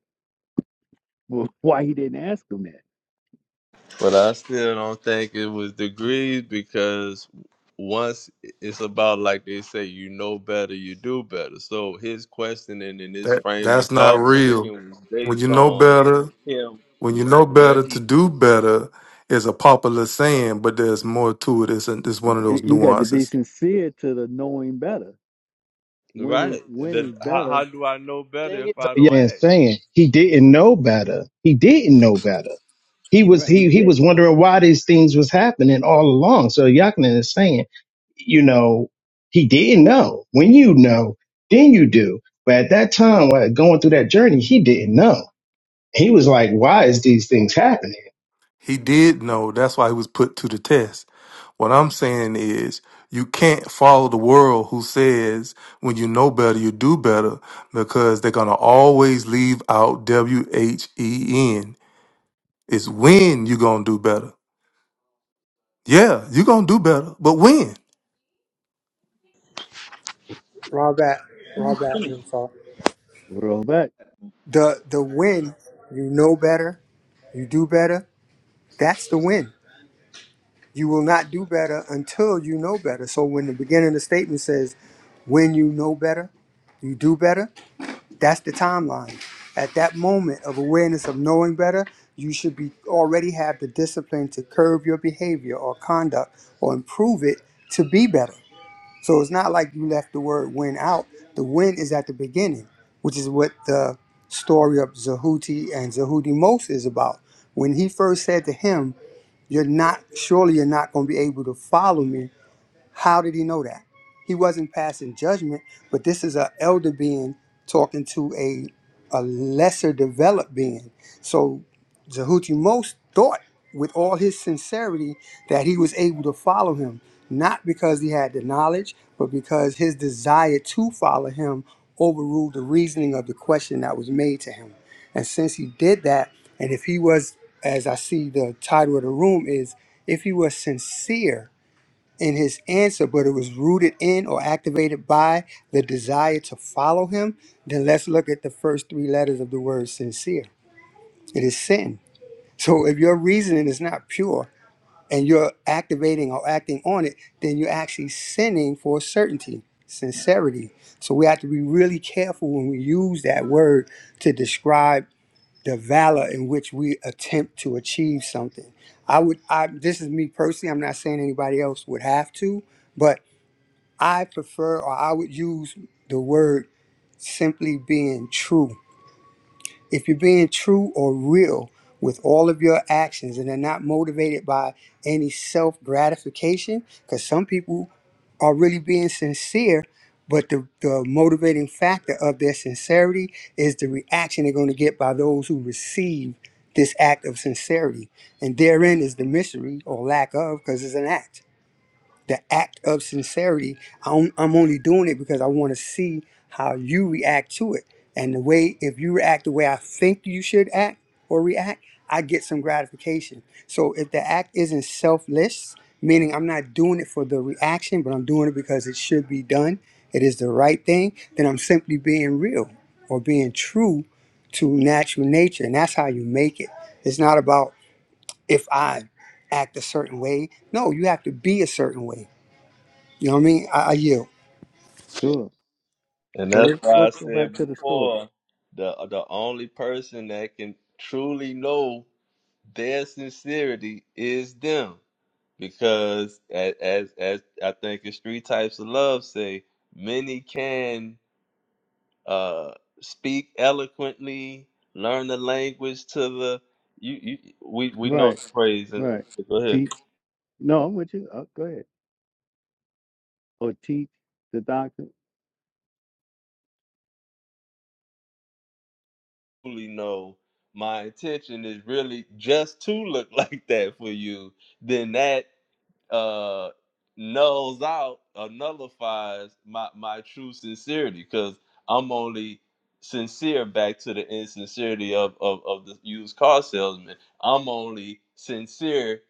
A: Well, why he didn't ask him that?
C: but I still don't think it was degrees because once it's about like they say, you know better, you do better. So his questioning and his
G: That
C: frame of
G: that's not
C: thought thinking
G: real.
C: was
G: When you
C: based
G: know
C: on
G: better,
C: him
G: when you know
C: where
G: better to
C: he
G: do better is a popular saying, but there's more to it. It's, it's one
A: You
G: of those
A: you- you got to be
G: nuances.
A: sincere to the knowing better when is
C: right.
A: when is
C: The, how,
A: better
C: how do I know better
J: thing is,
C: if I
J: yeah,
C: don't
J: man,
C: ask?
J: saying he didn't know better. He didn't know better. He was
A: Right, he
J: he he was
A: didn't.
J: wondering why these things was happening all along. So Yakinen is saying, you know, he didn't know. When you know, then you do. But at that time, while going through that journey, he didn't know. He was like, why is these things happening?
G: He did know. That's why he was put to the test. What I'm saying is, you can't follow the world who says when you know better, you do better because they're going to always leave out W H E N. It's when you're going to do better. Yeah, you're going to do better, but when?
K: Robert, Robert
F: Really?
K: Rimsaw.
A: We'll Roll back.
K: The the win, you know better, you do better. That's the win. You will not do better until you know better. So when the beginning of the statement says, "When you know better, you do better," that's the timeline. At that moment of awareness of knowing better, you should be already have the discipline to curb your behavior or conduct or improve it to be better. So it's not like you left the word "win" out. The "win" is at the beginning, which is what the story of Zehuti and Zahudi Most is about. When he first said to him, "You're not surely you're not going to be able to follow me how did he know that? He wasn't passing judgment, but this is an elder being talking to a a lesser developed being. So Zahuti most thought with all his sincerity that he was able to follow him, not because he had the knowledge, but because his desire to follow him overruled the reasoning of the question that was made to him. And since he did that, and if he was, as I see the title of the room is, if he was sincere in his answer, but it was rooted in or activated by the desire to follow him, then let's look at the first three letters of the word sincere. It is sin. So if your reasoning is not pure and you're activating or acting on it, then you're actually sinning for certainty, sincerity. So we have to be really careful when we use that word to describe the valor in which we attempt to achieve something. I would, I, this is me personally, I'm not saying anybody else would have to, but I prefer or I would use the word simply being true. If you're being true or real with all of your actions and they're not motivated by any self gratification, because some people are really being sincere, but the, the motivating factor of their sincerity is the reaction they're going to get by those who receive this act of sincerity. And therein is the mystery or lack of, because it's an act the act of sincerity. I'm, I'm only doing it because I want to see how you react to it. And the way, if you react the way I think you should act or react, I get some gratification. So if the act isn't selfless, meaning I'm not doing it for the reaction, but I'm doing it because it should be done, it is the right thing, then I'm simply being real or being true to natural nature. And that's how you make it. It's not about if I act a certain way. No, you have to be a certain way you know what I mean? I, I yield.
A: Sure.
C: And
A: So
C: that's
A: let's
C: why I
A: let's go
C: said
A: back to the story.
C: before, the the only person that can truly know their sincerity is them, because as as, as I think it's three types of love. Say many can uh, speak eloquently, learn the language to the you, you we we know
A: Right,
C: the phrase. and-
A: right.
C: Go ahead.
A: Teach. No, I'm with you. Oh, go ahead. Or teach the doctrine.
C: Truly know my intention is really just to look like that for you. Then that uh nulls out or nullifies my my true sincerity because I'm only sincere back to the insincerity of, of of the used car salesman. I'm only sincere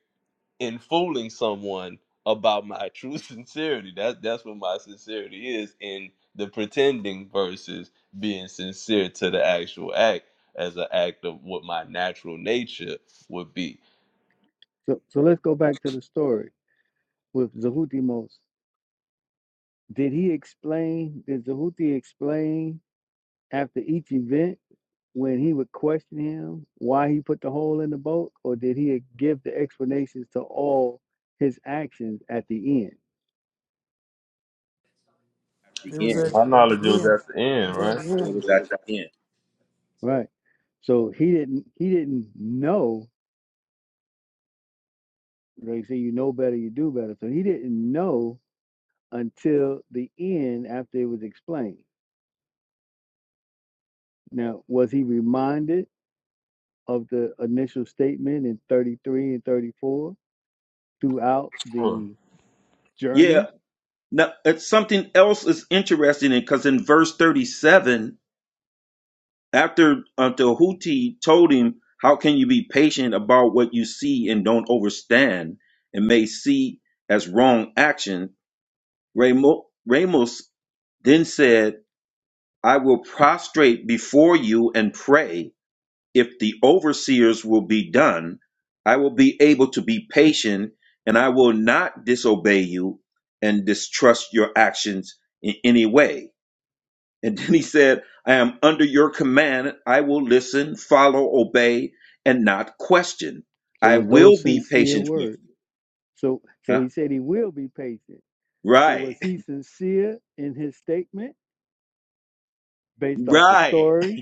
C: in fooling someone about my true sincerity. That that's what my sincerity is in the pretending versus being sincere to the actual act as an act of what my natural nature would be.
A: So so let's go back to the story with Zahutimos. Did he explain? Did Zahuti explain after each event when he would question him why he put the hole in the boat, or did he give the explanations to all his actions at the end?
F: At
H: It
F: the
H: was
F: end.
H: at,
C: My
H: at
C: knowledge
H: the
C: was
H: end.
C: at the
H: It
C: end,
H: was at
C: right?
H: the
F: Where
H: end.
F: was at the end.
A: Right. So he didn't. He didn't know They say you know better, you do better. So he didn't know until the end after it was explained. Now, was he reminded of the initial statement in 33 and 34 throughout
C: Huh.
A: the
F: Yeah.
A: journey?
F: Now, it's something else is interesting because in verse 37, After until Huti told him, How can you be patient about what you see and don't overstand and may see as wrong action? Ramo- Ramos then said, I will prostrate before you and pray. If the overseers will be done, I will be able to be patient and I will not disobey you and distrust your actions in any way. And then he said, I am under your command. I will listen, follow, obey, and not question.
A: So
F: I
A: was those
F: will be
A: sincere
F: patient with
A: words? So
F: you.
A: so
F: Uh,
A: he said he will be patient. So
F: right,
A: was he sincere in his statement based off the
F: right.
A: story?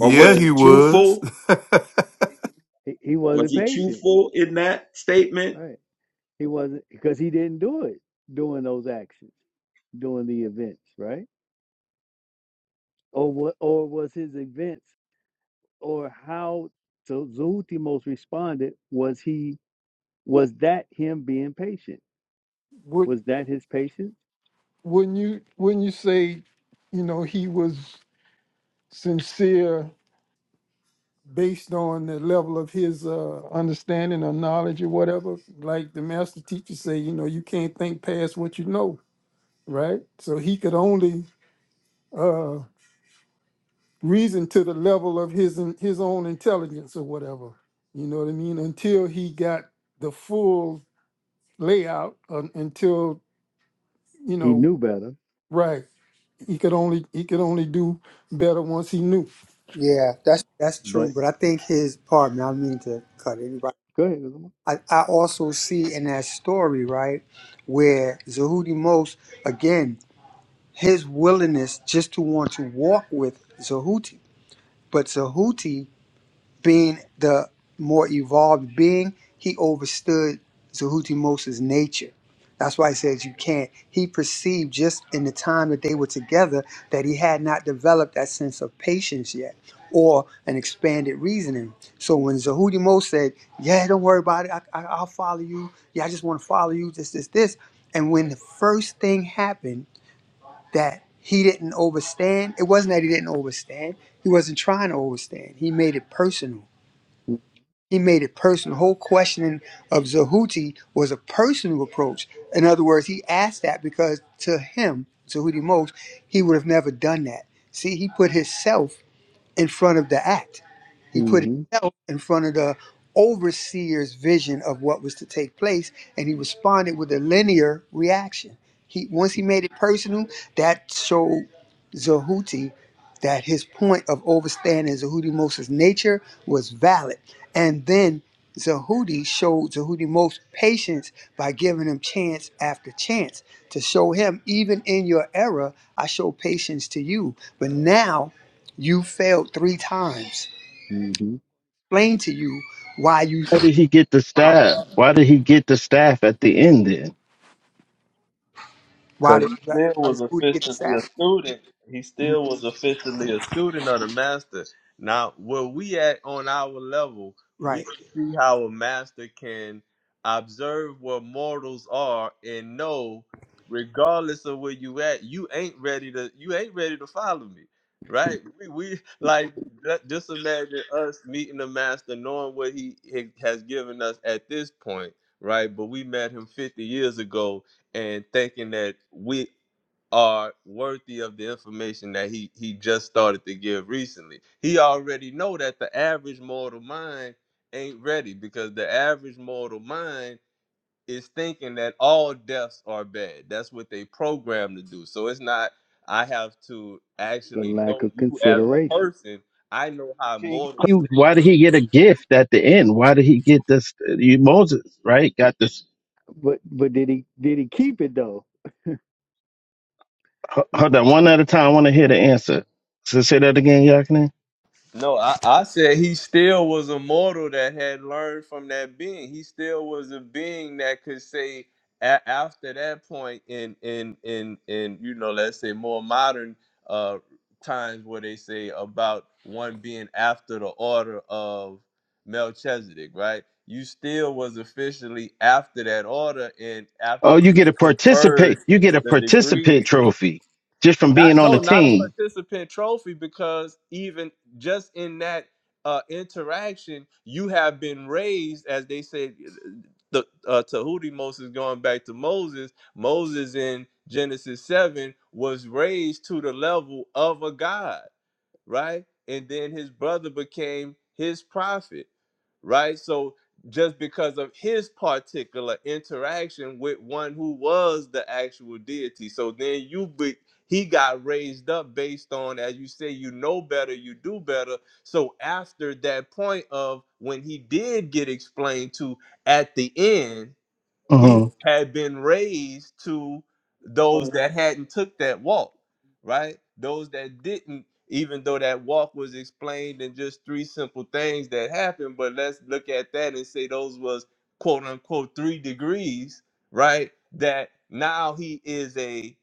F: Or was
A: Because
F: he
G: he was.
F: truthful?
A: he, he
F: Was
A: wasn't
F: he
A: patient.
F: truthful in that statement?
A: Right. He wasn't because he didn't do it during those actions, during the events, right? or what or was his events or how so Zootimos responded was he was that him being patient
H: Would
A: was that his patience
H: wouldn't you wouldn't you say, you know, he was sincere based on the level of his uh, understanding or knowledge or whatever? Like the master teacher say, you know, you can't think past what you know, right? So he could only uh, reason to the level of his his own intelligence or whatever. You know what I mean? Until he got the full layout, uh, until you
A: he
H: know.
A: knew better
H: Right. He could only he could only do better once he knew.
K: Yeah, that's that's
A: but
K: true. But I think his pardon. me, I don't mean to cut anybody.
A: go ahead
K: I, I also see in that story right where Zahuti Most again his willingness just to want to walk with Zahuti, but Zahuti Being the more evolved being, he overstood Zahuti nature. That's why he says you can't. He perceived just in the time that they were together that he had not developed that sense of patience yet or an expanded reasoning. So when Zahudi said, Yeah, don't worry about it. I, I, I'll follow you. Yeah, I just want to follow you. This, this, this. And when the first thing happened that he didn't overstand, it wasn't that he didn't overstand. He wasn't trying to overstand. He made it personal. He made it personal. The whole questioning of Zehuti was a personal approach. In other words, he asked that because to him, Zehuti Mose, he would have never done that. See, he put himself in front of the act. He put
A: mm-hmm,
K: himself in front of the overseer's vision of what was to take place, and he responded with a linear reaction. He once he made it personal, that showed Zahuti that his point of overstanding Zahuti Moses' nature was valid. And then Zahuti showed Zahuti Moses patience by giving him chance after chance to show him, even in your error, I show patience to you. But now you failed three times
A: mm-hmm.
K: explain to you why you
J: Why did he get the staff? Why did he get the staff at the end then?
K: why
C: Because
K: did
C: he
K: why
C: still was
K: does Hootie get the
C: officially a
K: sack?
C: student. He still was officially a student of the master. Now, where we at on our level, we
K: Right.
C: can see how a master can observe where mortals are and know, regardless of where you at, you ain't ready to you ain't ready to follow me. Right? We, we like that- just imagine us meeting the master, knowing what he he has given us at this point, right? But we met him 50 years ago and thinking that we are worthy of the information that he he just started to give recently. He already know that the average mortal mind ain't ready because the average mortal mind is thinking that all deaths are bad. That's what they programmed to do. So it's not I have to
A: the
C: actually
A: lack
C: know
A: of
C: you as a
A: consideration
C: person. I know how
J: Okay, he-
C: mortals
J: Why did he get a gift at the end? Why did he get this? You, Moses, right? Got this
A: but but did he did he keep it though
J: Ho-
A: he,
J: Hold on, one at a time. I want to hear the answer. So say that again, Yakinen.
C: No, I, I said he still was a mortal that had learned from that being. He still was a being that could say a- after that point in in in in you know let's say more modern uh times where they say about one being after the order of Melchizedek, right? You still was officially after that order and after
J: Oh, you get
C: being
J: a
C: conferred
J: participate. You get a
C: the
J: participant
C: degree.
J: trophy just from being
C: Not
J: on the
C: no, not a
J: team.
C: participant trophy because even just in that uh, interaction, you have been raised, as they said. The uh, Tahuti Moses going back to Moses. Moses in Genesis seven was raised to the level of a god right? And then his brother became his prophet, right? So just because of his particular interaction with one who was the actual deity, so then you be, he got raised up based on, as you say, you know better, you do better. So after that point of when he did get explained to at the end he
J: hmm
C: had been raised to those that hadn't took that walk right those that didn't even though that walk was explained in just three simple things that happened but let's look at that and say those was quote unquote three degrees right that now he is a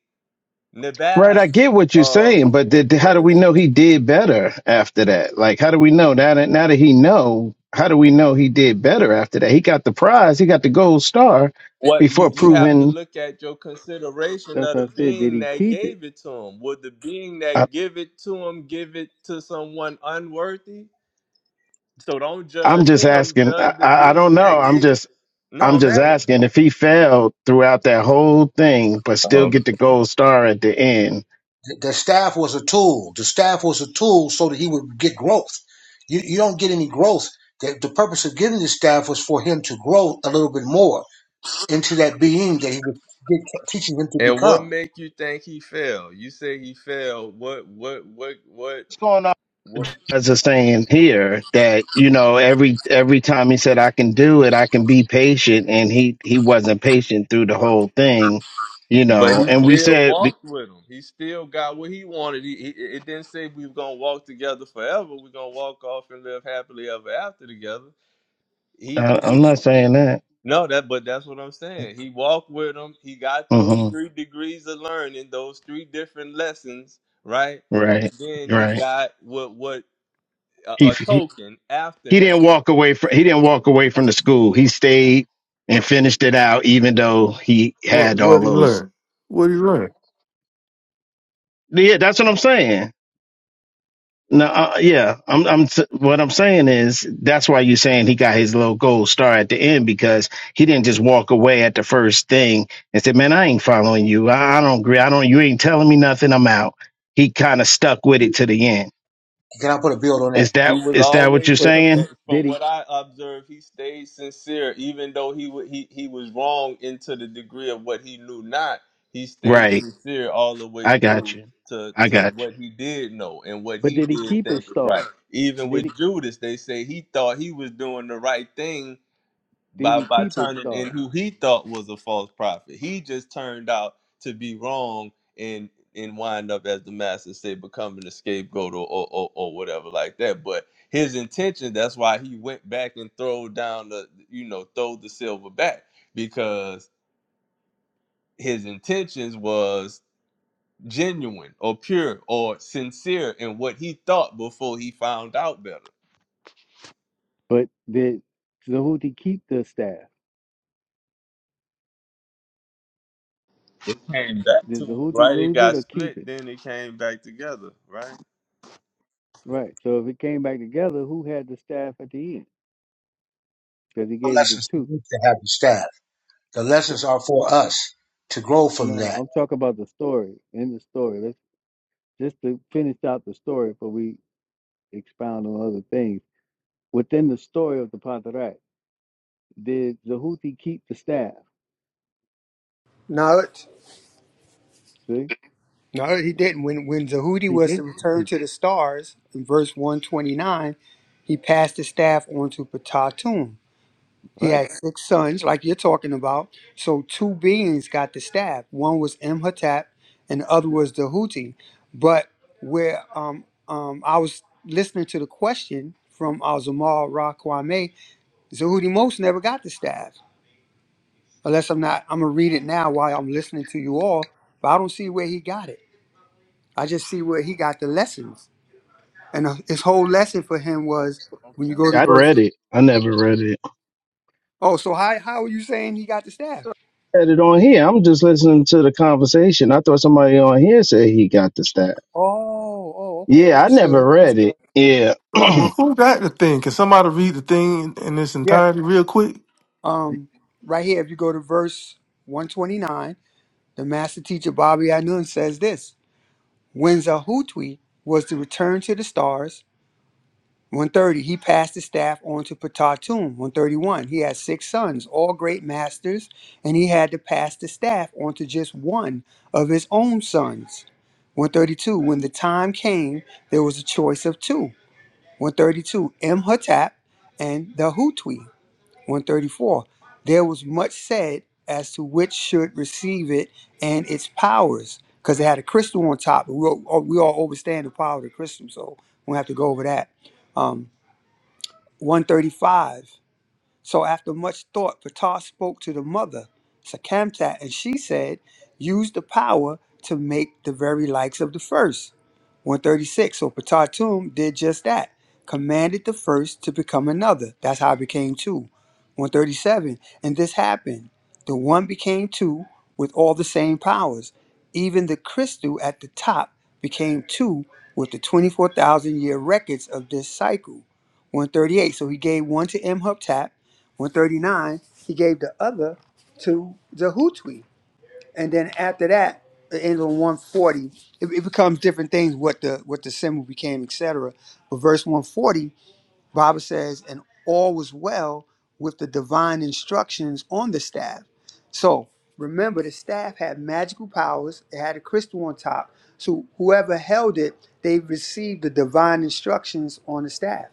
J: Right,
C: nabab
J: I get what you're
C: of
J: saying, but did, how do we know he did better after that? Like, how do we know now that now that he know? How do we know he did better after that? He got the prize. He got the gold star
C: what
J: before
C: you you have to
J: proving.
C: look at your consideration
A: that's
C: of
A: what I
C: the
A: said did
C: being
A: he
C: that
A: keep it
C: gave it to him would the being
J: I,
C: that give it to him give it to someone unworthy So don't
J: I'm
C: judge
J: just
C: him.
J: asking. I,
C: Judge the
J: I I don't
C: being
J: know.
C: that
J: I'm
C: gave it.
J: just.
C: No,
J: I'm
C: I'm
J: just
C: asking.
J: asking
E: the
J: if he failed throughout that whole thing, but still
C: Okay.
J: get the gold star at the end.
E: the staff was a tool. The staff was a tool so that he would get growth. You you don't get any growth. The, the purpose of giving the staff was for him to grow a little bit more into that being that he was get, teaching him to
C: And what
E: become.
C: make you think he fell? You say he fell. What? What? What? What?
J: What's going
C: What?
J: as is saying here that you know every every time he said I can do it, I can be patient, and he he wasn't patient through the whole thing, you
C: But
J: know.
C: he
J: And we
C: still
J: said we-
C: walked with him. He still got what he wanted. He, he it didn't say we were gonna walk together forever. We're gonna walk off and live happily ever after together. He
J: uh, I'm not saying that.
C: no that, but that's what I'm saying. He walked with him. He got those
J: hmm
C: three degrees of learning, those three different lessons, right? And
J: Right,
C: then he
J: right.
C: got what? What? a,
J: He,
C: a
J: he
C: token after
J: he
C: that.
J: didn't walk away from he didn't walk away from the school. He stayed and finished it out, even though he
G: what
J: had
G: What
J: all
G: did he
J: those.
G: learn? What did he learn?
J: Yeah, that's what I'm saying. No, uh, yeah, I'm. I'm. s- What I'm saying is that's why you're saying he got his little gold star at the end because he didn't just walk away at the first thing and said, "Man, I ain't following you. I, I don't agree. I don't. You ain't telling me nothing. I'm out." He kind of stuck with it to the end.
E: Can I put a build on that?
J: Is
C: He
J: that
C: was
J: is that what you're
C: always,
A: but
C: com- eh,
J: saying?
A: did
C: from
A: he
C: what I observed, he stayed sincere, even though he wa he he was wrong into the degree of what he knew not. He stayed
J: Right.
C: sincere all the way
J: I got
C: through
J: you.
C: to
J: I
C: to
J: got you.
C: what he did know and what
A: but
C: he
A: did he
C: did
A: keep his
C: think was
A: star
C: right. Even
A: did
C: with
A: he
C: Judas, they say he thought he was doing the right thing
A: did
C: by
A: he
C: by
A: keep his
C: turning in
A: star
C: who he thought was a false prophet. He just turned out to be wrong and and wind up as the master say becoming a scapegoat or or, or, or whatever like that. But his intention, that's why he went back and throw down the you know, throw the silver back because his intentions was genuine or pure or sincere in what he thought before he found out better.
A: but did Zahuti keep the staff
C: It came back to
A: did
C: him,
A: Zahuti
C: right? It
A: lose it
C: got
A: or keep it
C: split, then it came back together, right?
A: Right. So if it came back together, who had the staff at the end? Because he
E: The
A: gave it to
E: lessons
A: two.
E: to have the staff. The
A: So,
E: lessons are for us to grow from
A: no,
E: that,
A: I'm talking about the story. In the story, let's just to finish out the story before we expound on other things. Within the story of the Pantarat, did Zahuti keep the staff?
K: No, it-
A: See,
K: no, he didn't. When when Zahudi
A: he
K: was to
A: did.
K: return to the stars in verse one twenty nine, he passed the staff on to Patatum. He
A: Right.
K: had six sons, like you're talking about. So two beings got the staff. One was Imhotep, and the other was Zahuti. But where um um I was listening to the question from uh, Zamal Rakwame, Zahudi Most never got the staff. Unless I'm not, I'm gonna read it now while I'm listening to you all. But I don't see where he got it. I just see where he got the lessons. And uh, his whole lesson for him was when you go to
J: I read
K: verse.
J: it. I never read it.
K: Oh, so how how are you saying he got the staff?
J: Read it on here. I'm just listening to the conversation. I thought somebody on here said he got the stat.
K: Oh, oh, okay,
J: Yeah, I never
K: overstood,
J: read
K: overstood.
J: it. Yeah.
K: Oh,
G: Well, who got the thing? Can somebody read the thing in its
K: yeah.
G: entirety real quick?
K: Um, right here, if you go to verse 129, the master teacher Bobby Anun says this: When Zahutwi was to return to the stars, 130, he passed the staff on to Patatum. 131, he had six sons, all great masters, and he had to pass the staff on to just one of his own sons. 132, when the time came, there was a choice of two. 132, Imhotep and the Hutwi. 134, there was much said as to which should receive it and its powers, because it had a crystal on top. But We all, we all overstand the power of the crystal, so we don't have to go over that. Um, 135. So after much thought, Ptah spoke to the mother, Sakamtat, and she said, Use the power to make the very likes of the first. 136. So Ptatum did just that, commanded the first to become another. That's how it became two. 137. And this happened. The one became two with all the same powers. Even the crystal at the top became two with the 24,000 year records of this cycle. 138. So he gave one to Imhotep 139, he gave the other to the Hutui. And then after that, it ends on 140. It, it becomes different things what the what the symbol became, etc. But verse 140, Bible says, and all was well with the divine instructions on the staff. So remember the staff had magical powers, it had a crystal on top. So whoever held it, they received the divine instructions on the staff.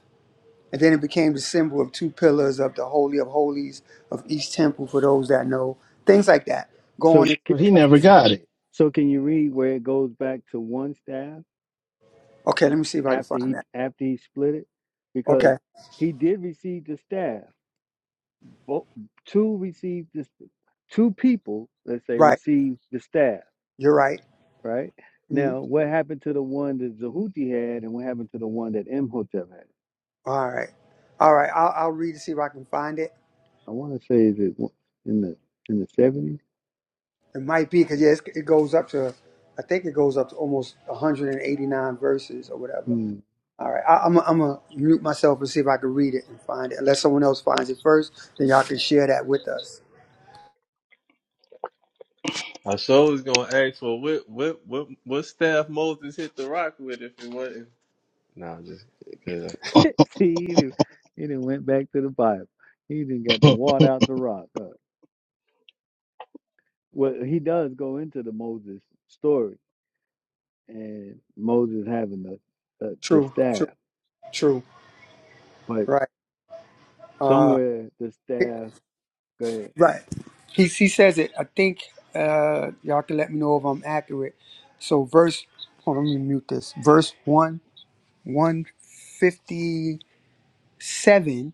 K: And then it became the symbol of two pillars of the Holy of Holies of each temple for those that know. Things like that.
A: So,
K: Going,
A: c-
J: But he never got it.
A: so can you read where it goes back to one staff
K: okay, let me see if I can
A: after
K: find
A: he
K: that.
A: after he split it? Because
K: Okay,
A: he did receive the staff. Both two received the staff two people, let's say,
K: right.
A: received the staff,
K: You're right.
A: right?
K: Mhm.
A: Now, what happened to the one that Zehuti had, and what happened to the one that Imhotep had?
K: All right. All right. I'll, I'll read to see if I can find it.
A: I want to say is it wa- in the in the seventies?
K: It might be because, yes, it goes up to, I think it goes up to almost 189 verses or whatever.
A: Hmm.
K: All right. I, I'm I'm going to mute myself and see if I can read it and find it. Unless someone else finds it first, then y'all can share that with us.
C: I sure was gonna ask for what what what what staff Moses hit the rock with if it wasn't. Nah, just good.
A: See, he did he done went back to the Bible. He didn't got the water out the rock. Huh? Well, he does go into the Moses story and Moses having the the, the
K: True, true,
A: staff,
K: true.
A: but
K: Right. Uh,
A: somewhere the staff. Go ahead.
K: Right. He he says it. I think uh, y'all can let me know if I'm accurate. So verse. Hold on, let me mute this. Verse one one fifty seven.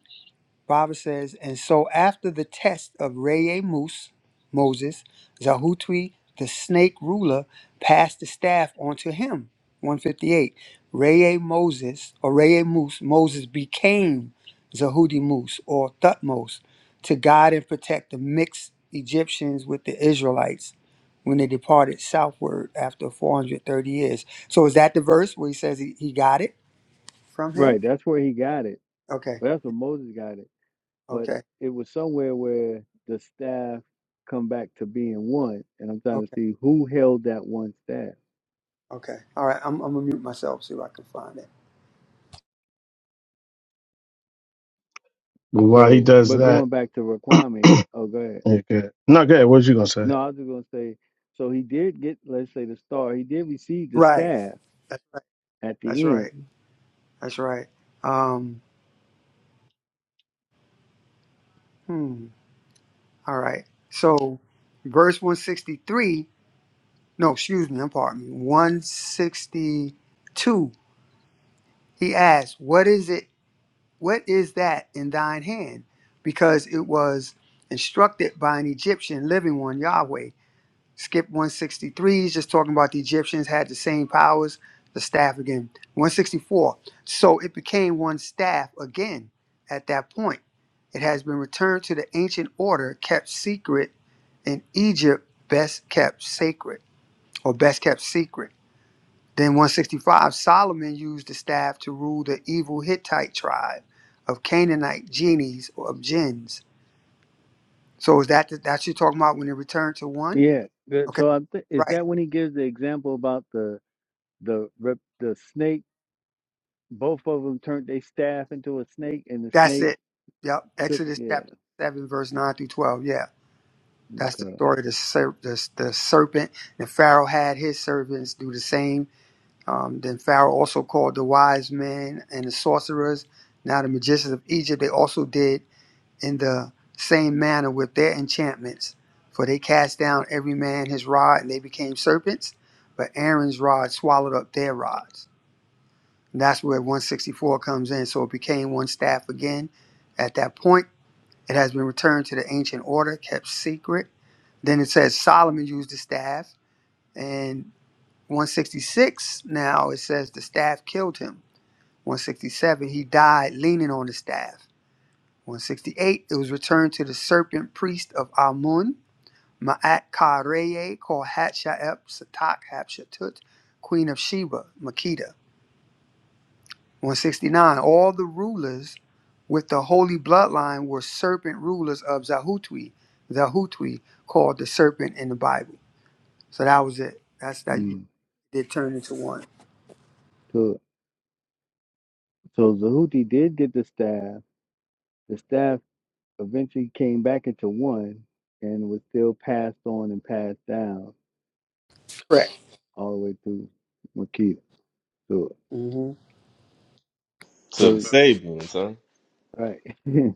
K: Robert says, and so after the test of Reye Moose, Moses, Zahutwi, the snake ruler, passed the staff onto him. 158. Reye Moses, or Reye Moose, Moses became Zahudi Moose, or Thutmose, to guide and protect the mixed Egyptians with the Israelites when they departed southward after 430 years. So is that the verse where he says he, he got it from
A: Right,
K: him?
A: that's where he got it.
K: Okay,
A: Well, that's where Moses got it but
K: okay,
A: it was somewhere where the staff come back to being one, and I'm trying
K: okay.
A: to see who held that one staff.
K: Okay. All right. I'm, I'm gonna mute myself. See if I can find it.
J: But while he
A: So,
J: does
A: but
J: that,
A: going back to Raquame, oh, go ahead.
J: okay. not good. What you gonna say?
A: No, I was just gonna say, so he did get, let's say, the star. He did receive the
K: Right.
A: staff
K: That's right.
A: at
K: That's
A: the
K: right.
A: end.
K: That's right. Um. Hmm. All right. So, verse one sixty three. No, excuse me. I'm pardon me. One sixty two. He asked, "What is it? What is that in thine hand?" Because it was instructed by an Egyptian living one Yahweh. Skip 163 is just talking about the Egyptians had the same powers, the staff again. 164. So it became one staff again at that point. It has been returned to the ancient order kept secret in Egypt, best kept sacred or best kept secret. Then 165, Solomon used the staff to rule the evil Hittite tribe of Canaanite genies or of jinns. So is that that's you are talking about when it returned to one?
A: Yeah. that-
K: Okay,
A: So I th- is
K: right.
A: that when he gives the example about the the rep- the snake? Both of them turned their staff into a snake, and the
K: That's
A: snake
K: it. Yep.
A: took.
K: Exodus
A: Yeah.
K: chapter 7, verse 9 through 12. Yeah. That's the
A: Okay.
K: story of the, ser- the, the serpent. And Pharaoh had his servants do the same. Um, then Pharaoh also called the wise men and the sorcerers, now the magicians of Egypt. They also did in the same manner with their enchantments. For they cast down every man his rod and they became serpents. But Aaron's rod swallowed up their rods. And that's where 164 comes in. So it became one staff again at that point it has been returned to the ancient order, kept secret. Then it says Solomon used the staff. And 166 now it says the staff killed him. 167 he died leaning on the staff. 168 it was returned to the serpent priest of Amun, Ma'at Kareye, called Hatsha'ep Satak Hatshepsut, queen of Sheba, Makeda. 169 all the rulers with the holy bloodline were serpent rulers of zahutwi zahutwi called the serpent in the bible so that was it that's that you
A: Mm,
K: did turn into one
A: took. So Zahuti did get the staff The staff eventually came back into one and was still passed on and passed down
K: correct
A: all the way through Makita. So,
K: hmm
C: to the
A: so
C: Sabians, huh?
A: right.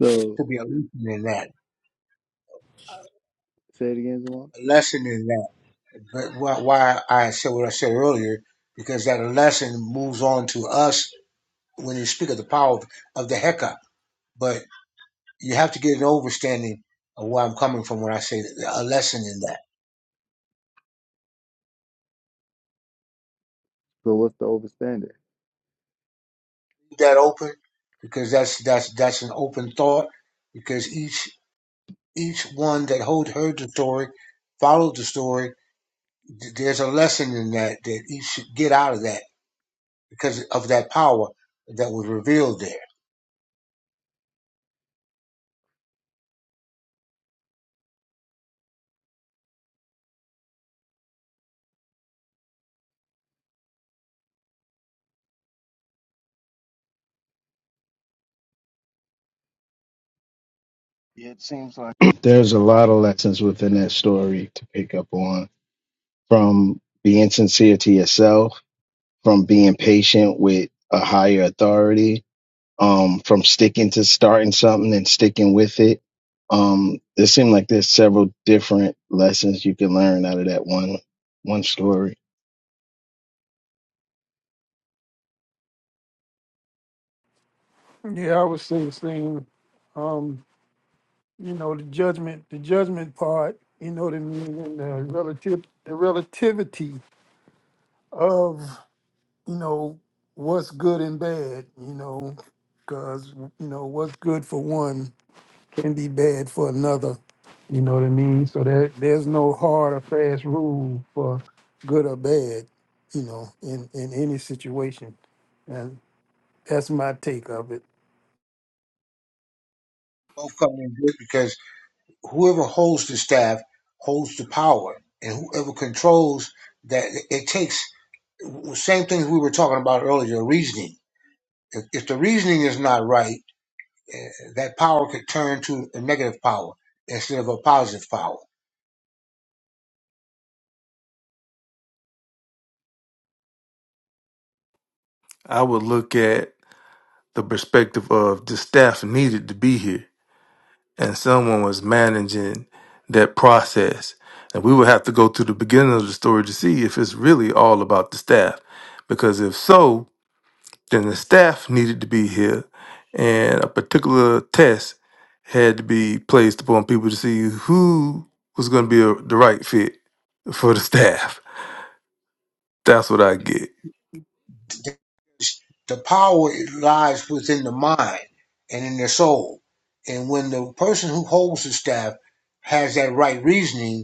A: so
E: to be a lesson in that,
A: say it again, Zamar.
E: a lesson in that. But why why I said what I said earlier, because that lesson moves on to us when you speak of the power of, of the Heka. But you have to get an understanding of where I'm coming from when I say a lesson in that.
A: So what's the overstanding?
E: Keep that open, because that's that's that's an open thought, because each each one that hold, heard the story, followed the story, th- there's a lesson in that that each should get out of that because of that power that was revealed there.
J: Yeah, it seems like There's a lot of lessons within that story to pick up on from being sincere to yourself, from being patient with a higher authority, um, from sticking to starting something and sticking with it. Um, it seemed like there's several different lessons you can learn out of that one one story.
H: Yeah, I would say the same. Um, you know, the judgment the judgment part, you know what I mean, and the relative the relativity of, you know, what's good and bad, you know, because you know, what's good for one can be bad for another. You know what I mean? So there there's no hard or fast rule for good or bad, you know, in, in any situation. That's my take of it.
E: Both come in good because whoever holds the staff holds the power, and whoever controls that it takes the same things we were talking about earlier. Reasoning. If, if the reasoning is not right, eh, that power could turn to a negative power instead of a positive power.
G: I would look at the perspective of the staff needed to be here and someone was managing that process. And we would have to go to the beginning of the story to see if it's really all about the staff. Because if so, then the staff needed to be here and a particular test had to be placed upon people to see who was going to be a, the right fit for the staff. That's what I get.
E: It's- The power it lies within the mind and in the soul, and when the person who holds the staff has that right reasoning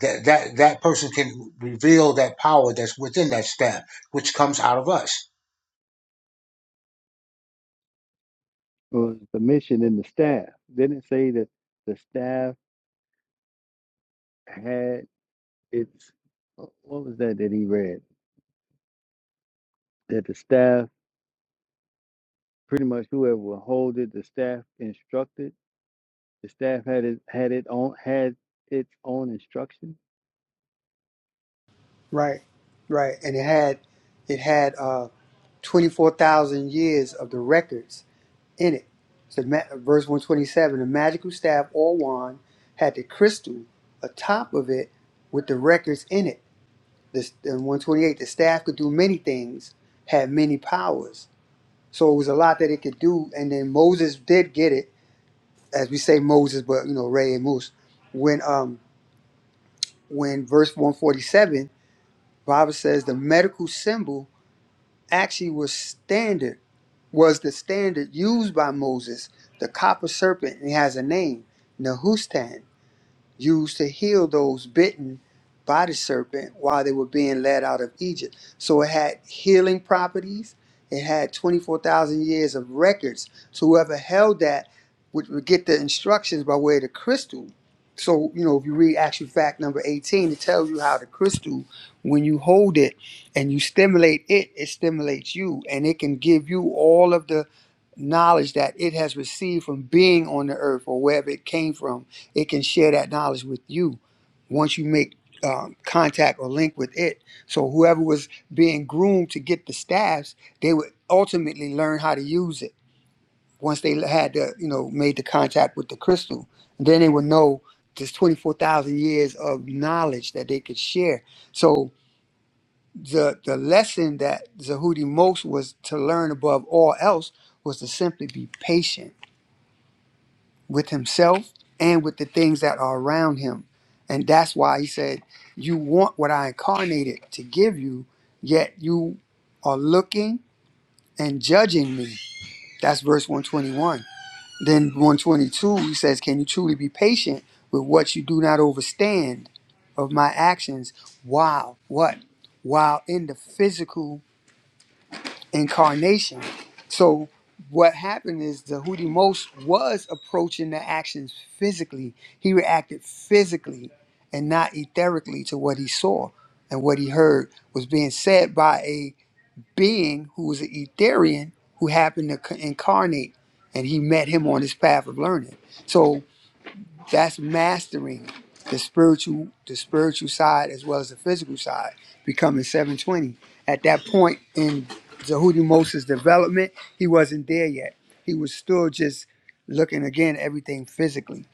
E: that that that person can reveal that power that's within that staff, which comes out of us.
A: Well, the mission and the staff. Didn't it say that the staff had its what was that that he read? That the staff pretty much whoever would hold it, the staff instructed. The staff had it had it on had its own instruction.
K: right right and it had it had uh 24000 years of the records in it so ma- verse 127 the magical staff or wand had the crystal atop of it with the records in it This in 128, the staff could do many things, had many powers. So it was a lot that it could do. And then Moses did get it, as we say Moses, but you know Ray and Moose. When um when verse 147, Bible says the medical symbol actually was standard was the standard used by Moses, the copper serpent, and it has a name, Nehushtan used to heal those bitten by the serpent while they were being led out of Egypt. So it had healing properties. It had 24,000 years of records. So whoever held that would, would get the instructions by way of the crystal. So, you know, if you read actual fact number 18, it tells you how the crystal, when you hold it and you stimulate it, it stimulates you and it can give you all of the knowledge that it has received from being on the earth or wherever it came from, it can share that knowledge with you once you make um, contact or link with it. So whoever was being groomed to get the staffs, they would ultimately learn how to use it once they had the you know made the contact with the crystal. And then they would know this twenty four thousand years of knowledge that they could share. So the the lesson that Zahudi most was to learn above all else was to simply be patient with himself and with the things that are around him. And that's why he said, You want what I incarnated to give you, yet you are looking and judging me. That's verse 121. Then 122, he says, Can you truly be patient with what you do not understand of my actions? Wow, what? While in the physical incarnation. So what happened is the Houthi most was approaching the actions physically. He reacted physically and not etherically to what he saw and what he heard was being said by a being who was an Etherian who happened to co- incarnate and he met him on his path of learning. So that's mastering the spiritual the spiritual side as well as the physical side becoming 720 at that point in Zahudi Moses development he wasn't there yet he was still just looking again at everything physically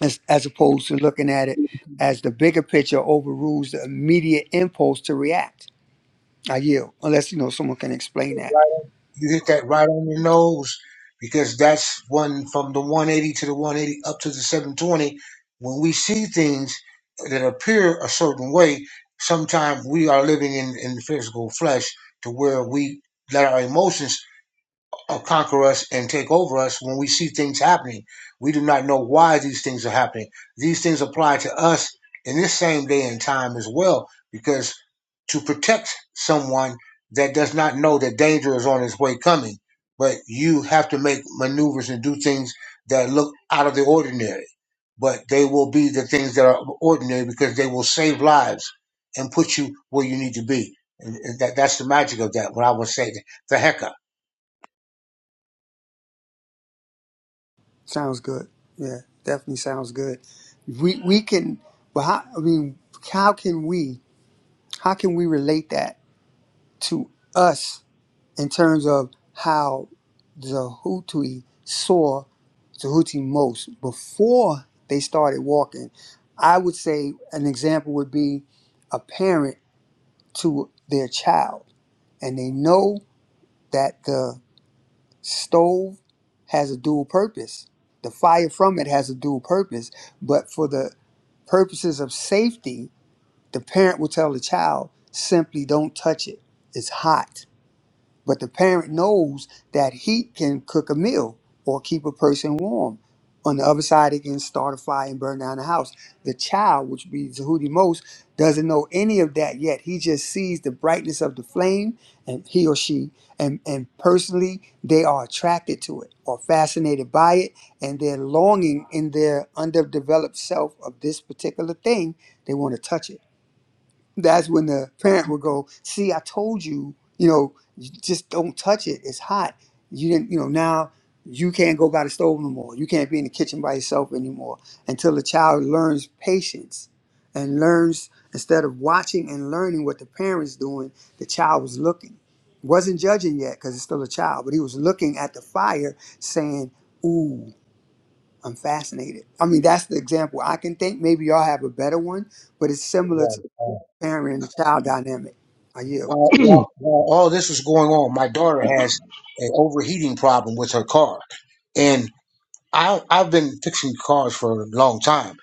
K: as, as opposed to looking at it as the bigger picture overrules the immediate impulse to react I yield unless you know someone can explain that
E: You hit that right on the nose because that's one from the 180 to the 180 up to the 720. When we see things that appear a certain way, sometimes we are living in in physical flesh to where we let our emotions uh, conquer us and take over us when we see things happening. We do not know why these things are happening. These things apply to us in this same day and time as well, because to protect someone that does not know that danger is on its way coming, but you have to make maneuvers and do things that look out of the ordinary. But they will be the things that are ordinary because they will save lives and put you where you need to be. And and that, that's the magic of that. What I would say the, the hecker.
K: sounds good yeah definitely sounds good we we can but how, I mean how can we How can we relate that to us in terms of how the Houthi saw the Houthi most before they started walking? I would say an example would be a parent to their child, and they know that the stove has a dual purpose. The fire from it has a dual purpose, but for the purposes of safety, the parent will tell the child simply don't touch it. It's hot But the parent knows that heat can cook a meal or keep a person warm. On the other side, it can start a fire and burn down the house. The child, which be Zahudi most, doesn't know any of that yet. He just sees the brightness of the flame, and he or she, and, and personally, they are attracted to it or fascinated by it, and they're longing in their underdeveloped self of this particular thing. They want to touch it that's when the parent would go, "See, I told you, you know, you just don't touch it. It's hot. You didn't, you know. Now you can't go by the stove no more. You can't be in the kitchen by yourself anymore." Until the child learns patience and learns instead of watching and learning what the parents doing, the child was looking, wasn't judging yet because it's still a child, but he was looking at the fire, saying, "Ooh." I'm fascinated. I mean, that's the example I can think. Maybe y'all have a better one, but it's similar parent and the child dynamic. I yield.
E: while, while, while all this was going on, my daughter has an overheating problem with her car. and. I, I've been fixing cars for a long time,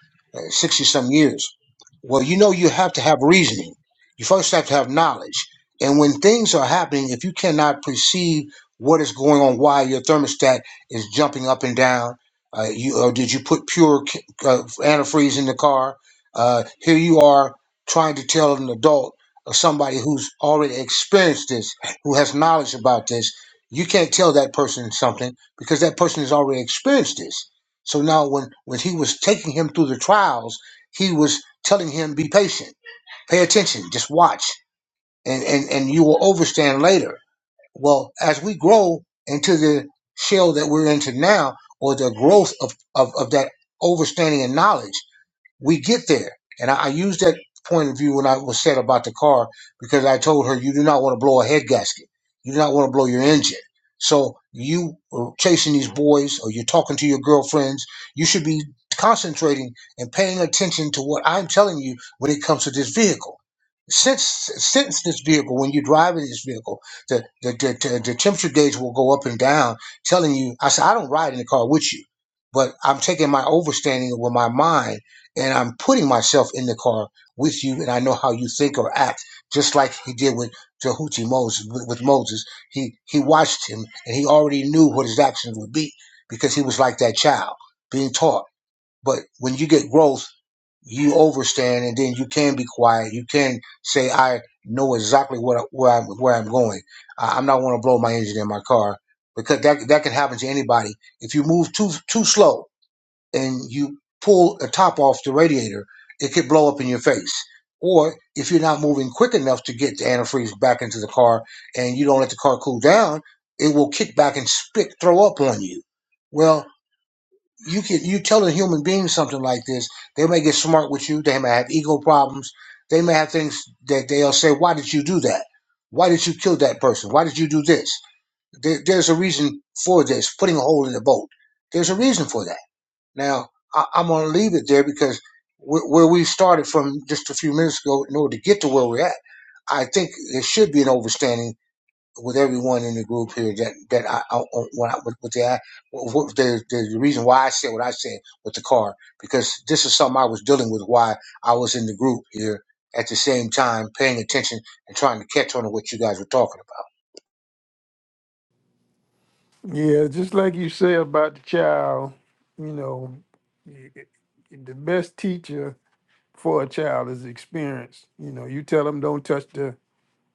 E: sixty some years. Well, you know, you have to have reasoning. You first have to have knowledge. And when things are happening, if you cannot perceive what is going on, why your thermostat is jumping up and down, uh, you or did you put pure c- uh, antifreeze in the car? Uh, here you are trying to tell an adult or somebody who's already experienced this, who has knowledge about this. You can't tell that person something because that person has already experienced this. So now, when when he was taking him through the trials, he was telling him, "Be patient, pay attention, just watch, and and and you will overstand later." Well, as we grow into the shell that we're into now, or the growth of of, of that overstanding and knowledge, we get there. And I, I used that point of view when I was said about the car because I told her you do not want to blow a head gasket. You do not want to blow your engine. So you are chasing these boys or you're talking to your girlfriends, you should be concentrating and paying attention to what I'm telling you when it comes to this vehicle since since this vehicle, when you're driving this vehicle, the the, the, the temperature gauge will go up and down, telling you. I said, I don't ride in the car with you, but I'm taking my overstanding with my mind, and I'm putting myself in the car with you, and I know how you think or act, just like he did with Jehuti Moses. with Moses, he he watched him, and he already knew what his actions would be because he was like that child being taught. But when you get growth you overstand and then you can be quiet. You can say, I know exactly what where I'm, where I'm going. I, I'm not want to blow my engine in my car because that, that can happen to anybody. If you move too, too slow and you pull the top off the radiator, it could blow up in your face. Or if you're not moving quick enough to get the antifreeze back into the car and you don't let the car cool down, it will kick back and spit, throw up on you. Well, you can you tell a human being something like this, they may get smart with you. They may have ego problems. They may have things that they'll say, "Why did you do that? Why did you kill that person? Why did you do this?" There, there's a reason for this. Putting a hole in the boat. There's a reason for that. Now I, I'm gonna leave it there because wh- where we started from just a few minutes ago, in order to get to where we're at, I think there should be an overstanding with everyone in the group here that that I, I when I with, the what, the, the the reason why I said what I said with the car because this is something I was dealing with why I was in the group here at the same time paying attention and trying to catch on to what you guys were talking about.
H: Yeah, just like you say about the child, you know, y- y- the best teacher for a child is experience. You know, you tell them don't touch the,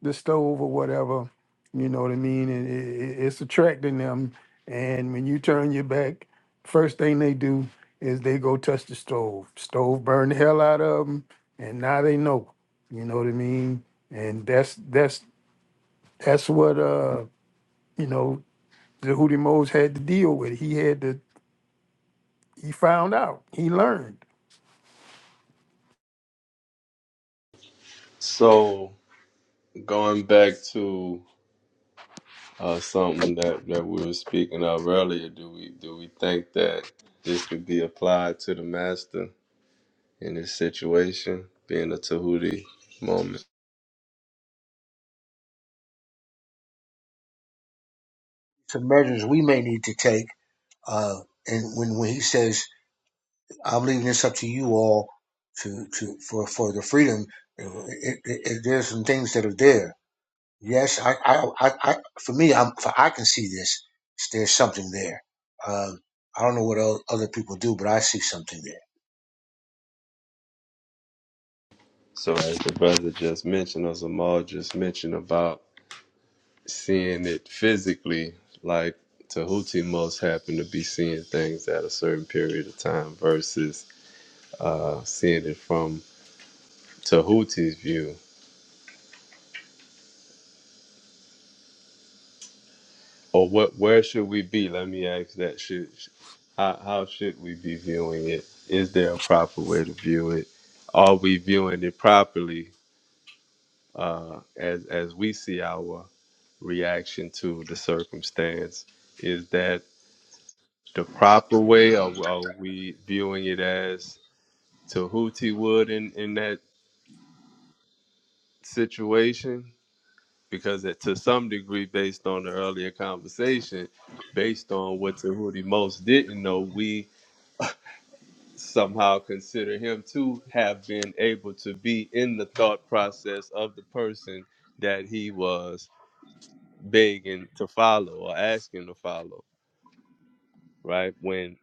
H: the stove or whatever, you know what I mean? And it, it, it's attracting them. And when you turn your back, first thing they do is they go touch the stove. Stove burn the hell out of them, and now they know. You know what I mean? And that's that's that's what uh you know that Hootie Mose had to deal with. He had to. He found out. He learned.
C: So going back to uh, something that that we were speaking of earlier, do we do we think that this could be applied to the master in this situation, being a Tahuti moment?
E: Some measures we may need to take, uh, and when when he says I'm leaving this up to you all to to for for the freedom, it, it, it, there's some things that are there Yes, I, I, I, I for me, I'm, for, I can see this. There's something there. Um, I don't know what o- other people do, but I see something there.
C: So as the brother just mentioned, or Zamal just mentioned about seeing it physically, like Tahuti most happen to be seeing things at a certain period of time versus uh, seeing it from Tahuti's view. Or what? Where should we be? Let me ask that. Should how, how should we be viewing it? Is there a proper way to view it? Are we viewing it properly uh, as as we see our reaction to the circumstance? Is that the proper way, or are we viewing it as to Hootie would in, in that situation? Because it, to some degree, based on the earlier conversation, based on what Tahuti most didn't know, we somehow consider him to have been able to be in the thought process of the person that he was begging to follow or asking to follow, right? When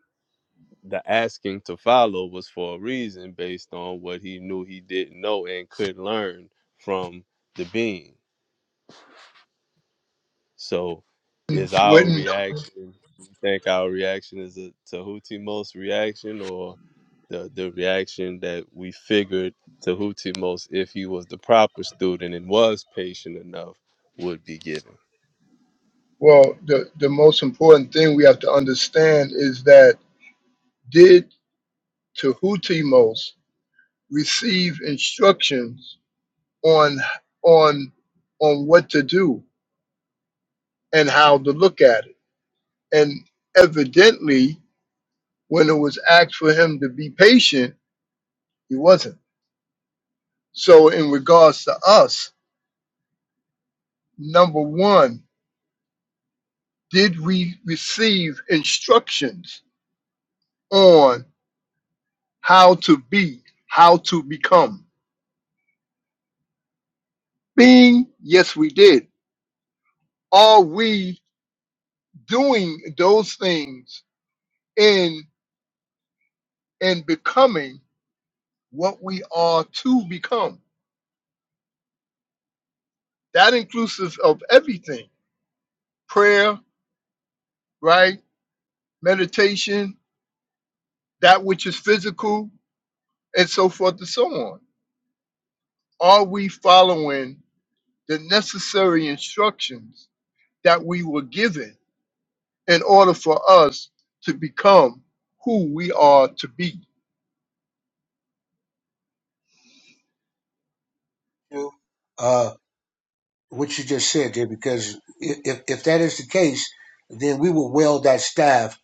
C: the asking to follow was for a reason based on what he knew he didn't know and could learn from the being So is our
L: Wouldn't
C: reaction you think our reaction is a Tahuti most reaction or the the reaction that we figured Tahuti most if he was the proper student and was patient enough would be given.
L: well the the most important thing we have to understand is that did Tahutimos receive instructions on on on what to do and how to look at it? And evidently, when it was asked for him to be patient, he wasn't. So, in regards to us, number one, did we receive instructions on how to be, how to become? Being, yes, we did. Are we doing those things in and becoming what we are to become? That inclusive of everything prayer, right? Meditation, that which is physical, and so forth and so on. Are we following the necessary instructions that we were given in order for us to become who we are to be?
E: You, Uh, what you just said there, because i- if, if that is the case, then we will weld that staff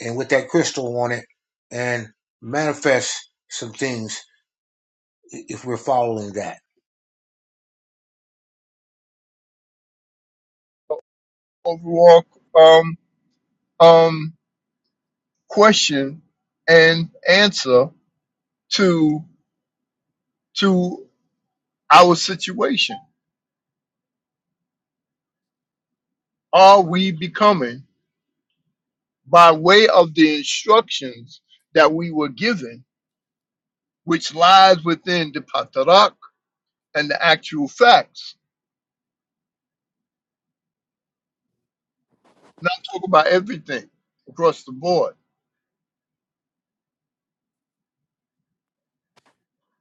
E: and with that crystal on it and manifest some things i- if we're following that.
L: Overall, um, um, question and answer to to our situation are we becoming by way of the instructions that we were given which lies within the patarak and the actual facts not talk about everything across the board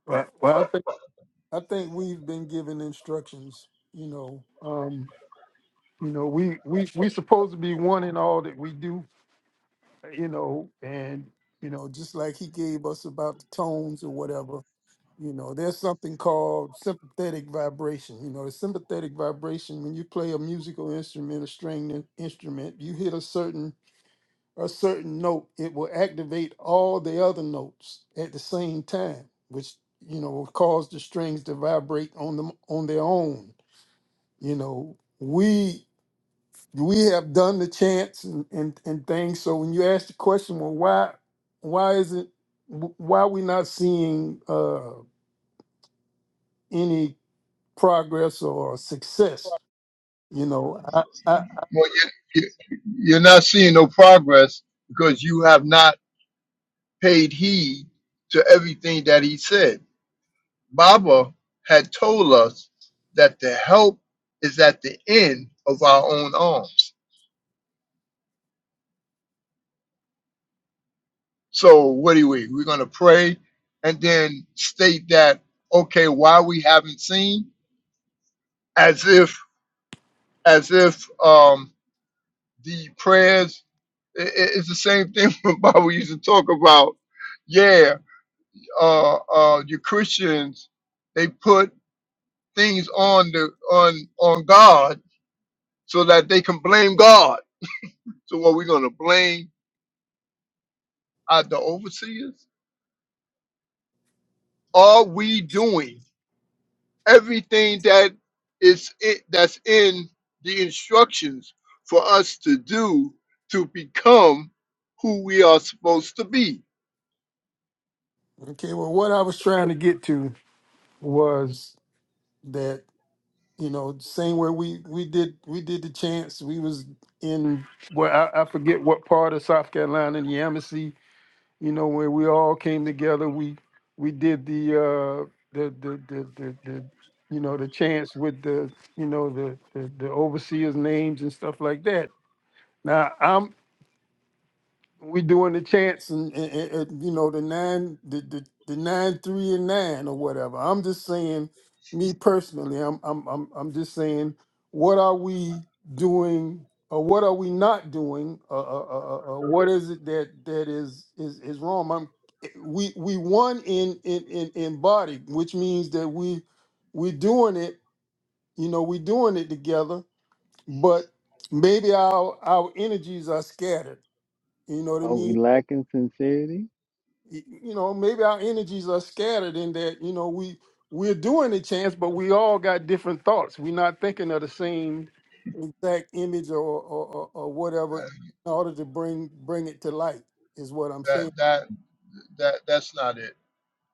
H: Well, well, I think I think we've been given instructions. You know, um, you know, we we we supposed to be one in all that we do. You know, and you know, just like he gave us about the tones or whatever. You know, there's something called sympathetic vibration. You know, the sympathetic vibration when you play a musical instrument, a string in- instrument, you hit a certain a certain note, it will activate all the other notes at the same time, which you know will cause the strings to vibrate on them on their own. You know, we we have done the chants and, and, and things. So when you ask the question, well, why why is it wh- why are we not seeing uh, any progress or success? You know, I, I, I-
L: well you, you- you're not seeing no progress because you have not paid heed to everything that he said Baba had told us that the help is at the end of our own arms. So what do we? We're going to pray and then state that okay, why we haven't seen, as if as if um, the prayers i i- it's the same thing when Baba used to talk about. Yeah, uh, uh, you Christians they put things on the on on God so that they can blame God So what we're gonna blame are the overseers? Are we doing everything that is it that's in the instructions for us to do to become who we are supposed to be?
H: okay. Well, what I was trying to get to was that. you know same where we we did we did the chance we was in where I, I forget what part of south carolina the embassy you know where we all came together we we did the uh the the the the, the you know the chance with the you know the, the the overseers names and stuff like that now i'm we doing the chants, and, and, and- and, you know the nine the, the the nine three and nine or whatever. I'm just saying, me personally, I'm I'm I'm I'm just saying, what are we doing or what are we not doing? Uh, uh, uh, uh, uh, what is it that that is is is wrong? I'm we we won in in in in body, which means that we we doing it. You know, we doing it together, but maybe our our energies are scattered. You know what I
A: Are
H: mean?
A: we lacking sincerity?
H: y- you know maybe our energies are scattered in that you know we we're doing a chance but we all got different thoughts we're not thinking of the same exact image or or, or, or whatever in order to bring bring it to light is what i'm
L: That
H: saying
L: that that that's not it.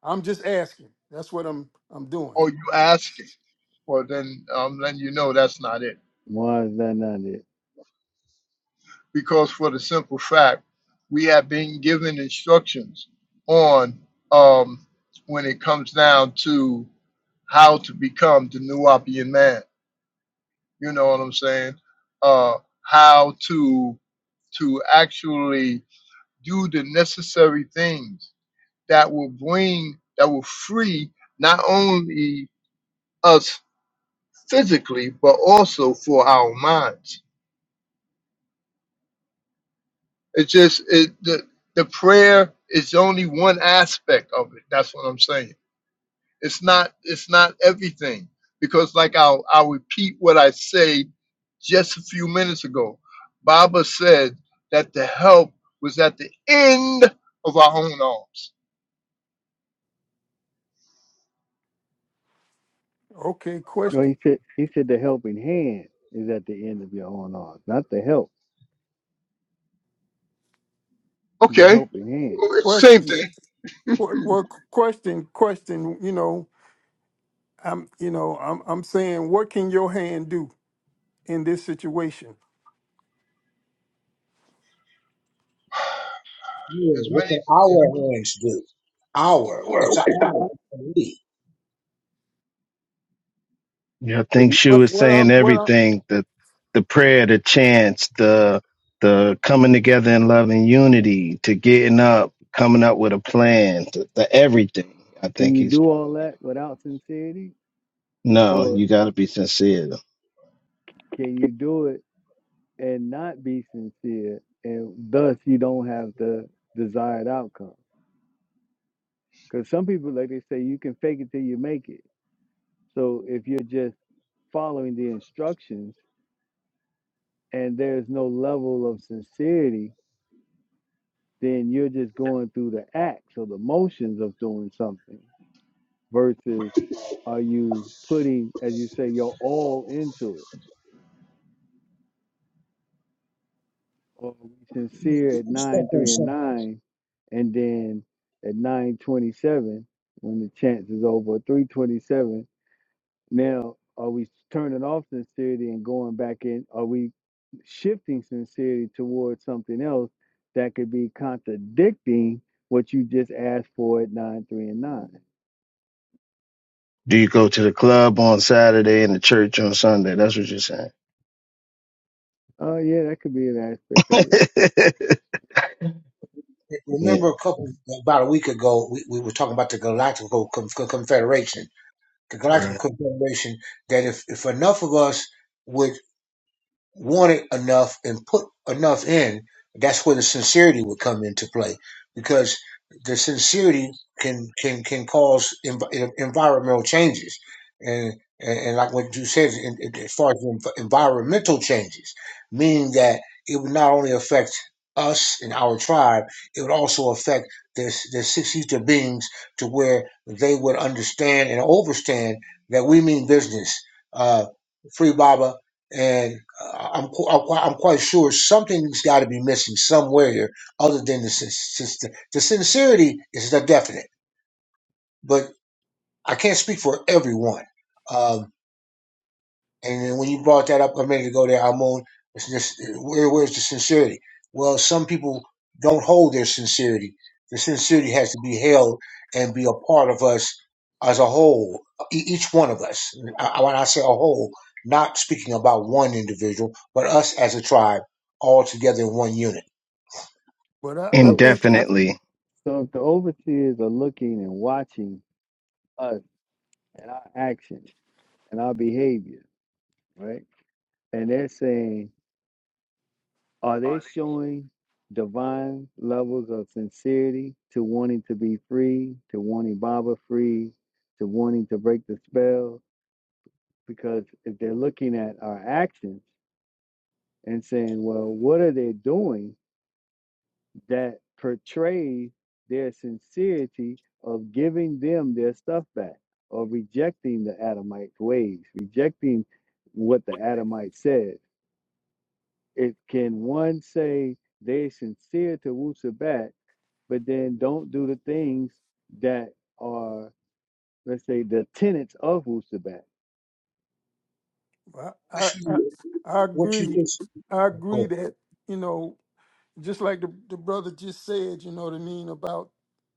H: i'm just asking that's what i'm i'm doing
L: Or you asking? Well, then I'm letting you know that's not it.
A: Why is that not it?
L: Because for the simple fact, we have been given instructions on um, when it comes down to how to become the new Nuwapian man. You know what I'm saying? Uh, how to to actually do the necessary things that will bring that will free not only us physically but also for our minds. It's just it the the prayer is only one aspect of it. That's what I'm saying It's not it's not everything because like I'll I'll repeat what I say just a few minutes ago. Baba said that the help was at the end of our own arms.
H: okay
A: Well,
H: question
A: he said he said the helping hand is at the end of your own arms, not the help. The
L: Okay,
A: helping hand.
L: well, it's the same
H: question
L: thing.
H: qu- qu- question question you know i'm you know i'm i'm saying what can your hand do in this situation
E: Yeah,
L: As
E: what
L: many
E: can our hands do? Our, it's our, we.
J: Yeah, I
A: If
J: think
A: you
J: she
H: what
J: was
H: what i'm
J: saying
H: what i'm
J: everything the the prayer, the chants, the the coming together in love and unity, to getting up, coming up with a plan, to, the everything. I
A: can
J: think
A: you
J: he's
A: do
J: trying
A: all
J: to get
A: that
J: it.
A: without sincerity,
J: No,
A: or
J: you got to be sincere.
A: can you do it and not be sincere, and thus you don't have the desired outcome? Because some people, like they say, you can fake it till you make it. So if you're just following the instructions and there's no level of sincerity then you're just going through the acts or the motions of doing something versus are you putting, as you say, your all into it? Or are we sincere at nine, three, and nine, and then at nine twenty-seven, when the chance is over, three twenty-seven. Now, are we turning off sincerity and going back in? Are we shifting sincerity towards something else that could be contradicting what you just asked for at nine, three, and nine?
J: Do you go to the club on Saturday and the church on Sunday? That's what you're saying.
A: Oh yeah, that could be an aspect of it.
E: remember
J: yeah,
E: a couple about a week ago we, we were talking about the galactical Con- Con- confederation the galactical
J: right.
E: confederation that if, if enough of us would wanted enough and put enough in, that's where the sincerity would come into play, because the sincerity can can can cause env- environmental changes, and and, and like what you said, in, in- as far as env- environmental changes, meaning that it would not only affect us and our tribe, it would also affect the the six ether beings to where they would understand and overstand that we mean business. Uh, free Baba, and. I'm qu- I'm quite, I'm quite sure something's got to be missing somewhere other than the sin- sin- the sincerity is the definite, but I can't speak for everyone. Uh, and then when you brought that up a minute ago there, Hamon, it's just, where, where's the sincerity? Well, some people don't hold their sincerity. The sincerity has to be held and be a part of us as a whole, e- each one of us. I- When I say a whole, not speaking about one individual, but us as a tribe, all together in one unit.
H: but I, I
A: So
H: think I
J: Indefinitely.
A: so if the overseers are looking and watching us and our actions and our behavior, right? And they're saying, are they
H: I,
A: showing divine levels of sincerity to wanting to be free, to wanting Baba free, to wanting to break the spell? Because if they're looking at our actions and saying, well, what are they doing? that portrays their sincerity of giving them their stuff back or rejecting the Adamites' ways, rejecting what the Adamite said. It can one say they're sincere to Wusabat, but then don't do the things that are, let's say, the tenets of Wusabat.
E: What
H: I, I
E: you,
H: I
E: what
H: agree.
E: you
H: I agree that, you know, just like the, the brother just said, you know what I mean, about,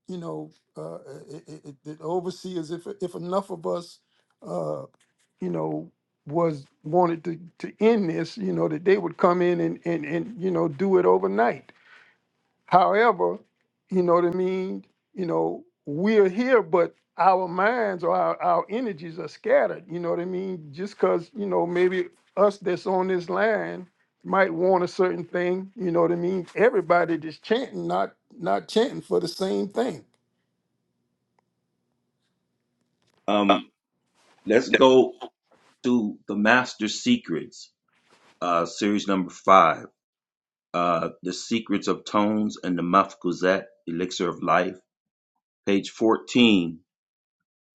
H: you know, uh, it, it, it, the overseers, if, if enough of us, uh, you know, was wanted to, to end this, you know, that they would come in and, and, and, you know, do it overnight. However, you know what I mean? You know, we're here, but our minds or our, our energies are scattered. You know what I mean? Just because, you know, maybe us that's on this line might want a certain thing, you know what I mean? Everybody that's chanting, not not chanting for the same thing. Uh,
F: Um, let's
H: yeah.
F: go to the Master Secrets, uh, series number five uh, The Secrets of Tones and the Muff Gazette, Elixir of Life, page 14.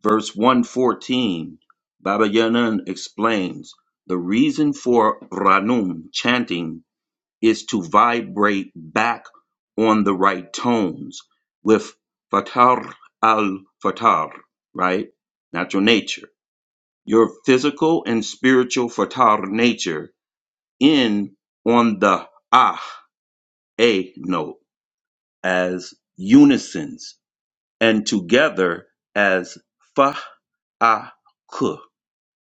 F: Verse 114, Baba Yaga explains the reason for Ranum chanting is to vibrate back on the right tones with Fatar al Fatar, right? Natural nature. Your physical and spiritual Fatar nature in on the Ah, A note as unisons and together as Fa, Ah, K.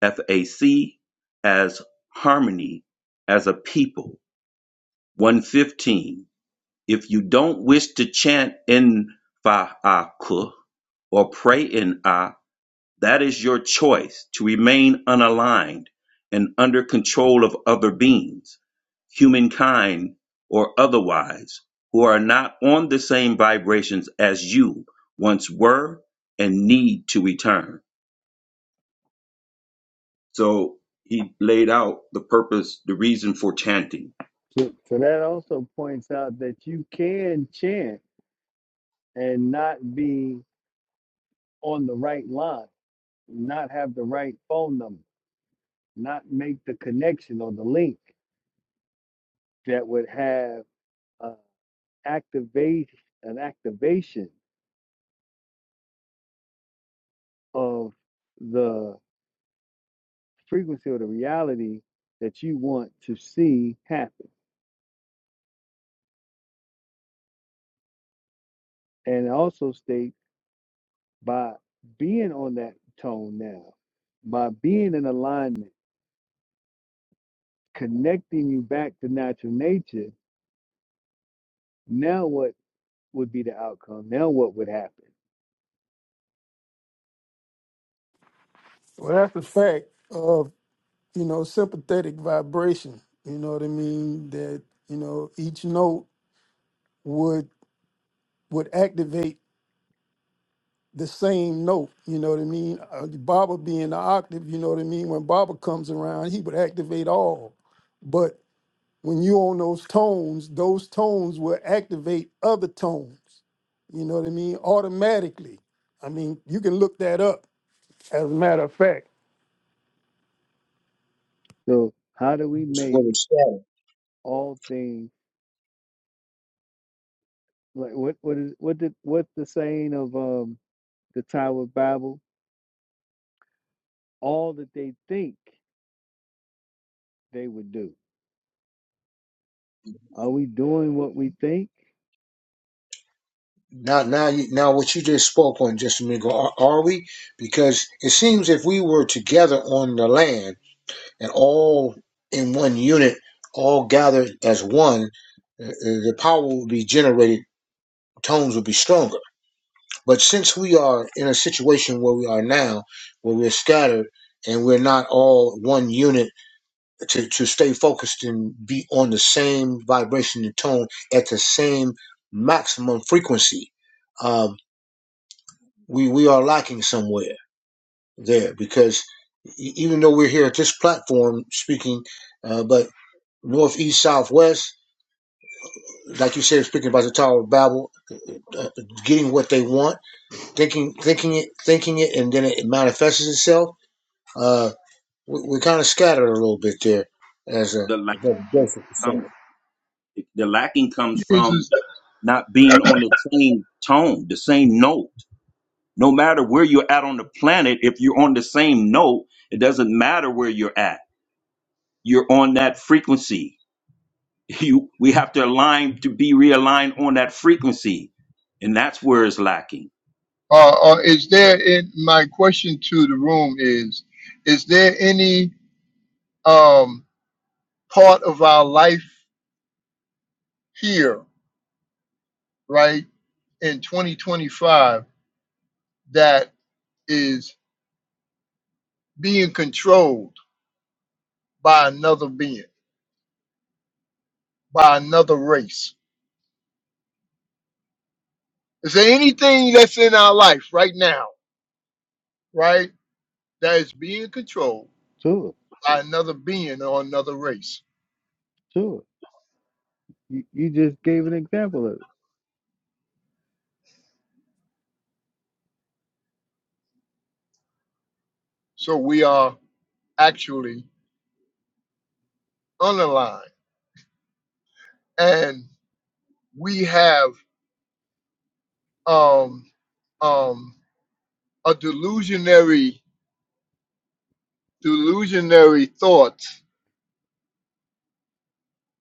F: FAC as harmony as a people. 115. If you don't wish to chant in Fa'aku or pray in A, that is your choice to remain unaligned and under control of other beings, humankind or otherwise, who are not on the same vibrations as you once were and need to return. So he laid out the purpose, the reason for chanting.
A: So, so that also points out that you can chant and not be on the right line, not have the right phone number not make the connection or the link that would have uh, activate an activation of the frequency or the reality that you want to see happen. And also state by being on that tone now, by being in alignment, connecting you back to natural nature, now what would be the outcome? Now what would happen?
H: Well, that's the fact of, you know, sympathetic vibration. You know what I mean? That, you know, each note would would activate the same note, you know what I mean? Uh, Baba being the octave, you know what I mean? When Baba comes around, he would activate all. But when you on those tones, those tones will activate other tones, you know what I mean? Automatically. I mean, you can look that up as a matter of fact.
A: So how do we make
E: just,
A: all things Like what what is what did what the saying of um the Tower of Babel? All that they think they would do. Are we doing what we think?
E: Now, now, you, now, what you just spoke on just a minute ago, are, are we? Because it seems if we were together on the land and all in one unit, all gathered as one, uh, uh, the power would be generated, tones would be stronger. But since we are in a situation where we are now, where we're scattered and we're not all one unit to, to stay focused and be on the same vibration and tone at the same maximum frequency um, we we are lacking somewhere there because e- even though we're here at this platform speaking, uh, but north, east, south, west, like you said, speaking about the Tower of Babel, uh, getting what they want, thinking, thinking it, thinking it, and then it manifests itself. Uh, we, we kind of scattered a little bit there, as a
F: The
E: brother
F: lacking
E: Joseph was
F: comes,
E: saying.
F: the lacking comes
L: fears
F: from
L: as
F: not being on the same tone, the same note. No matter where you're at on the planet, if you're on the same note, it doesn't matter where you're at. You're on that frequency. You, we have to align to be realigned on that frequency, and that's where it's lacking.
L: uh, uh, is there in my question to the room is is there any um, part of our life here right in 2025 that is being controlled by another being, by another race. Is there anything that's in our life right now, right, that is being controlled
A: Sure,
L: by another being or another race?
A: sure. You you just gave an example of it.
L: So we are actually unaligned, and we have um, um, a delusionary, delusionary thoughts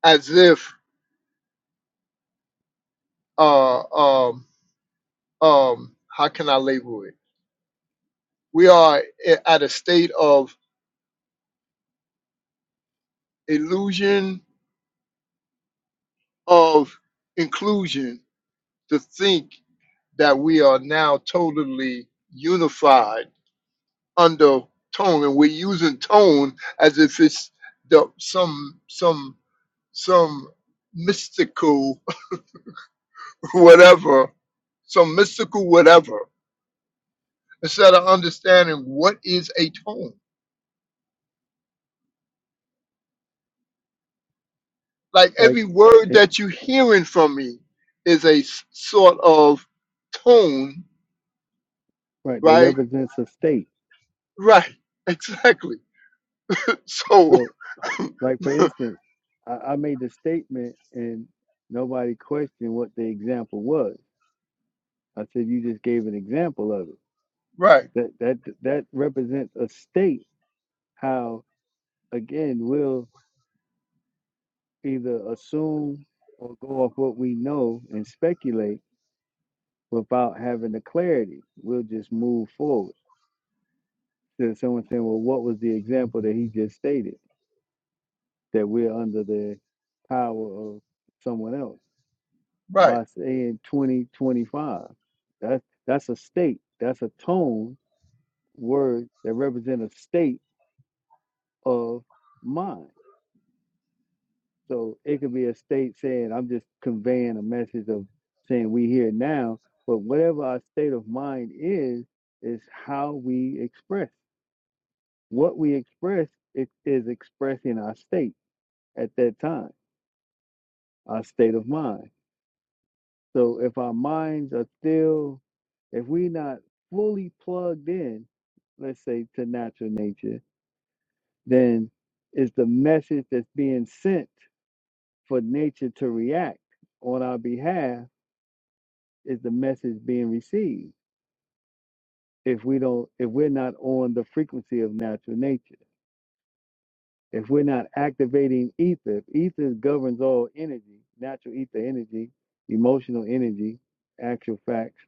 L: as if uh, um, um, how can I label it? We are i- at a state of illusion of inclusion to think that we are now totally unified under tone, and we're using tone as if it's the, some some some mystical whatever, some mystical whatever, instead of understanding what is a tone. Like
A: Like
L: every word
A: it,
L: that you're hearing from me is a s- sort of tone,
A: right, that
L: right?
A: represents a state.
L: Right, exactly. So
A: So like for instance, I, I made the statement and nobody questioned what the example was. I said you just gave an example of it.
L: Right,
A: That that that represents a state, how again we will either assume or go off what we know and speculate without having the clarity. We'll just move forward. There's someone saying, well, what was the example that he just stated? That we're under the power of someone else
L: right.
A: by saying 2025. that's that's a state, that's a tone word that represents a state of mind. So it could be a state saying, I'm just conveying a message of saying we here now, but whatever our state of mind is, is how we express. What we express it is expressing our state at that time, our state of mind. So if our minds are still, if we're not fully plugged in, let's say to natural nature, then it's the message that's being sent for nature to react on our behalf is the message being received if we don't if we're not on the frequency of natural nature if we're not activating ether if ether governs all energy natural ether energy emotional energy actual facts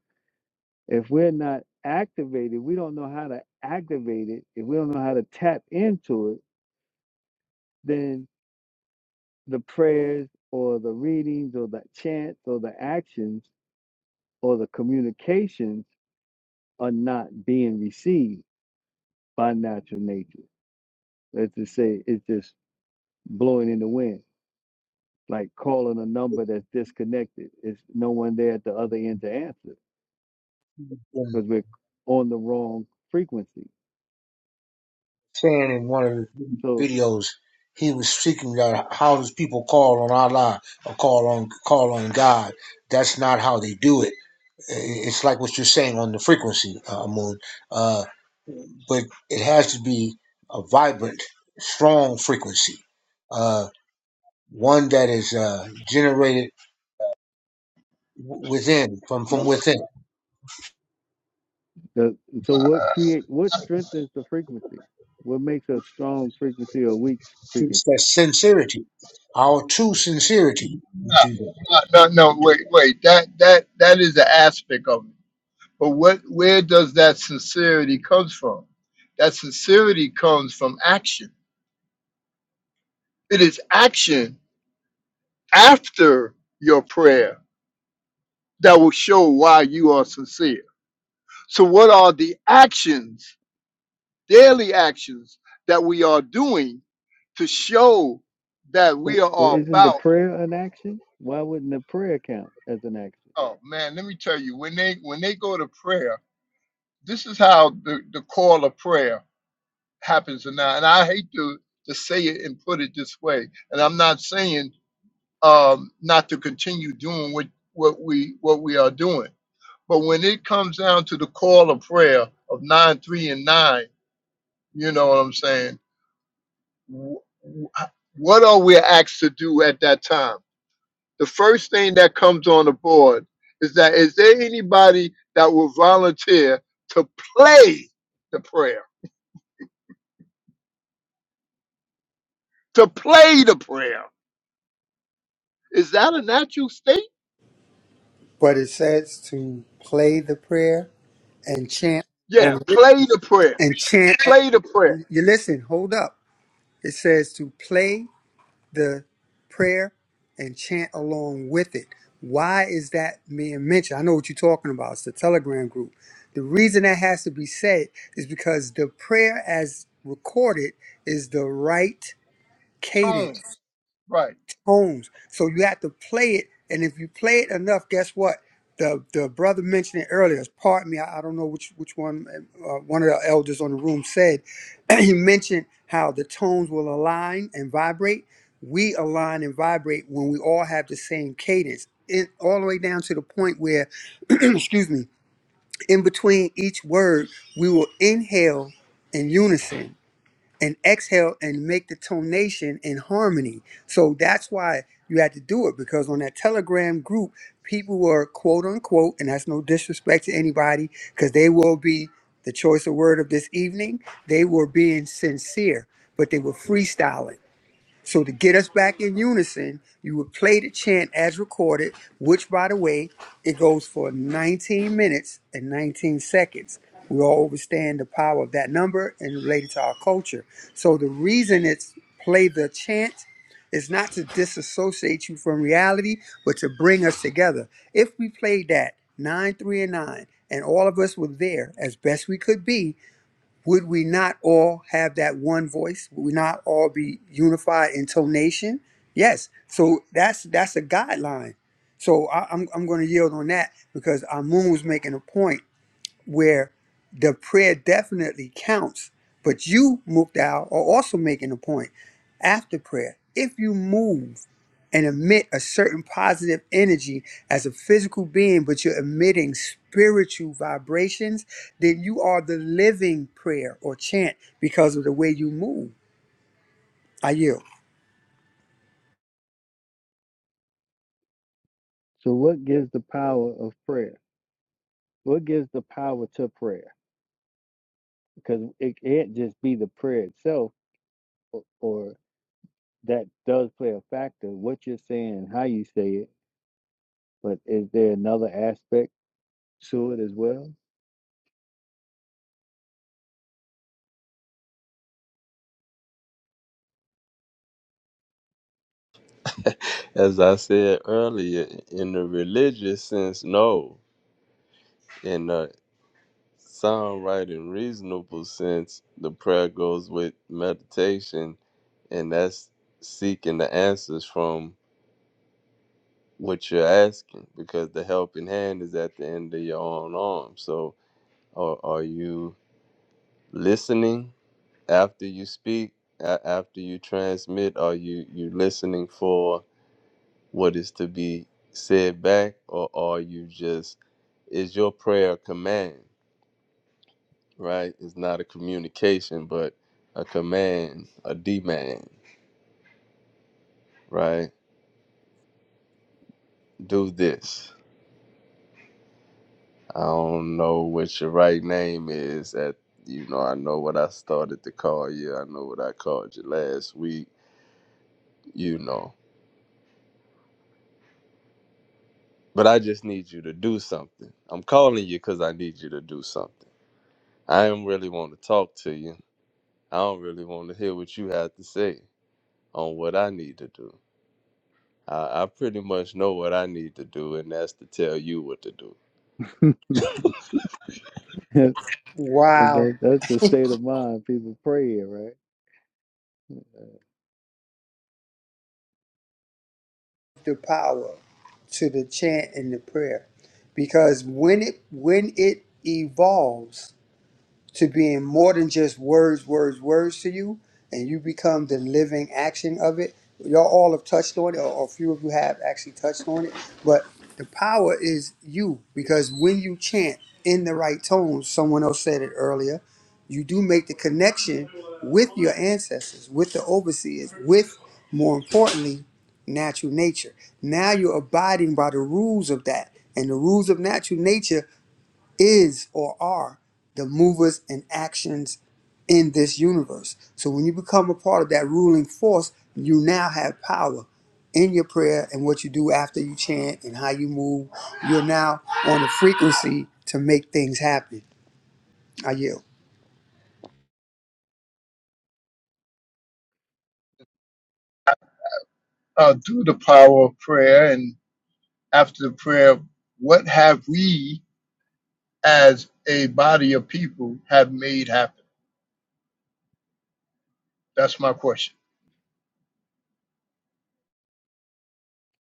A: if we're not activated we don't know how to activate it if we don't know how to tap into it then the prayers or the readings or the chants or the actions or the communications are not being received by natural nature let's just say it's just blowing in the wind, like calling a number that's disconnected. It's no one there at the other end to answer
E: And
A: because we're on the wrong frequency.
E: saying in one of the
A: So
E: videos, he was speaking about how does people call on Allah or call on call on God. That's not how they do it It's like what you're saying on the frequency, uh, Moon. Uh, but it has to be a vibrant, strong frequency, uh, one that is uh, generated w- within, from from within.
A: the so what create what strengthens the frequency? What makes a strong frequency or weak
E: It's
A: frequency?
E: that sincerity, our true sincerity. We do that.
L: No, no, no, wait, wait. That that that is an aspect of it. But what where does that sincerity comes from? That sincerity comes from action. It is action after your prayer that will show why you are sincere. So what are the actions, daily actions that we are doing to show that
A: But
L: we
A: well,
L: are
A: isn't the
L: about
A: prayer an action? Why wouldn't the prayer count as an action?
L: oh man, let me tell you, when they when they go to prayer this is how the, the call of prayer happens now. And I hate to, to say it and put it this way. And I'm not saying um, not to continue doing what, what we what we are doing. But when it comes down to the call of prayer of nine, three, and nine, you know what I'm saying? wh- wh- What are we asked to do at that time? The first thing that comes on the board is that is there anybody that will volunteer to play the prayer? to play the prayer. Is that a natural state?
K: But it says to play the prayer and chant
L: Yeah,
K: or with-
L: play the prayer.
K: and chant.
L: Play the prayer.
K: You listen. Hold up. It says to play the prayer and chant along with it. Why is that being mentioned? I know what you're talking about. It's the Telegram group. The reason that has to be said is because the prayer, as recorded, is the right cadence
L: Tones. Right.
K: homes. So you have to play it, and if you play it enough, guess what? The the brother mentioned it earlier. Pardon me, I, I don't know which which one uh, uh, one of the elders on the room said. he mentioned how the tones will align and vibrate. We align and vibrate when we all have the same cadence, it, all the way down to the point where, excuse me, in between each word, we will inhale in unison and exhale and make the tonation in harmony. So that's why you had to do it because on that Telegram group, people were quote unquote, and that's no disrespect to anybody, because they will be the choice of word of this evening. They were being sincere, but they were freestyling. So to get us back in unison, you would play the chant as recorded, which by the way, it goes for 19 minutes and 19 seconds. We all understand the power of that number and related to our culture. So the reason it's play the chant is not to disassociate you from reality, but to bring us together. If we played that nine, three, and nine, and all of us were there as best we could be, would we not all have that one voice? Would we not all be unified in tonation? Yes. So that's that's a guideline. So I, I'm I'm going to yield on that because Amun was making a point where the prayer definitely counts. But you, Mukdal, are also making a point after prayer. If you move and emit a certain positive energy as a physical being, but you're emitting spiritual vibrations, then you are the living prayer or chant because of the way you move. I yield.
A: So what gives the power of prayer? What gives the power to prayer? Because it can't just be the prayer itself, or or that does play a factor, what you're saying how you say it, but is there another aspect to it as well?
C: As I said earlier, in the religious sense, no. In the sound, right, and reasonable sense, the prayer goes with meditation, and that's seeking the answers from what you're asking because the helping hand is at the end of your own arm. So, are, are you listening after you speak, a- after you transmit? Are you you listening for what is to be said back, or are you just is your prayer a command? Right, it's not a communication, but a command, a demand. Right, do this. I don't know what your right name is. At you know, I know what I started to call you. I know what I called you last week. You know, but I just need you to do something. I'm calling you because I need you to do something. I don't really want to talk to you. I don't really want to hear what you have to say on what I need to do. I, I pretty much know what I need to do, and that's to tell you what to do.
A: Is
K: Wow,
A: that, that's the state of mind people pray in, right?
K: the power to the chant and the prayer, because when it when it evolves to being more than just words, words, words to you, and you become the living action of it. Y'all all have touched on it, or or a few of you have actually touched on it, but the power is you because when you chant in the right tone, someone else said it earlier, you do make the connection with your ancestors, with the overseers, with more importantly, natural nature. Now you're abiding by the rules of that. And the rules of natural nature is or are the movers and actions in this universe. So when you become a part of that ruling force, you now have power in your prayer and what you do after you chant and how you move. You're now on a frequency to make things happen. I yield.
L: Uh, through the power of prayer and after the prayer, what have we as a body of people have made happen? That's my question.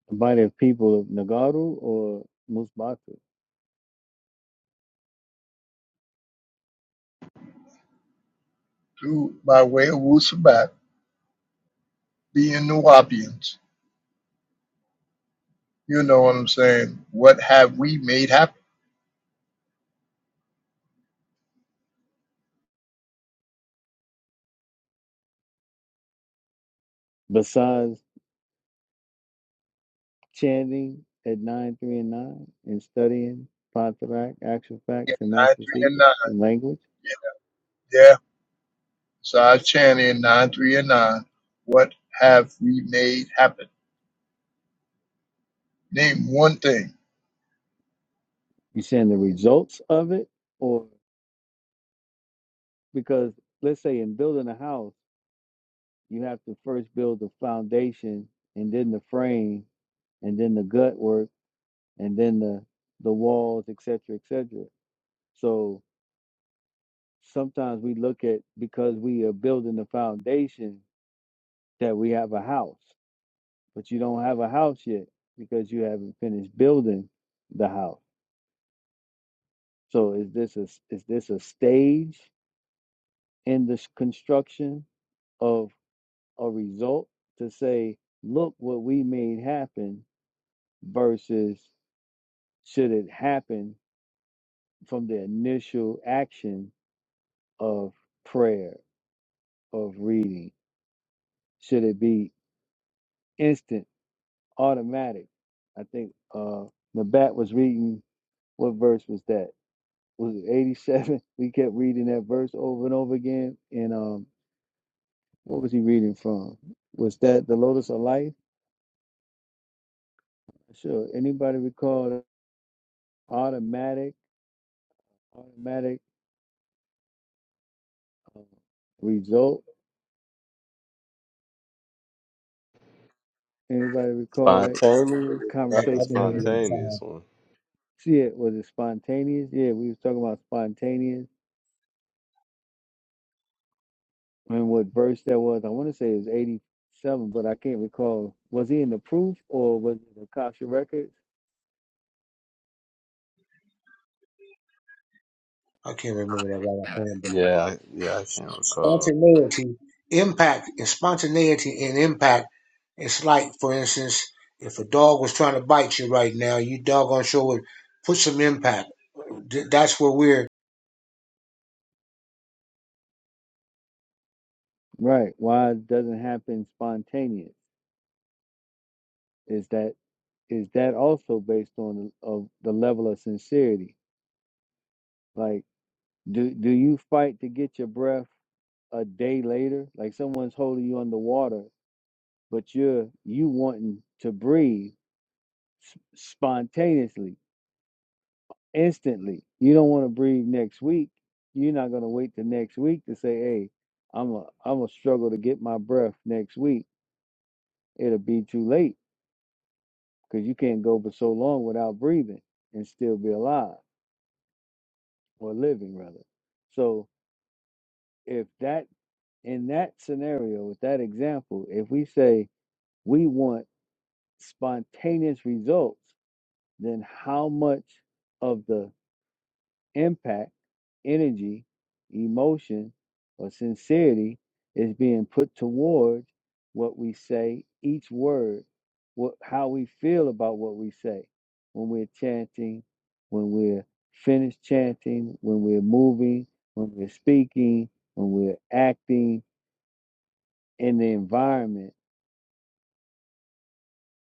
A: About of people of Nagaru or Musbatu,
L: Through by way of wu sabat, being New Orleans, you know what I'm saying? What have we made happen?
A: besides chanting at 9, 3, and 9 and studying Pantarak, actual
L: Yeah,
A: facts, and
L: nine,
A: master
L: three, and nine.
A: secrets and language,
L: Yeah. So I chant in nine, three, and nine. What have we made happen? Name one thing.
A: you're saying the results of it? Or because, let's say, in building a house, you have to first build the foundation and then the frame and then the gut work and then the the walls et cetera, et cetera. so sometimes we look at because we are building the foundation that we have a house but you don't have a house yet because you haven't finished building the house so is this a is this a stage in the construction of a result to say look what we made happen versus should it happen from the initial action of prayer, of reading? Should it be instant, automatic? I think uh Nabat was reading what verse was that? Was it 87? We kept reading that verse over and over again. And um what was he reading from? Was that the Lotus of Life? Sure. Anybody recall that automatic, automatic uh, result? Anybody recall that
C: Spontaneous,
E: That- I,
C: not the
E: can't remember
A: conversation
E: that time.
C: spontaneous one.
A: See it was it spontaneous? Yeah, we was talking about spontaneous and what verse that was. I want to say it was eighty seven, but I can't recall. Was he in the proof or was it the Kasha records?
E: I can't remember that right. offhand,
C: Yeah, I- yeah, I can't recall.
E: Spontaneity, impact, and spontaneity and impact. It's like, for instance, if a dog was trying to bite you right now, you doggone sure would put some impact. Th- That's where we're
A: Right. Why it doesn't happen spontaneous? Is that is that also based on the, of the level of sincerity? Like, do do you fight to get your breath a day later? Like someone's holding you underwater, but you're you wanting to breathe s- spontaneously instantly. You don't want to breathe next week. You're not going to wait the next week to say, "Hey, I'm a I'm a struggle to get my breath next week." It'll be too late because you can't go for so long without breathing and still be alive or living rather. So if that in that scenario with that example, if we say we want spontaneous results, then how much of the impact, energy, emotion, or sincerity is being put towards what we say, each word, what how we feel about what we say when we're chanting, when we're finished chanting, when we're moving, when we're speaking, when we're acting in the environment.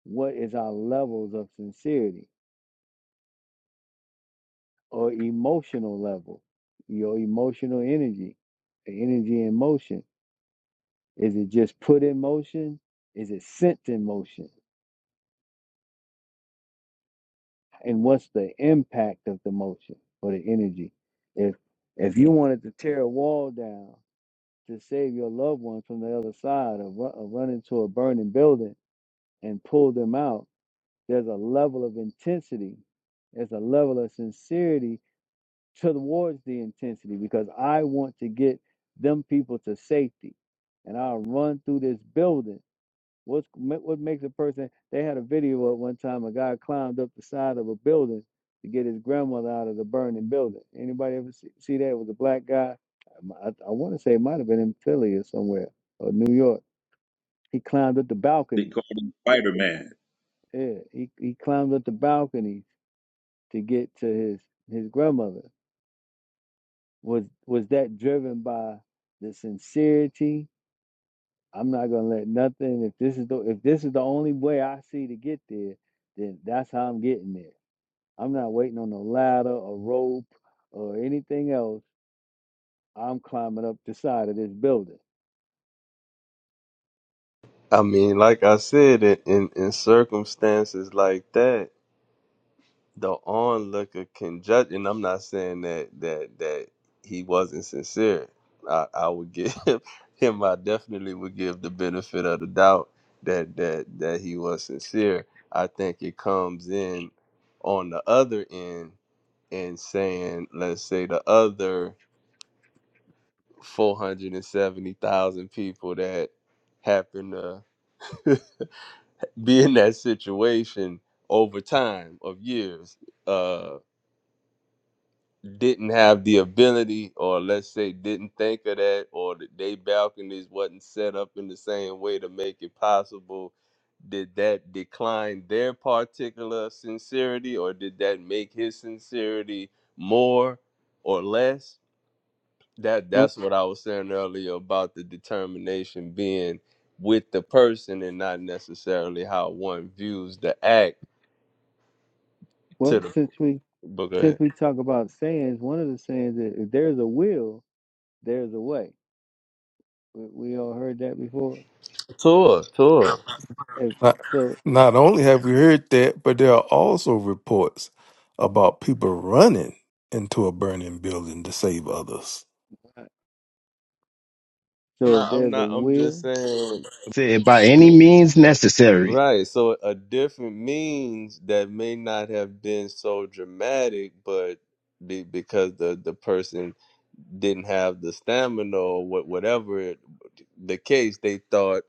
A: What is our levels of sincerity or emotional level, your emotional energy, the energy in motion? Is it just put in motion? Is it sent in motion? And what's the impact of the motion or the energy? If if you wanted to tear a wall down to save your loved one from the other side or, ru- or run into a burning building and pull them out, there's a level of intensity, there's a level of sincerity towards the intensity because I want to get them people to safety. And I'll run through this building What's what makes a person? They had a video at one time. A guy climbed up the side of a building to get his grandmother out of the burning building. Anybody ever see, see that? It was a black guy. Um, I, I want to say it might have been in Philly or somewhere or New York. He climbed up the
F: They
A: balcony.
F: call him Spider Man.
A: Yeah, he he climbed up the balcony to get to his his grandmother. Was was that driven by the sincerity? I'm not gonna let nothing. If this is the if this is the only way I see to get there, then that's how I'm getting there. I'm not waiting on a ladder a rope or anything else. I'm climbing up the side of this building.
C: I mean, like I said, in, in, in circumstances like that, the onlooker can judge. And I'm not saying that that that he wasn't sincere. I, I would give him. I definitely would give the benefit of the doubt that that that he was sincere. I think it comes in on the other end and saying, let's say the other four hundred and seventy thousand people that happen to be in that situation over time of years uh didn't have the ability or let's say didn't think of that or that they balconies wasn't set up in the same way to make it possible did that decline their particular sincerity or did that make his sincerity more or less that
A: What?
C: that's what i was saying earlier about the determination being with the person and not necessarily how one views the act to
A: Well,
C: the
A: since we
C: but go
A: since
C: ahead.
A: we talk about sayings, one of the sayings is if there's a will, there's a way. We, we all heard that before.
C: Tour, tour.
A: If,
G: Not,
A: so,
G: not only have we heard that, but there are also reports about people running into a burning building to save others.
A: uh,
C: I'm
A: so if
C: not I'm
A: there's a
C: not I'm just
A: will,
C: saying
J: Said, by any means necessary.
C: Right. So a different means that may not have been so dramatic, but be, because the the person didn't have the stamina or what whatever it, the case, they thought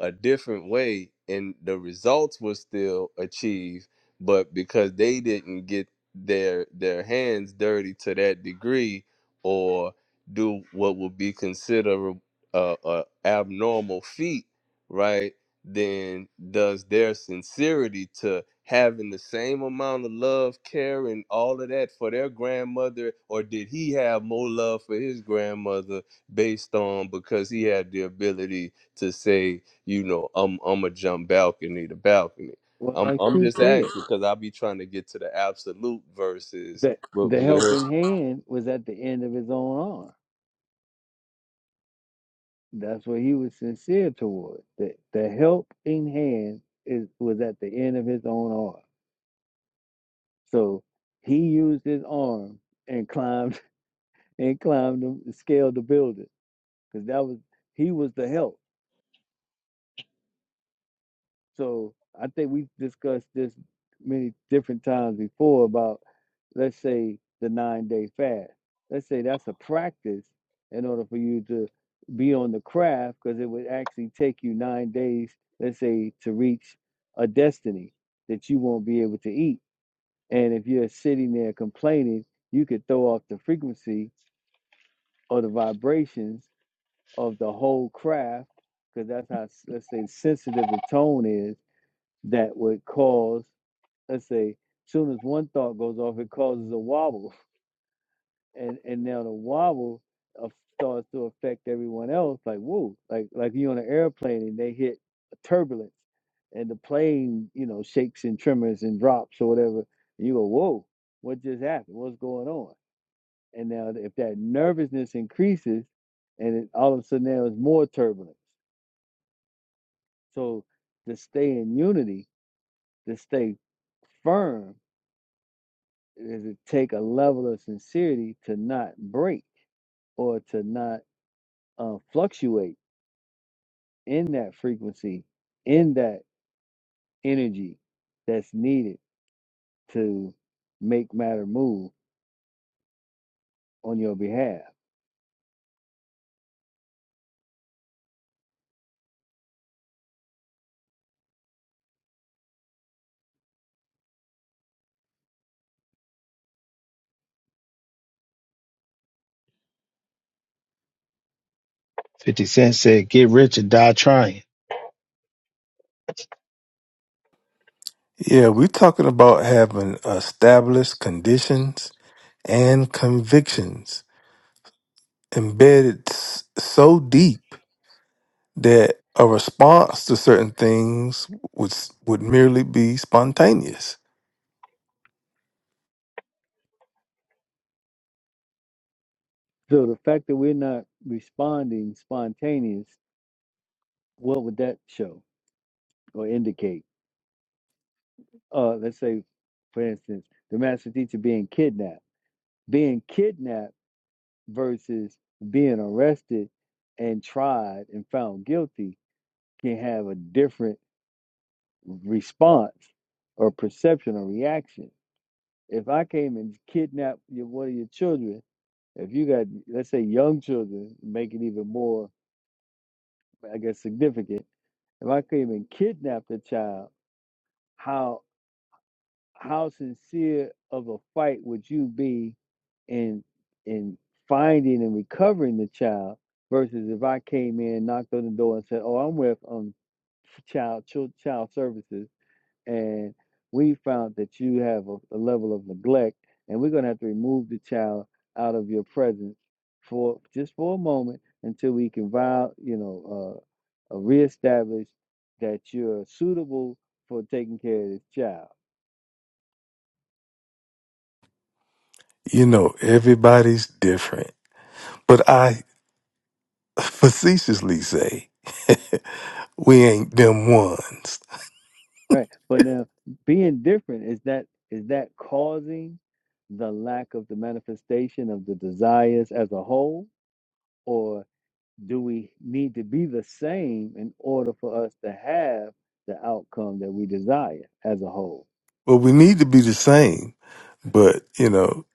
C: a different way, and the results were still achieved, but because they didn't get their their hands dirty to that degree or do what would be considered a, a abnormal feat right then does their sincerity to having the same amount of love, care, and all of that for their grandmother, or did he have more love for his grandmother based on because he had the ability to say, you know, I'm I'm a jump balcony to balcony.
A: well,
C: I'm
A: like
C: I'm
A: Shu
C: just
A: said,
C: asking because I be trying to get to the absolute verses.
A: that
C: But,
A: the
C: but
A: helping hand was at the end of his own arm. That's what he was sincere toward. The the helping hand is was at the end of his own arm So he used his arm and climbed and climbed the scaled the building because that was he was the help. So I think we discussed this many different times before about let's say the nine day fast. Let's say that's a practice in order for you to be on the craft because it would actually take you nine days, let's say, to reach a destiny that you won't be able to eat. And if you're sitting there complaining, you could throw off the frequency or the vibrations of the whole craft, because that's how let's say sensitive the tone is, that would cause let's say soon as one thought goes off, it causes a wobble, and and now the wobble of, starts to affect everyone else. Like whoa, like like you on an airplane and they hit a turbulence, and the plane you know shakes and tremors and drops or whatever. And you go whoa, what just happened? What's going on? And now, if that nervousness increases, and it, all of a sudden now it's more turbulence. So to stay in unity, to stay firm, does it take a level of sincerity to not break or to not uh, fluctuate in that frequency, in that energy that's needed to make matter move on your behalf.
J: 50 Cent said, get rich or die trying.
G: Yeah, we're talking about having established conditions and convictions embedded s- so deep that a response to certain things would s- would merely be spontaneous.
A: So the fact that we're not responding spontaneous, what would that show or indicate? uh, let's say, for instance, the master teacher being kidnapped, being kidnapped versus being arrested and tried and found guilty can have a different response or perception or reaction. If I came and kidnapped your, one of your children, if you got, let's say, young children, make it even more, I guess, significant. If I came and kidnapped a child, how? how sincere of a fight would you be in in finding and recovering the child versus if I came in, knocked on the door, and said, "Oh, I'm with um child child, child services, and we found that you have a, a level of neglect, and we're going to have to remove the child out of your presence for just for a moment until we can vow, you know, uh, uh, reestablish that you're suitable for taking care of this child."
G: You know, everybody's different, but I facetiously say we ain't them ones.
A: Right. But now being different is that is that causing the lack of the manifestation of the desires as a whole or do we need to be the same in order for us to have the outcome that we desire as a whole?
G: Well, we need to be the same, but you know,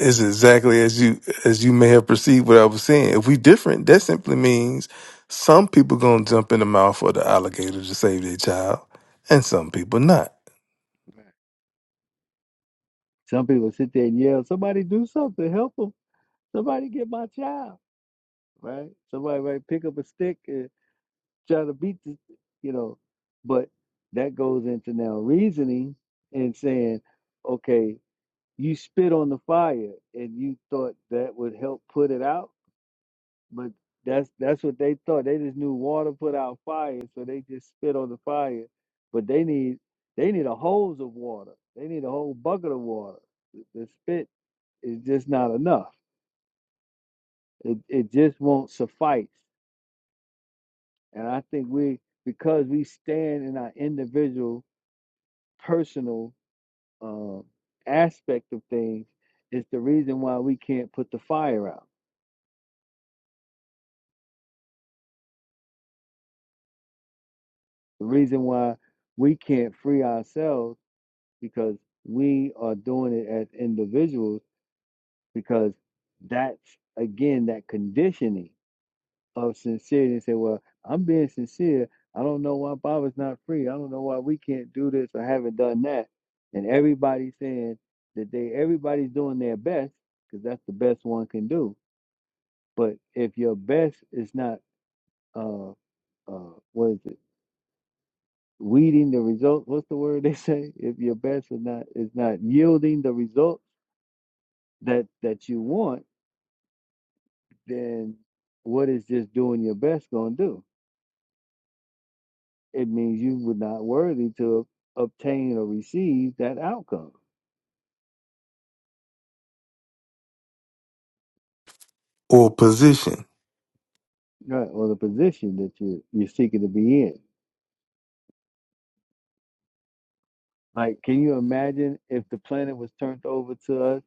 G: it's exactly as you as you may have perceived what I was saying. If we different, that simply means some people gonna jump in the mouth of the alligator to save their child, and some people not.
A: Right. Some people sit there and yell, somebody do something, help them. Somebody get my child, right? Somebody might pick up a stick and try to beat the, you know, but that goes into now reasoning and saying, okay, you spit on the fire and you thought that would help put it out but that's that's what they thought they just knew water put out fire so they just spit on the fire but they need they need a hose of water they need a whole bucket of water the the spit is just not enough it, it just won't suffice and i think we because we stand in our individual personal um, aspect of things is the reason why we can't put the fire out The reason why we can't free ourselves because we are doing it as individuals because that's again that conditioning of sincerity and say, well, I'm being sincere. I don't know why Baba's not free. I don't know why we can't do this or haven't done that. And everybody's saying that they everybody's doing their best because that's the best one can do. But if your best is not uh uh what is it? weeding the result. What's the word they say? If your best is not is not yielding the result that that you want, then what is just doing your best going to do? It means you were not worthy to obtain or receive that outcome,
G: Or position.
A: right? Or the position that you you're seeking to be in. Like, can you imagine if the planet was turned over to us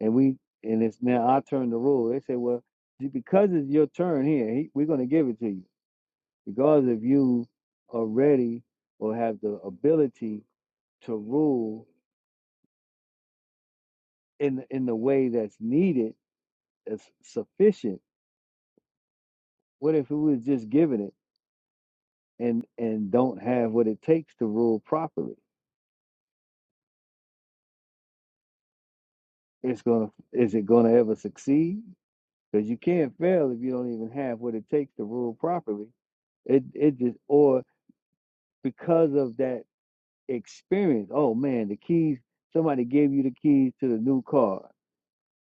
A: and we and it's now our turn to rule? They say, well, because it's your turn here, he, we're going to give it to you Because if you are ready or have the ability to rule in the- in the way that's needed, that's sufficient. What if it was just giving it and and don't have what it takes to rule properly? It's gonna is it gonna ever succeed? Because you can't fail if you don't even have what it takes to rule properly. It it just or because of that experience. Oh man, the keys. Somebody gave you the keys to the new car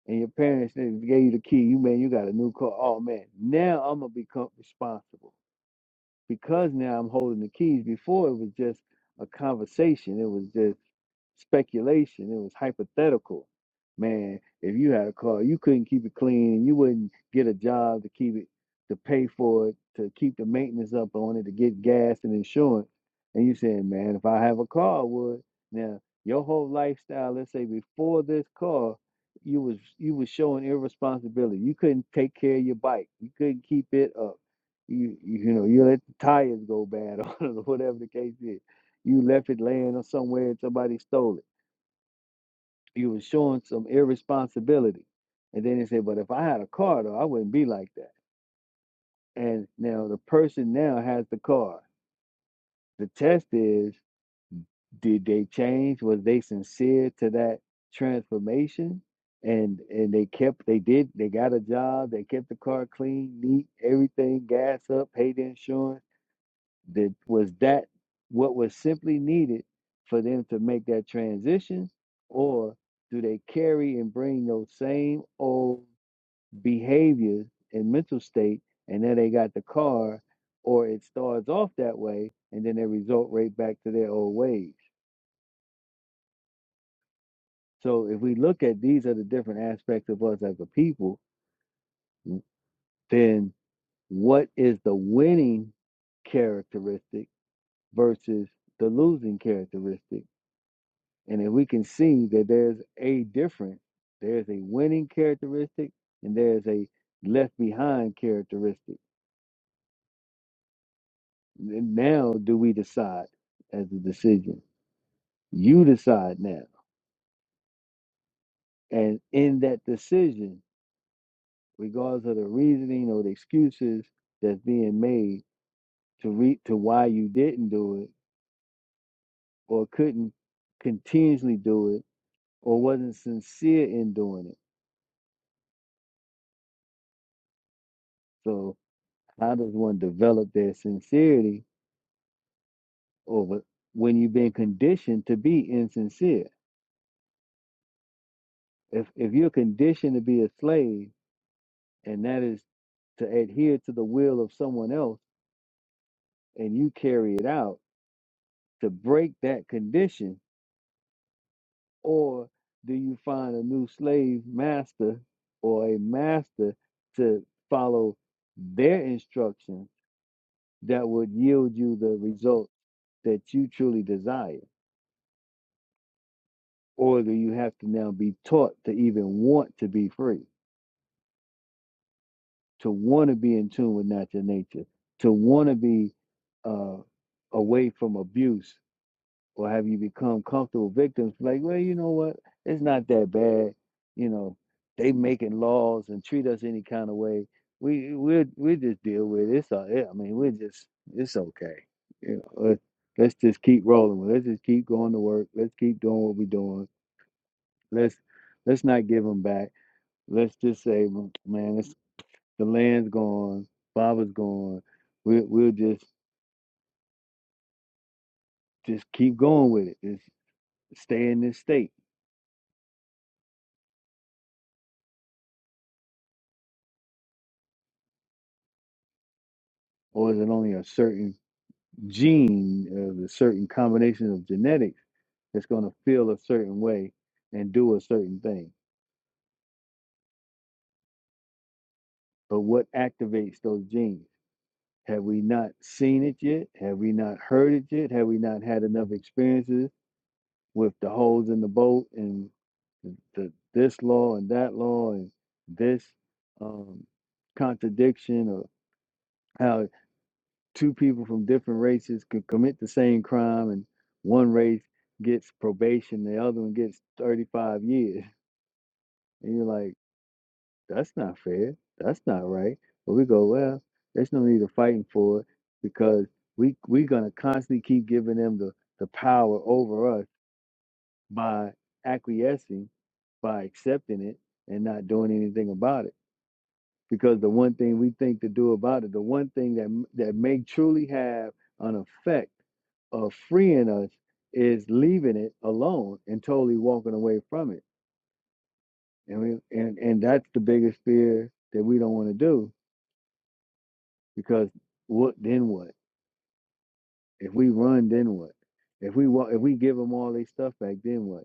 A: and your parents they gave you the key. You man, you got a new car. Oh man, now I'm gonna become responsible because now I'm holding the keys. Before it was just a conversation. It was just speculation. It was hypothetical. Man, if you had a car, you couldn't keep it clean, you wouldn't get a job to keep it, to pay for it, to keep the maintenance up on it, to get gas and insurance. And you saying, man, if I have a car, I would. Now, your whole lifestyle, let's say before this car, you was you was showing irresponsibility. You couldn't take care of your bike. You couldn't keep it up. You you, you know, you let the tires go bad or whatever the case is you left it laying or somewhere and somebody stole it. You were showing some irresponsibility. And then they say, but if I had a car though, I wouldn't be like that. And now the person now has the car. The test is, did they change? Was they sincere to that transformation? And and they kept they did they got a job, they kept the car clean, neat, everything, gas up, paid the insurance That was that what was simply needed for them to make that transition, or do they carry and bring those same old behaviors and mental state, and then they got the car, or it starts off that way, and then they resort right back to their old ways. So if we look at these are the different aspects of us as a people, then what is the winning characteristic versus the losing characteristic? And if we can see that there's a difference, there's a winning characteristic and there's a left behind characteristic. N- Now, do we decide as a decision? You decide now. And in that decision, regardless of the reasoning or the excuses that's being made to re- to why you didn't do it or couldn't continuously do it or wasn't sincere in doing it. So, how does one develop their sincerity or wh- when you've been conditioned to be insincere. If if you're conditioned to be a slave, and that is to adhere to the will of someone else, and you carry it out to break that condition, or do you find a new slave master or a master to follow their instructions that would yield you the result that you truly desire? Or do you have to now be taught to even want to be free? to want to be in tune with natural nature, to want to be uh, away from abuse, or have you become comfortable victims? Like, well, you know what? It's not that bad. You know, they making laws and treat us any kind of way. We we we just deal with it. It's all, yeah, I mean, we're just it's okay. You know, let's, let's just keep rolling. with it. Let's just keep going to work. Let's keep doing what we're doing. Let's let's not give them back. Let's just say, man, it's the land's gone. Baba's gone. We'll we'll just just keep going with it. Just stay in this state. Or is it only a certain gene, uh, a certain combination of genetics that's going to feel a certain way and do a certain thing? But what activates those genes? Have we not seen it yet? Have we not heard it yet? Have we not had enough experiences with the holes in the boat and the, this law and that law and this um, contradiction how two people from different races could commit the same crime and one race gets probation, the other one gets 35 years. And you're like, that's not fair. That's not right. But we go, well, there's no need of fighting for it because we, we're going to constantly keep giving them the, the power over us by acquiescing, by accepting it and not doing anything about it. because the one thing we think to do about it, the one thing that that may truly have an effect of freeing us is leaving it alone and totally walking away from it. And we and and that's the biggest fear that we don't want to do because what then what? If we run, then what? If we wa- if we give them all their stuff back, then what?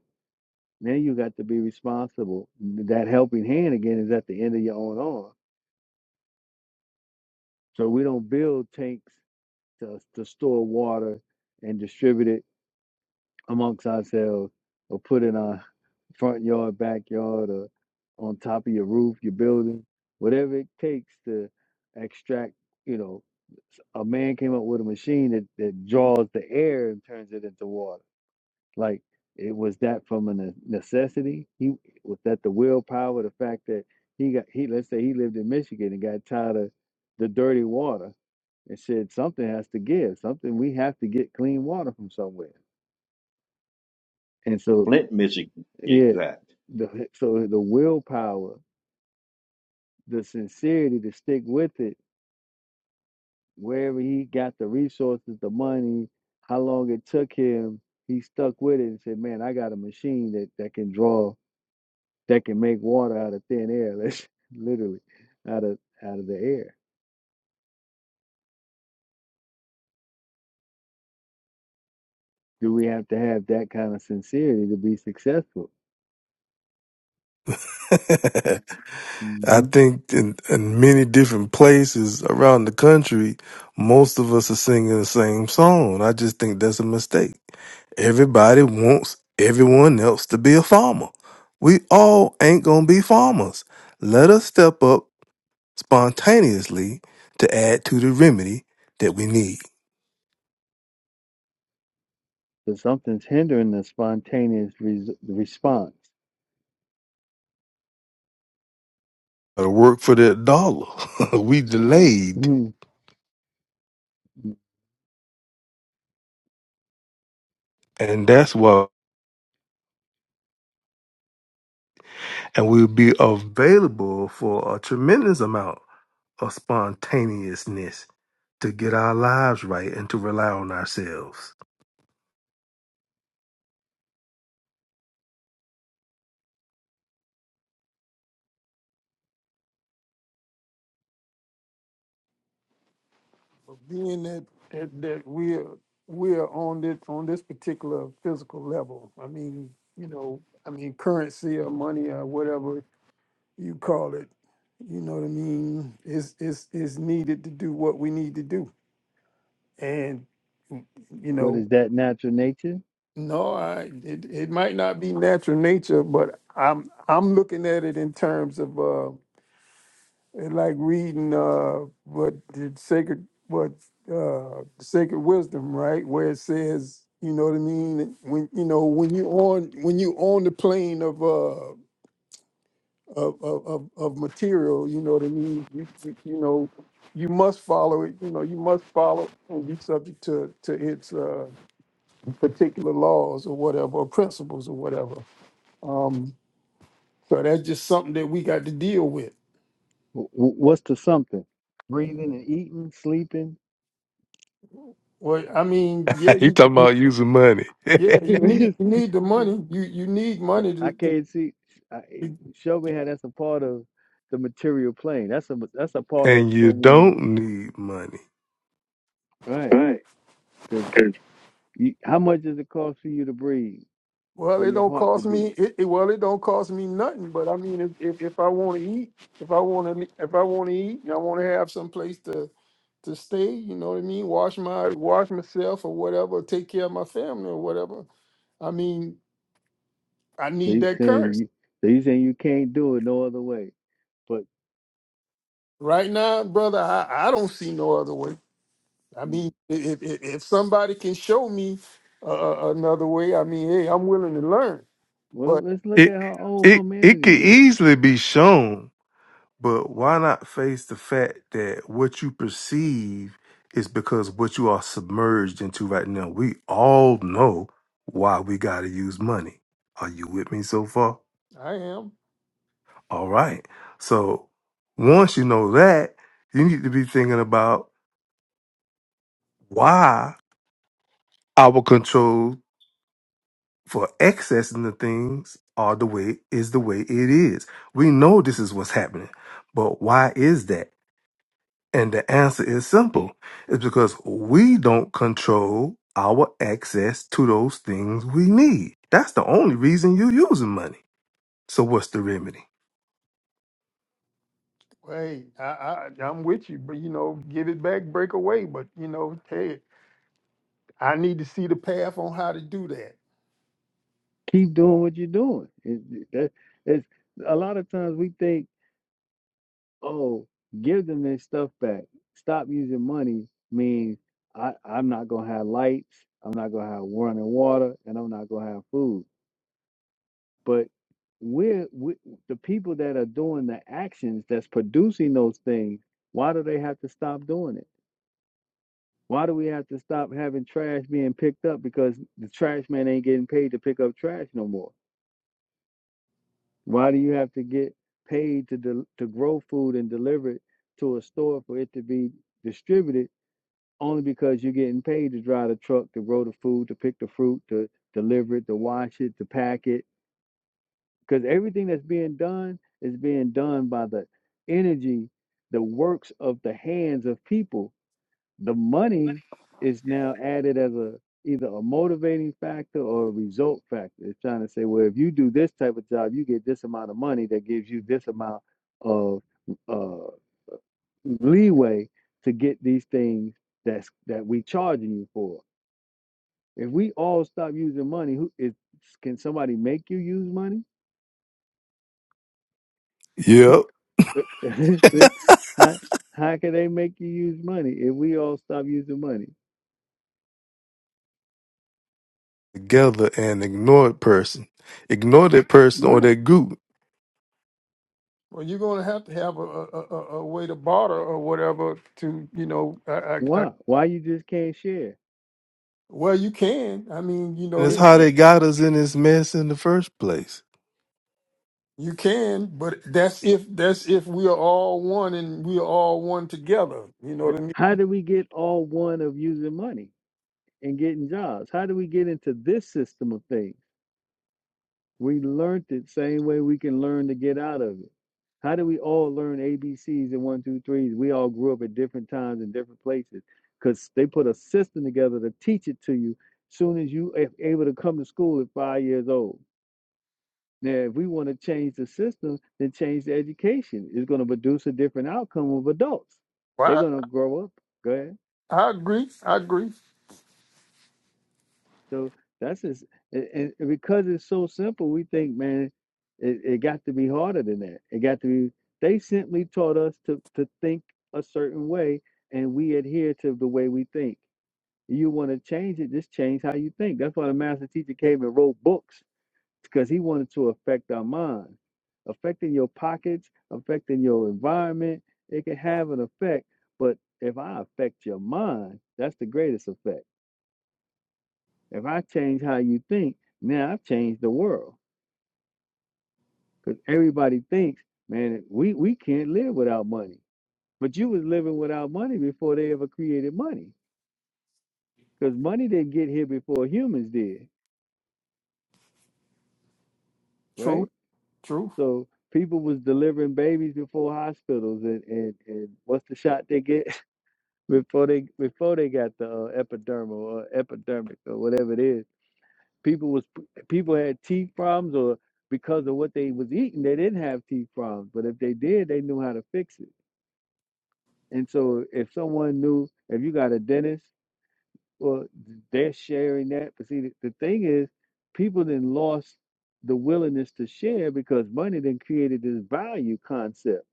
A: Now you got to be responsible. That helping hand again is at the end of your own arm. So we don't build tanks to, to store water and distribute it amongst ourselves or put in our front yard, backyard, or on top of your roof, your building, whatever it takes to extract, you know, a man came up with a machine that, that draws the air and turns it into water. Like it was that from a ne- necessity. He was that the willpower, the fact that he got he let's say he lived in Michigan and got tired of the dirty water and said something has to give something we have to get clean water from somewhere and so yeah the so the willpower the sincerity to stick with it wherever he got the resources the money how long it took him he stuck with it and said man i got a machine that that can draw that can make water out of thin air let's literally out of out of the air do we have to have that kind of sincerity to be successful
G: I
A: Mm-hmm.
G: think in, in many different places around the country, most of us are singing the same song. I just think that's a mistake. Everybody wants everyone else to be a farmer. We all ain't gonna be farmers. Let us step up spontaneously to add to the remedy that we need.
A: So something's hindering the spontaneous res- response.
G: to work for that dollar. we delayed,
A: Mhm.
G: and that's why, and we'll be available for a tremendous amount. of spontaneousness to get our lives right and to rely on ourselves.
H: But being that that, that we're we're on this on this particular physical level, I mean, you know, I mean currency or money or whatever you call it, you know what I mean, is is is needed to do what we need to do. And mm, you
A: What
H: know,
A: is that natural nature?
H: no, I it, it might not be natural nature, but I'm I'm looking at it in terms of uh it like reading uh what the sacred what uh sacred wisdom, right? Where it says, you know what I mean, when you know, when you on when you on the plane of uh of of, of, of material. You know what I mean? You, you you know, you must follow it. You know, you must follow and be subject to to its uh, particular laws or whatever, or principles or whatever. Um, so that's just something that we got to deal with.
A: W- w- what's the something? Breathing and eating, sleeping.
H: Well, I mean, yeah,
G: he
H: you,
G: talking
H: you
G: about using money,
H: yeah, you need you need the money. You you need money to,
A: I
H: to,
A: can't see. I,
H: to
A: show me how that's a part of the material plane. That's a that's a part of
G: and you
A: someone,
G: don't need money.
A: right?
H: Right.
A: Because how much does it cost for you to breathe,
H: Well,
A: for
H: it
A: your
H: don't
A: heart to
H: cost me.
A: beat?
H: It, it- well, it don't cost me nothing. But I mean, if if, if I want to eat, if I want to, if I want to eat, and I want to have some place to to stay. You know what I mean? Wash my wash myself or whatever. Take care of my family or whatever. I mean, I
A: So
H: need
A: you
H: that
A: saying
H: currency
A: you, so you saying you can't do it no other way, but
H: right now, brother. I, I don't see no other way. I
A: mm.
H: mean, i- if if, if somebody can show me uh, another way, I mean, hey, I'm willing to learn.
A: Well,
H: But
A: let's look
G: It
A: at how old
G: it it could
A: humanity is.
G: easily be shown, but why not face the fact that what you perceive is because what you are submerged into right now? We all know why we got to use money. Are you with me so far?
H: I am.
G: All right. So once you know that, you need to be thinking about why our control for accessing the things are the way is the way it is. We know this is what's happening, but why is that? And the answer is simple. It's because we don't control our access to those things we need. That's the only reason you're using money. So what's the remedy?
H: Hey, I, I I'm with you, but you know, give it back, break away. But you know, hey, I need to see the path on how to do that.
A: Keep doing what you're doing. It, that, it's a lot of times we think, oh, give them their stuff back. Stop using money means I, I'm not gonna have lights, I'm not gonna have running water, and I'm not gonna have food. But we're we, the people that are doing the actions that's producing those things. Why do they have to stop doing it? Why do we have to stop having trash being picked up because the trash man ain't getting paid to pick up trash no more? Why do you have to get paid to del to grow food and deliver it to a store for it to be distributed? Only because you're getting paid to drive the truck, to grow the food, to pick the fruit, to deliver it, to wash it, to pack it. Because everything that's being done is being done by the energy, the works of the hands of people the money is now added as a either a motivating factor or a result factor. It's trying to say, well, if you do this type of job, you get this amount of money that gives you this amount of uh, leeway to get these things that's that we charging you for. If we all stop using money, who is can somebody make you use money?
G: Yep,
A: how how can they make you use money if we all stop using money?
G: together and ignore that person. Ignore that person or
A: Right.
G: that group.
H: Well, you're gonna have to have a a, a, a way to barter or whatever to you know. I, I, I,
A: Why? Why you just can't share?
H: well, you can. I mean, you
G: And
H: know,
G: it's
A: Yeah.
H: then
G: how
A: wh-
G: they got us in this mess in the first place.
H: you can, but that's if that's if we are all one and we are all one together. You know what
A: th-
H: I mean?
A: how do we get all one of using money and getting jobs? How do we get into this system of things? We learned it same way we can learn to get out of it. How do we all learn A B C's and one, two, threes? We all grew up at different times in different places because they put a system together to teach it to you as soon as you a- able to come to school at five years old. Now, if we want to change the system, then change the education. It's going to produce a different outcome of adults. They're
H: Well,
A: going to grow up. Go ahead.
H: I, I agree. I agree.
A: So that's just, and, and because it's so simple, we think, man, it, it got to be harder than that. It got to be, they simply taught us to, to think a certain way and we adhere to the way we think. You want to change it, just change how you think. That's why the master teacher came and wrote books because he wanted to affect our minds. Affecting your pockets, affecting your environment, it can have an effect. But if I affect your mind, that's the greatest effect if I change how you think, now I've changed the world. Because everybody thinks, man, we, we can't live without money. But you was living without money before they ever created money. Because money didn't get here before humans did,
H: True.
A: right?
H: True.
A: So people was delivering babies before hospitals and, and, and what's the shot they get before they before they got the uh, epidermal or epidermic or whatever it is People was people had teeth problems, or because of what they was eating, they didn't have teeth problems. But if they did, they knew how to fix it. And so, if someone knew, if you got a dentist, well, they're sharing that. But see, the, the thing is, people then lost the willingness to share because money then created this value concept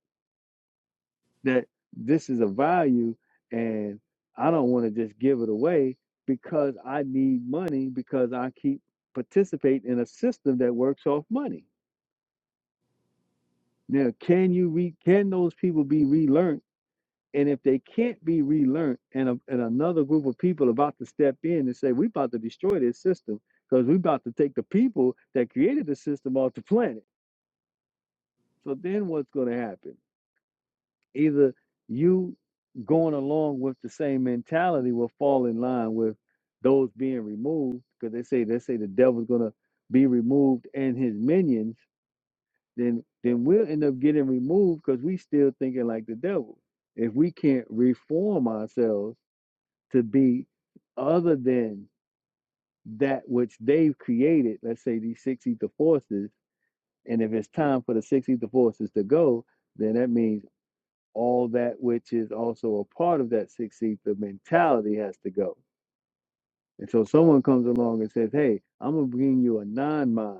A: that this is a value, and I don't want to just give it away because I need money because I keep participate in a system that works off money. Now, can you re can those people be relearned? And if they can't be relearned, and a, and another group of people about to step in and say, "We're about to destroy this system because we're about to take the people that created the system off the planet." So then, what's going to happen? Either you going along with the same mentality will fall in line with those being removed because they say they say the devil's going to be removed and his minions then then we'll end up getting removed because we still thinking like the devil if we can't reform ourselves to be other than that which they've created let's say these six ether forces and if it's time for the six ether forces to go then that means all that which is also a part of that six ether mentality has to go and so someone comes along and says hey i'm gonna bring you a non-mind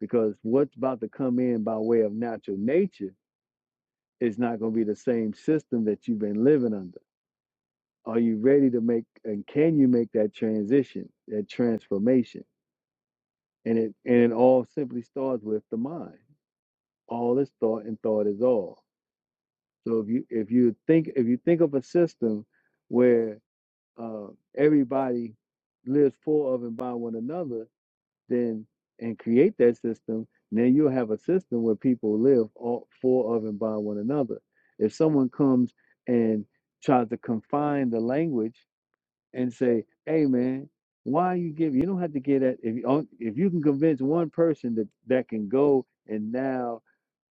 A: because what's about to come in by way of natural nature it's not going to be the same system that you've been living under. Are you ready to make and can you make that transition, that transformation? And it and it all simply starts with the mind. All is thought and thought is all. So if you if you think if you think of a system where uh, everybody lives for of and by one another, then and create that system, then you'll have a system where people live all, for, of, and by one another. If someone comes and tries to confine the language and say, "Hey, man, why are you give?" You don't have to get that. If you on- if you can convince one person that that can go and now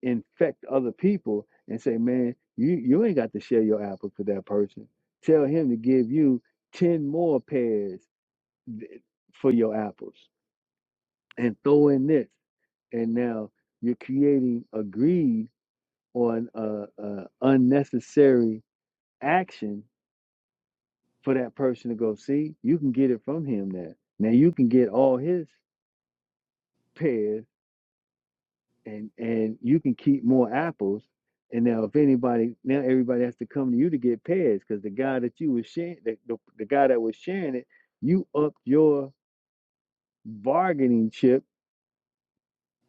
A: infect other people and say, "Man, you you ain't got to share your apple to that person. Tell him to give you ten more pears th- for your apples." and throw in this and now you're creating a greed or an uh, uh, unnecessary action for that person to go see you can get it from him now now you can get all his pears and and you can keep more apples and now if anybody now everybody has to come to you to get pears because the guy that you was sharing the, the, the guy that was sharing it you upped your bargaining chip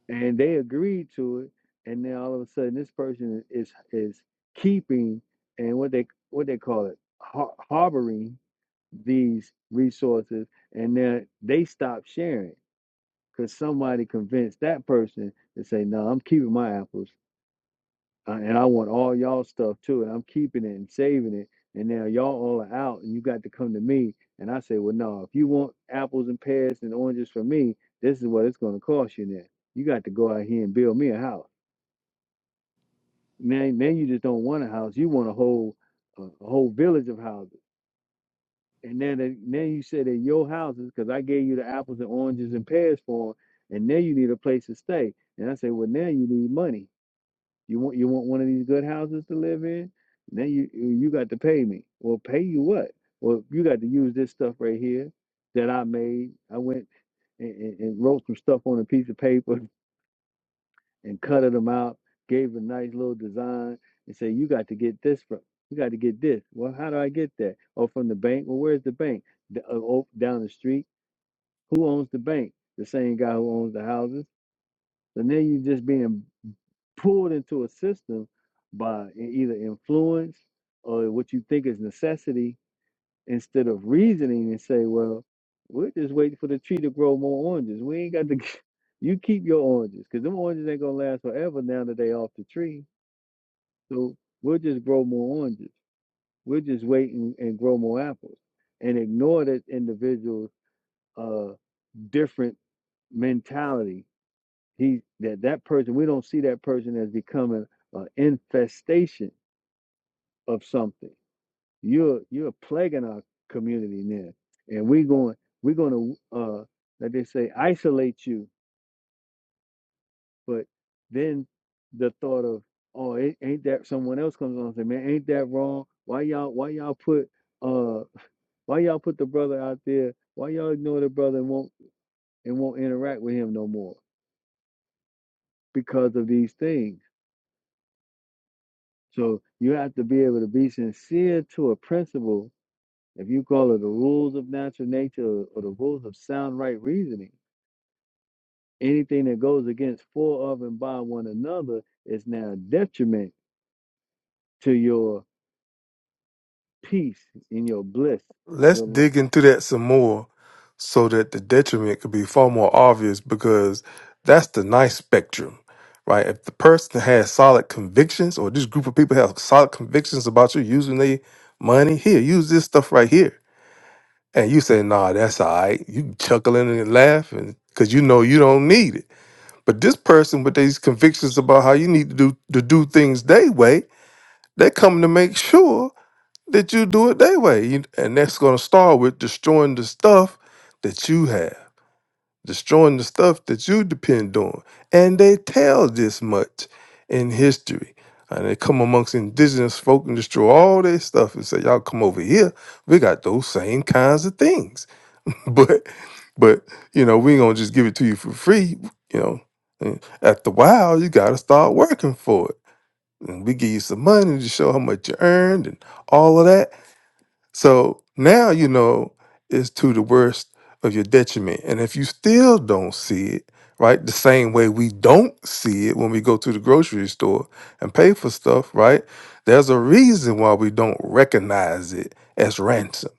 A: and they agreed to it and then all of a sudden this person is is keeping and what they what they call it har- harboring these resources and then they stop sharing because somebody convinced that person to say no i'm keeping my apples uh, and i want all y'all stuff too and i'm keeping it and saving it and now y'all all are out and you got to come to me and i say well no if you want apples and pears and oranges from me this is what it's going to cost you now you got to go out here and build me a house Now, now you just don't want a house. You want a whole, a, a whole village of houses. And then, they- now you say that your houses, because I gave you the apples and oranges and pears for 'em, and now you need a place to stay. And I say, well, now you need money. You want, you want one of these good houses to live in. Now you, you got to pay me. Well, pay you what? Well, you got to use this stuff right here that I made. I went and, and, and wrote some stuff on a piece of paper and cutted them out, gave a nice little design, and say, "You got to get this from. You got to get this. Well, how do I get that? Oh, from the bank. Well, where's the bank? D- uh, oh, down the street. Who owns the bank? The same guy who owns the houses. So now you're just being pulled into a system by e- either influence or what you think is necessity instead of reasoning and say, well, we're just waiting for the tree to grow more oranges. We ain't got to. You keep your oranges because them oranges ain't gonna last forever now that they off the tree so we'll just grow more oranges. We'll just wait and, and grow more apples and ignore that individual's uh, different mentality. He that that person we don't see that person as becoming an infestation of something. You're you're plaguing our community now, and we are going we're going to uh, like they say isolate you But then the thought of, oh, ain't, ain't that someone else comes on and say, man, ain't that wrong? Why y'all why y'all put uh why y'all put the brother out there? Why y'all ignore the brother and won't and won't interact with him no more because of these things? So you have to be able to be sincere to a principle. If you call it the rules of natural nature or, or the rules of sound right reasoning, anything that goes against for of and by one another is now a detriment to your peace in your bliss.
G: Let's
A: Your life.
G: dig into that some more so that the detriment could be far more obvious because that's the nice spectrum, right? If the person has solid convictions or this group of people have solid convictions about you using their money, here, use this stuff right here. And you say, nah, that's all right. You chuckling and laughing because you know you don't need it. But this person with these convictions about how you need to do to do things their way, they're coming to make sure that you do it that way. You- And that's going to start with destroying the stuff that you have, destroying the stuff that you depend on. And they tell this much in history. And they come amongst indigenous folk and destroy all their stuff and say, y'all come over here. We got those same kinds of things. But, but you know, we ain't going to just give it to you for free, you know. And After a while, you got to start working for it. And we give you some money to show how much you earned and all of that so now you know it's to the worst of your detriment. And if you still don't see it, right, the same way we don't see it when we go to the grocery store and pay for stuff, right, there's a reason why we don't recognize it as ransom.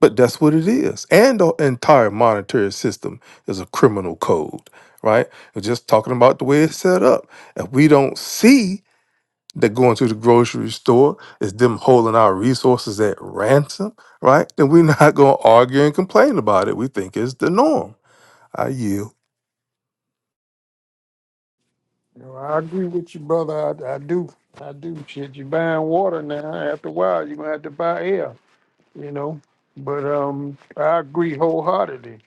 G: But that's what it is. And the entire monetary system is a criminal code, right? We're just talking about the way it's set up. If we don't see that going to the grocery store. is them holding our resources at ransom, right? Then we're not going to argue and complain about it. We think it's the norm. I yield.
H: No, I agree with you, brother. I, I do. I do. Shit, you buying water now. After a while, you're going to have to buy air, you know. But um, I agree wholeheartedly.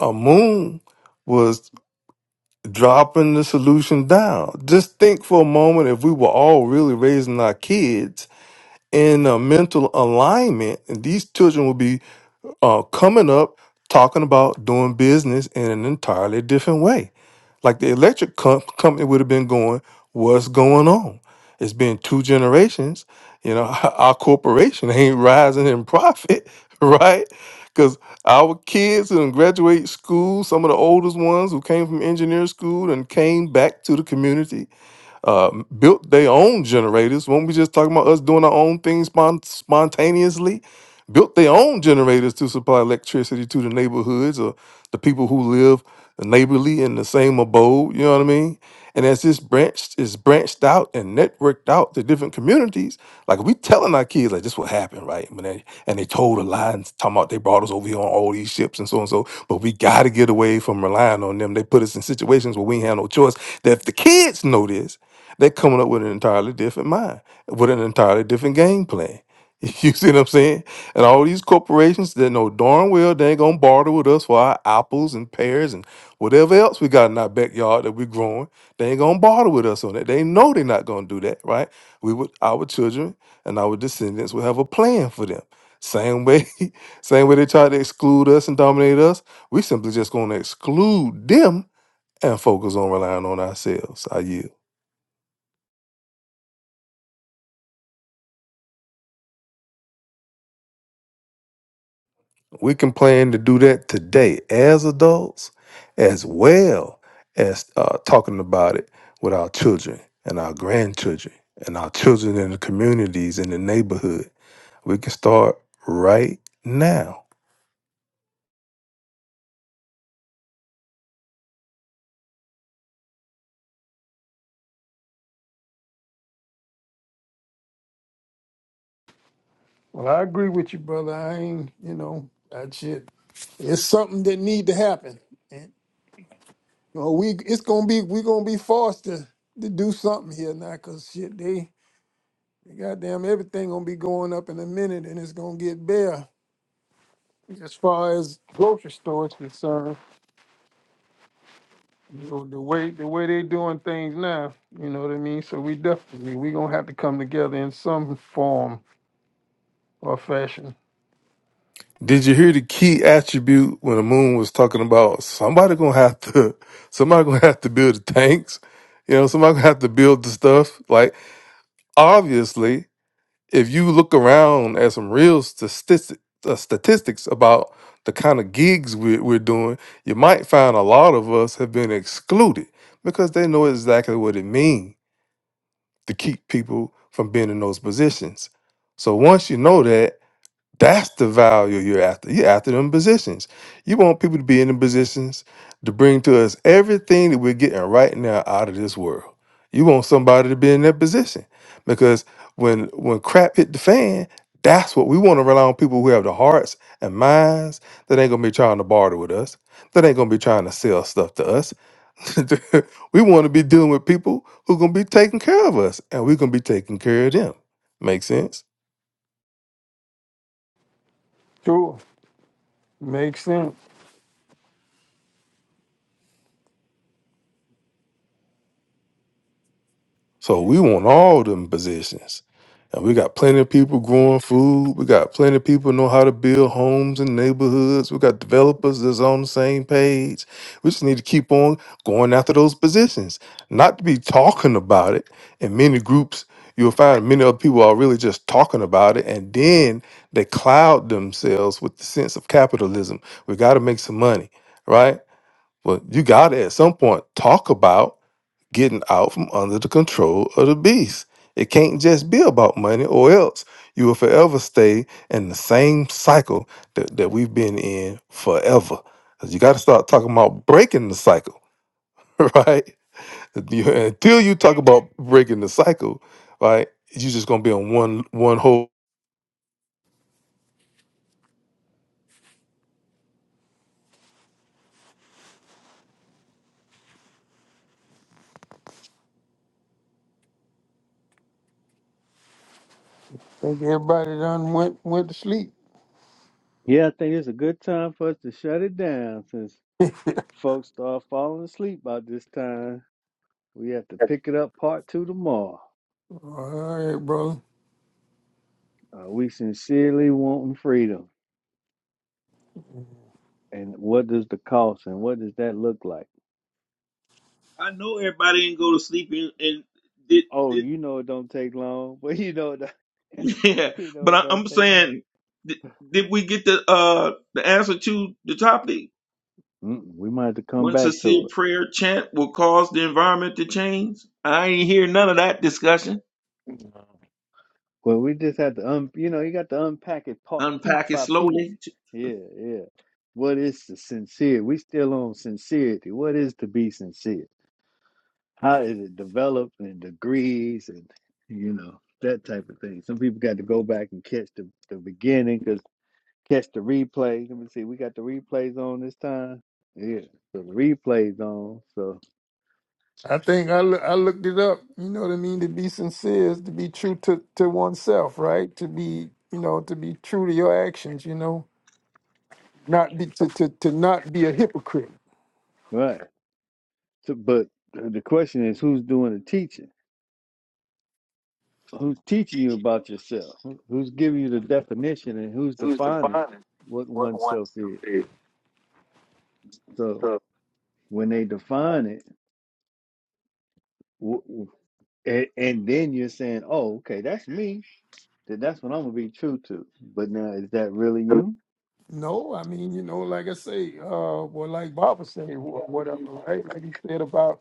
G: A moon was dropping the solution down. Just think for a moment if we were all really raising our kids in a mental alignment, and these children would be uh, coming up talking about doing business in an entirely different way Like the electric co- company would have been going, what's going on? It's been two generations. You know, our corporation ain't rising in profit, right? Because our kids who done graduate school, some of the oldest ones who came from engineering school and came back to the community uh, built their own generators. When we just talking about us doing our own things spon- spontaneously, built their own generators to supply electricity to the neighborhoods or the people who live neighborly in the same abode. You know what I mean? And as this branch is branched out and networked out to different communities, like we telling our kids, like this will happen, right? And they, and they told a lie and talking about they brought us over here on all these ships and so and so. But we got to get away from relying on them. They put us in situations where we ain't have no choice. That if the kids know this they're coming up with an entirely different mind, with an entirely different game plan. You see what I'm saying? And all these corporations that know darn well they ain't gonna barter with us for our apples and pears and whatever else we got in our backyard that we're growing. They ain't gonna barter with us on that. They know they're not gonna do that, right? We would our children and our descendants will have a plan for them. Same way, same way they tried to exclude us and dominate us. We simply just gonna exclude them and focus on relying on ourselves. I yield. We can plan to do that today as adults, as well as uh, talking about it with our children and our grandchildren and our children in the communities in the neighborhood. We can start right now.
H: Well, I agree with you, brother. I ain't, you know, that shit. It's something that need to happen. And, you know, we it's gonna be we're gonna be forced to, to do something here now, cause shit, they, they goddamn everything gonna be going up in a minute, and it's gonna get bare as far as grocery stores concerned. you know, the way the way they doing things now, you know what I mean? So we definitely we gonna have to come together in some form or fashion.
G: Did you hear the key attribute when the moon was talking about somebody gonna have to somebody gonna have to build the tanks? You know, somebody gonna have to build the stuff. Like obviously if you look around at some real statistics, uh, statistics about the kind of gigs we're, we're doing, you might find a lot of us have been excluded because they know exactly what it means to keep people from being in those positions. So once you know that, that's the value you're after. You're after them positions. You want people to be in the positions to bring to us everything that we're getting right now out of this world. You want somebody to be in that position because when when crap hit the fan, that's what we want to rely on people who have the hearts and minds that ain't gonna be trying to barter with us, that ain't gonna be trying to sell stuff to us. we want to be dealing with people who gonna be taking care of us, and we're gonna be taking care of them. Make sense?
H: Sure. Makes sense.
G: So we want all them positions. And we got plenty of people growing food. We got plenty of people know how to build homes and neighborhoods. We got developers that's on the same page. We just need to keep on going after those positions. Not to be talking about it. In many groups, you'll find many other people are really just talking about it. And then they cloud themselves with the sense of capitalism. We got to make some money, right? Well, you got to at some point talk about getting out from under the control of the beast. It can't just be about money, or else you will forever stay in the same cycle that, that we've been in forever. 'Cause you got to start talking about breaking the cycle, right? You- Until you talk about breaking the cycle, right, you're just gonna be on one one whole.
H: think everybody done went went to sleep.
A: Yeah, I think it's a good time for us to shut it down since folks start falling asleep by this time. We have to pick it up part two tomorrow.
H: All right, brother.
A: Uh, we sincerely want freedom. And what does the cost and what does that look like?
F: I know everybody didn't go to sleep and, and did,
A: Oh,
F: did
A: you know it don't take long, but you know it don't,
F: Yeah,
A: you know
F: but
A: it
F: I,
A: don't
F: I'm
A: take long.
F: saying, did, did we get the uh the answer to the topic?
A: Mm-mm, we might have to come
F: One
A: back
F: sincere
A: to
F: prayer chant will cause the environment to change. I ain't hear none of that discussion.
A: it. Well, we just had to un you know, you got to unpack it part piece
F: Unpack it
A: by piece.
F: slowly.
A: Yeah, yeah. What is the sincere? We still on sincerity. What is to be sincere? How is it developed and degrees and you know that type of thing? Some people got to go back and catch the the beginning because catch the replays. Let me see, we got the replays on this time. Yeah, so the replays on. So
H: I think I, loo- I looked it up. You know what I mean? To be sincere is to be true to, to oneself, right? To be, you know, to be true to your actions, you know, not be to, to, to not be a hypocrite.
A: right, so, but uh, the question is, who's doing the teaching? who's teaching you about yourself, who- who's giving you the definition, and who's
H: Who's
A: defining
H: defining
A: what
H: what
A: oneself
H: oneself
A: is.
H: is?
A: So when they define it, w- w- and, and then you're saying, "Oh, okay, that's me. Then that's what I'm gonna be true to." But now, is that really you?
H: No, I mean, you know, like I say, uh, well, like Baba said, wh- whatever, right? Like he said about,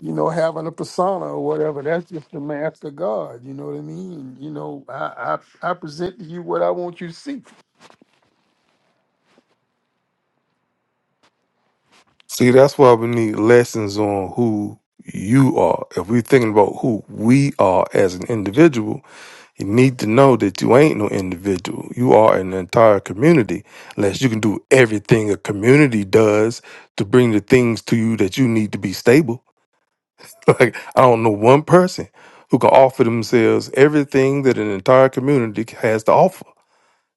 H: you know, having a persona or whatever. That's just the mask of God. You know what I mean? You know, I I, I present to you what I want you to see.
G: See, that's why we need lessons on who you are. If we're thinking about who we are as an individual, You need to know that you ain't no individual. You are an entire community. Unless you can do everything a community does to bring the things to you that you need to be stable. Like, I don't know one person who can offer themselves everything that an entire community has to offer.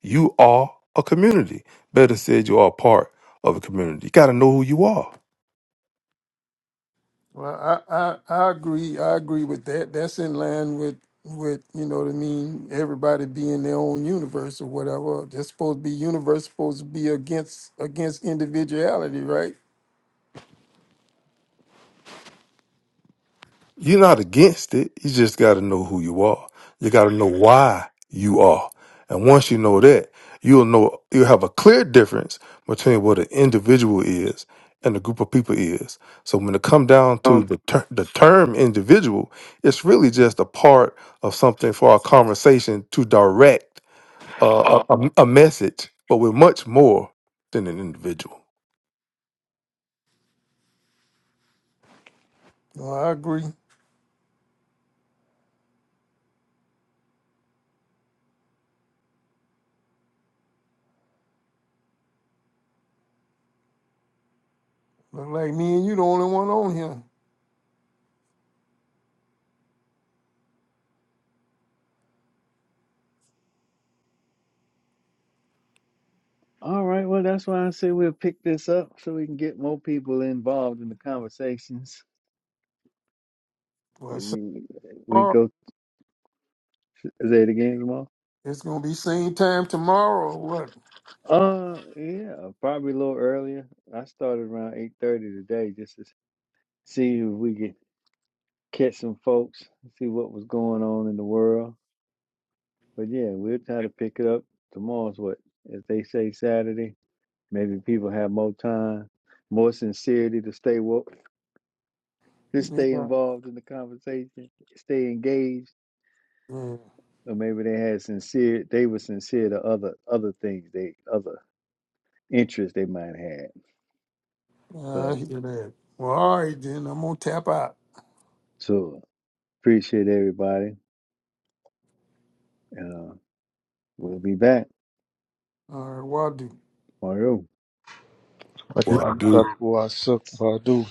G: You are a community. Better said, you are a part of a community. You got to know who you are.
H: Well, I, I I agree. I agree with that. That's in line with with you know what I mean. Everybody being their own universe or whatever. That's supposed to be universe. Supposed to be against against individuality, right?
G: You're not against it. You just got to know who you are. You got to know why you are. And once you know that, you'll know you'll have a clear difference between what an individual is and a group of people is. So when it come down to
H: Um,
G: the ter- the term individual, it's really just a part of something for our conversation to direct uh,
H: uh,
G: a, a a message, but we're much more than an individual.
H: No, I agree. Look like me and you the only one on here.
A: All right. Well, that's why I say we'll pick this up so we can get more people involved in the conversations.
H: Well,
A: 'Cause
H: it's
A: You, we
H: tomorrow.
A: go say it again tomorrow.
H: It's gonna be same time tomorrow. or What?
A: Uh, yeah, probably a little earlier. I started around eight thirty today, just to see if we could catch some folks, see what was going on in the world. But yeah, we'll try to pick it up tomorrow's what, if they say Saturday, maybe people have more time, more sincerity to stay woke, to
H: Yeah,
A: stay involved in the conversation, stay engaged.
H: yeah,
A: Or maybe they had sincere, they were sincere to other other things, they other interests they might have.
H: yeah, I
A: So,
H: hear that. Well, all right then. I'm gonna tap out.
A: so appreciate everybody. Uh, we'll be back
H: All right, Wadu.
A: tomorrow.
J: What?
G: Well, I do.
C: Asakwa, asakwa,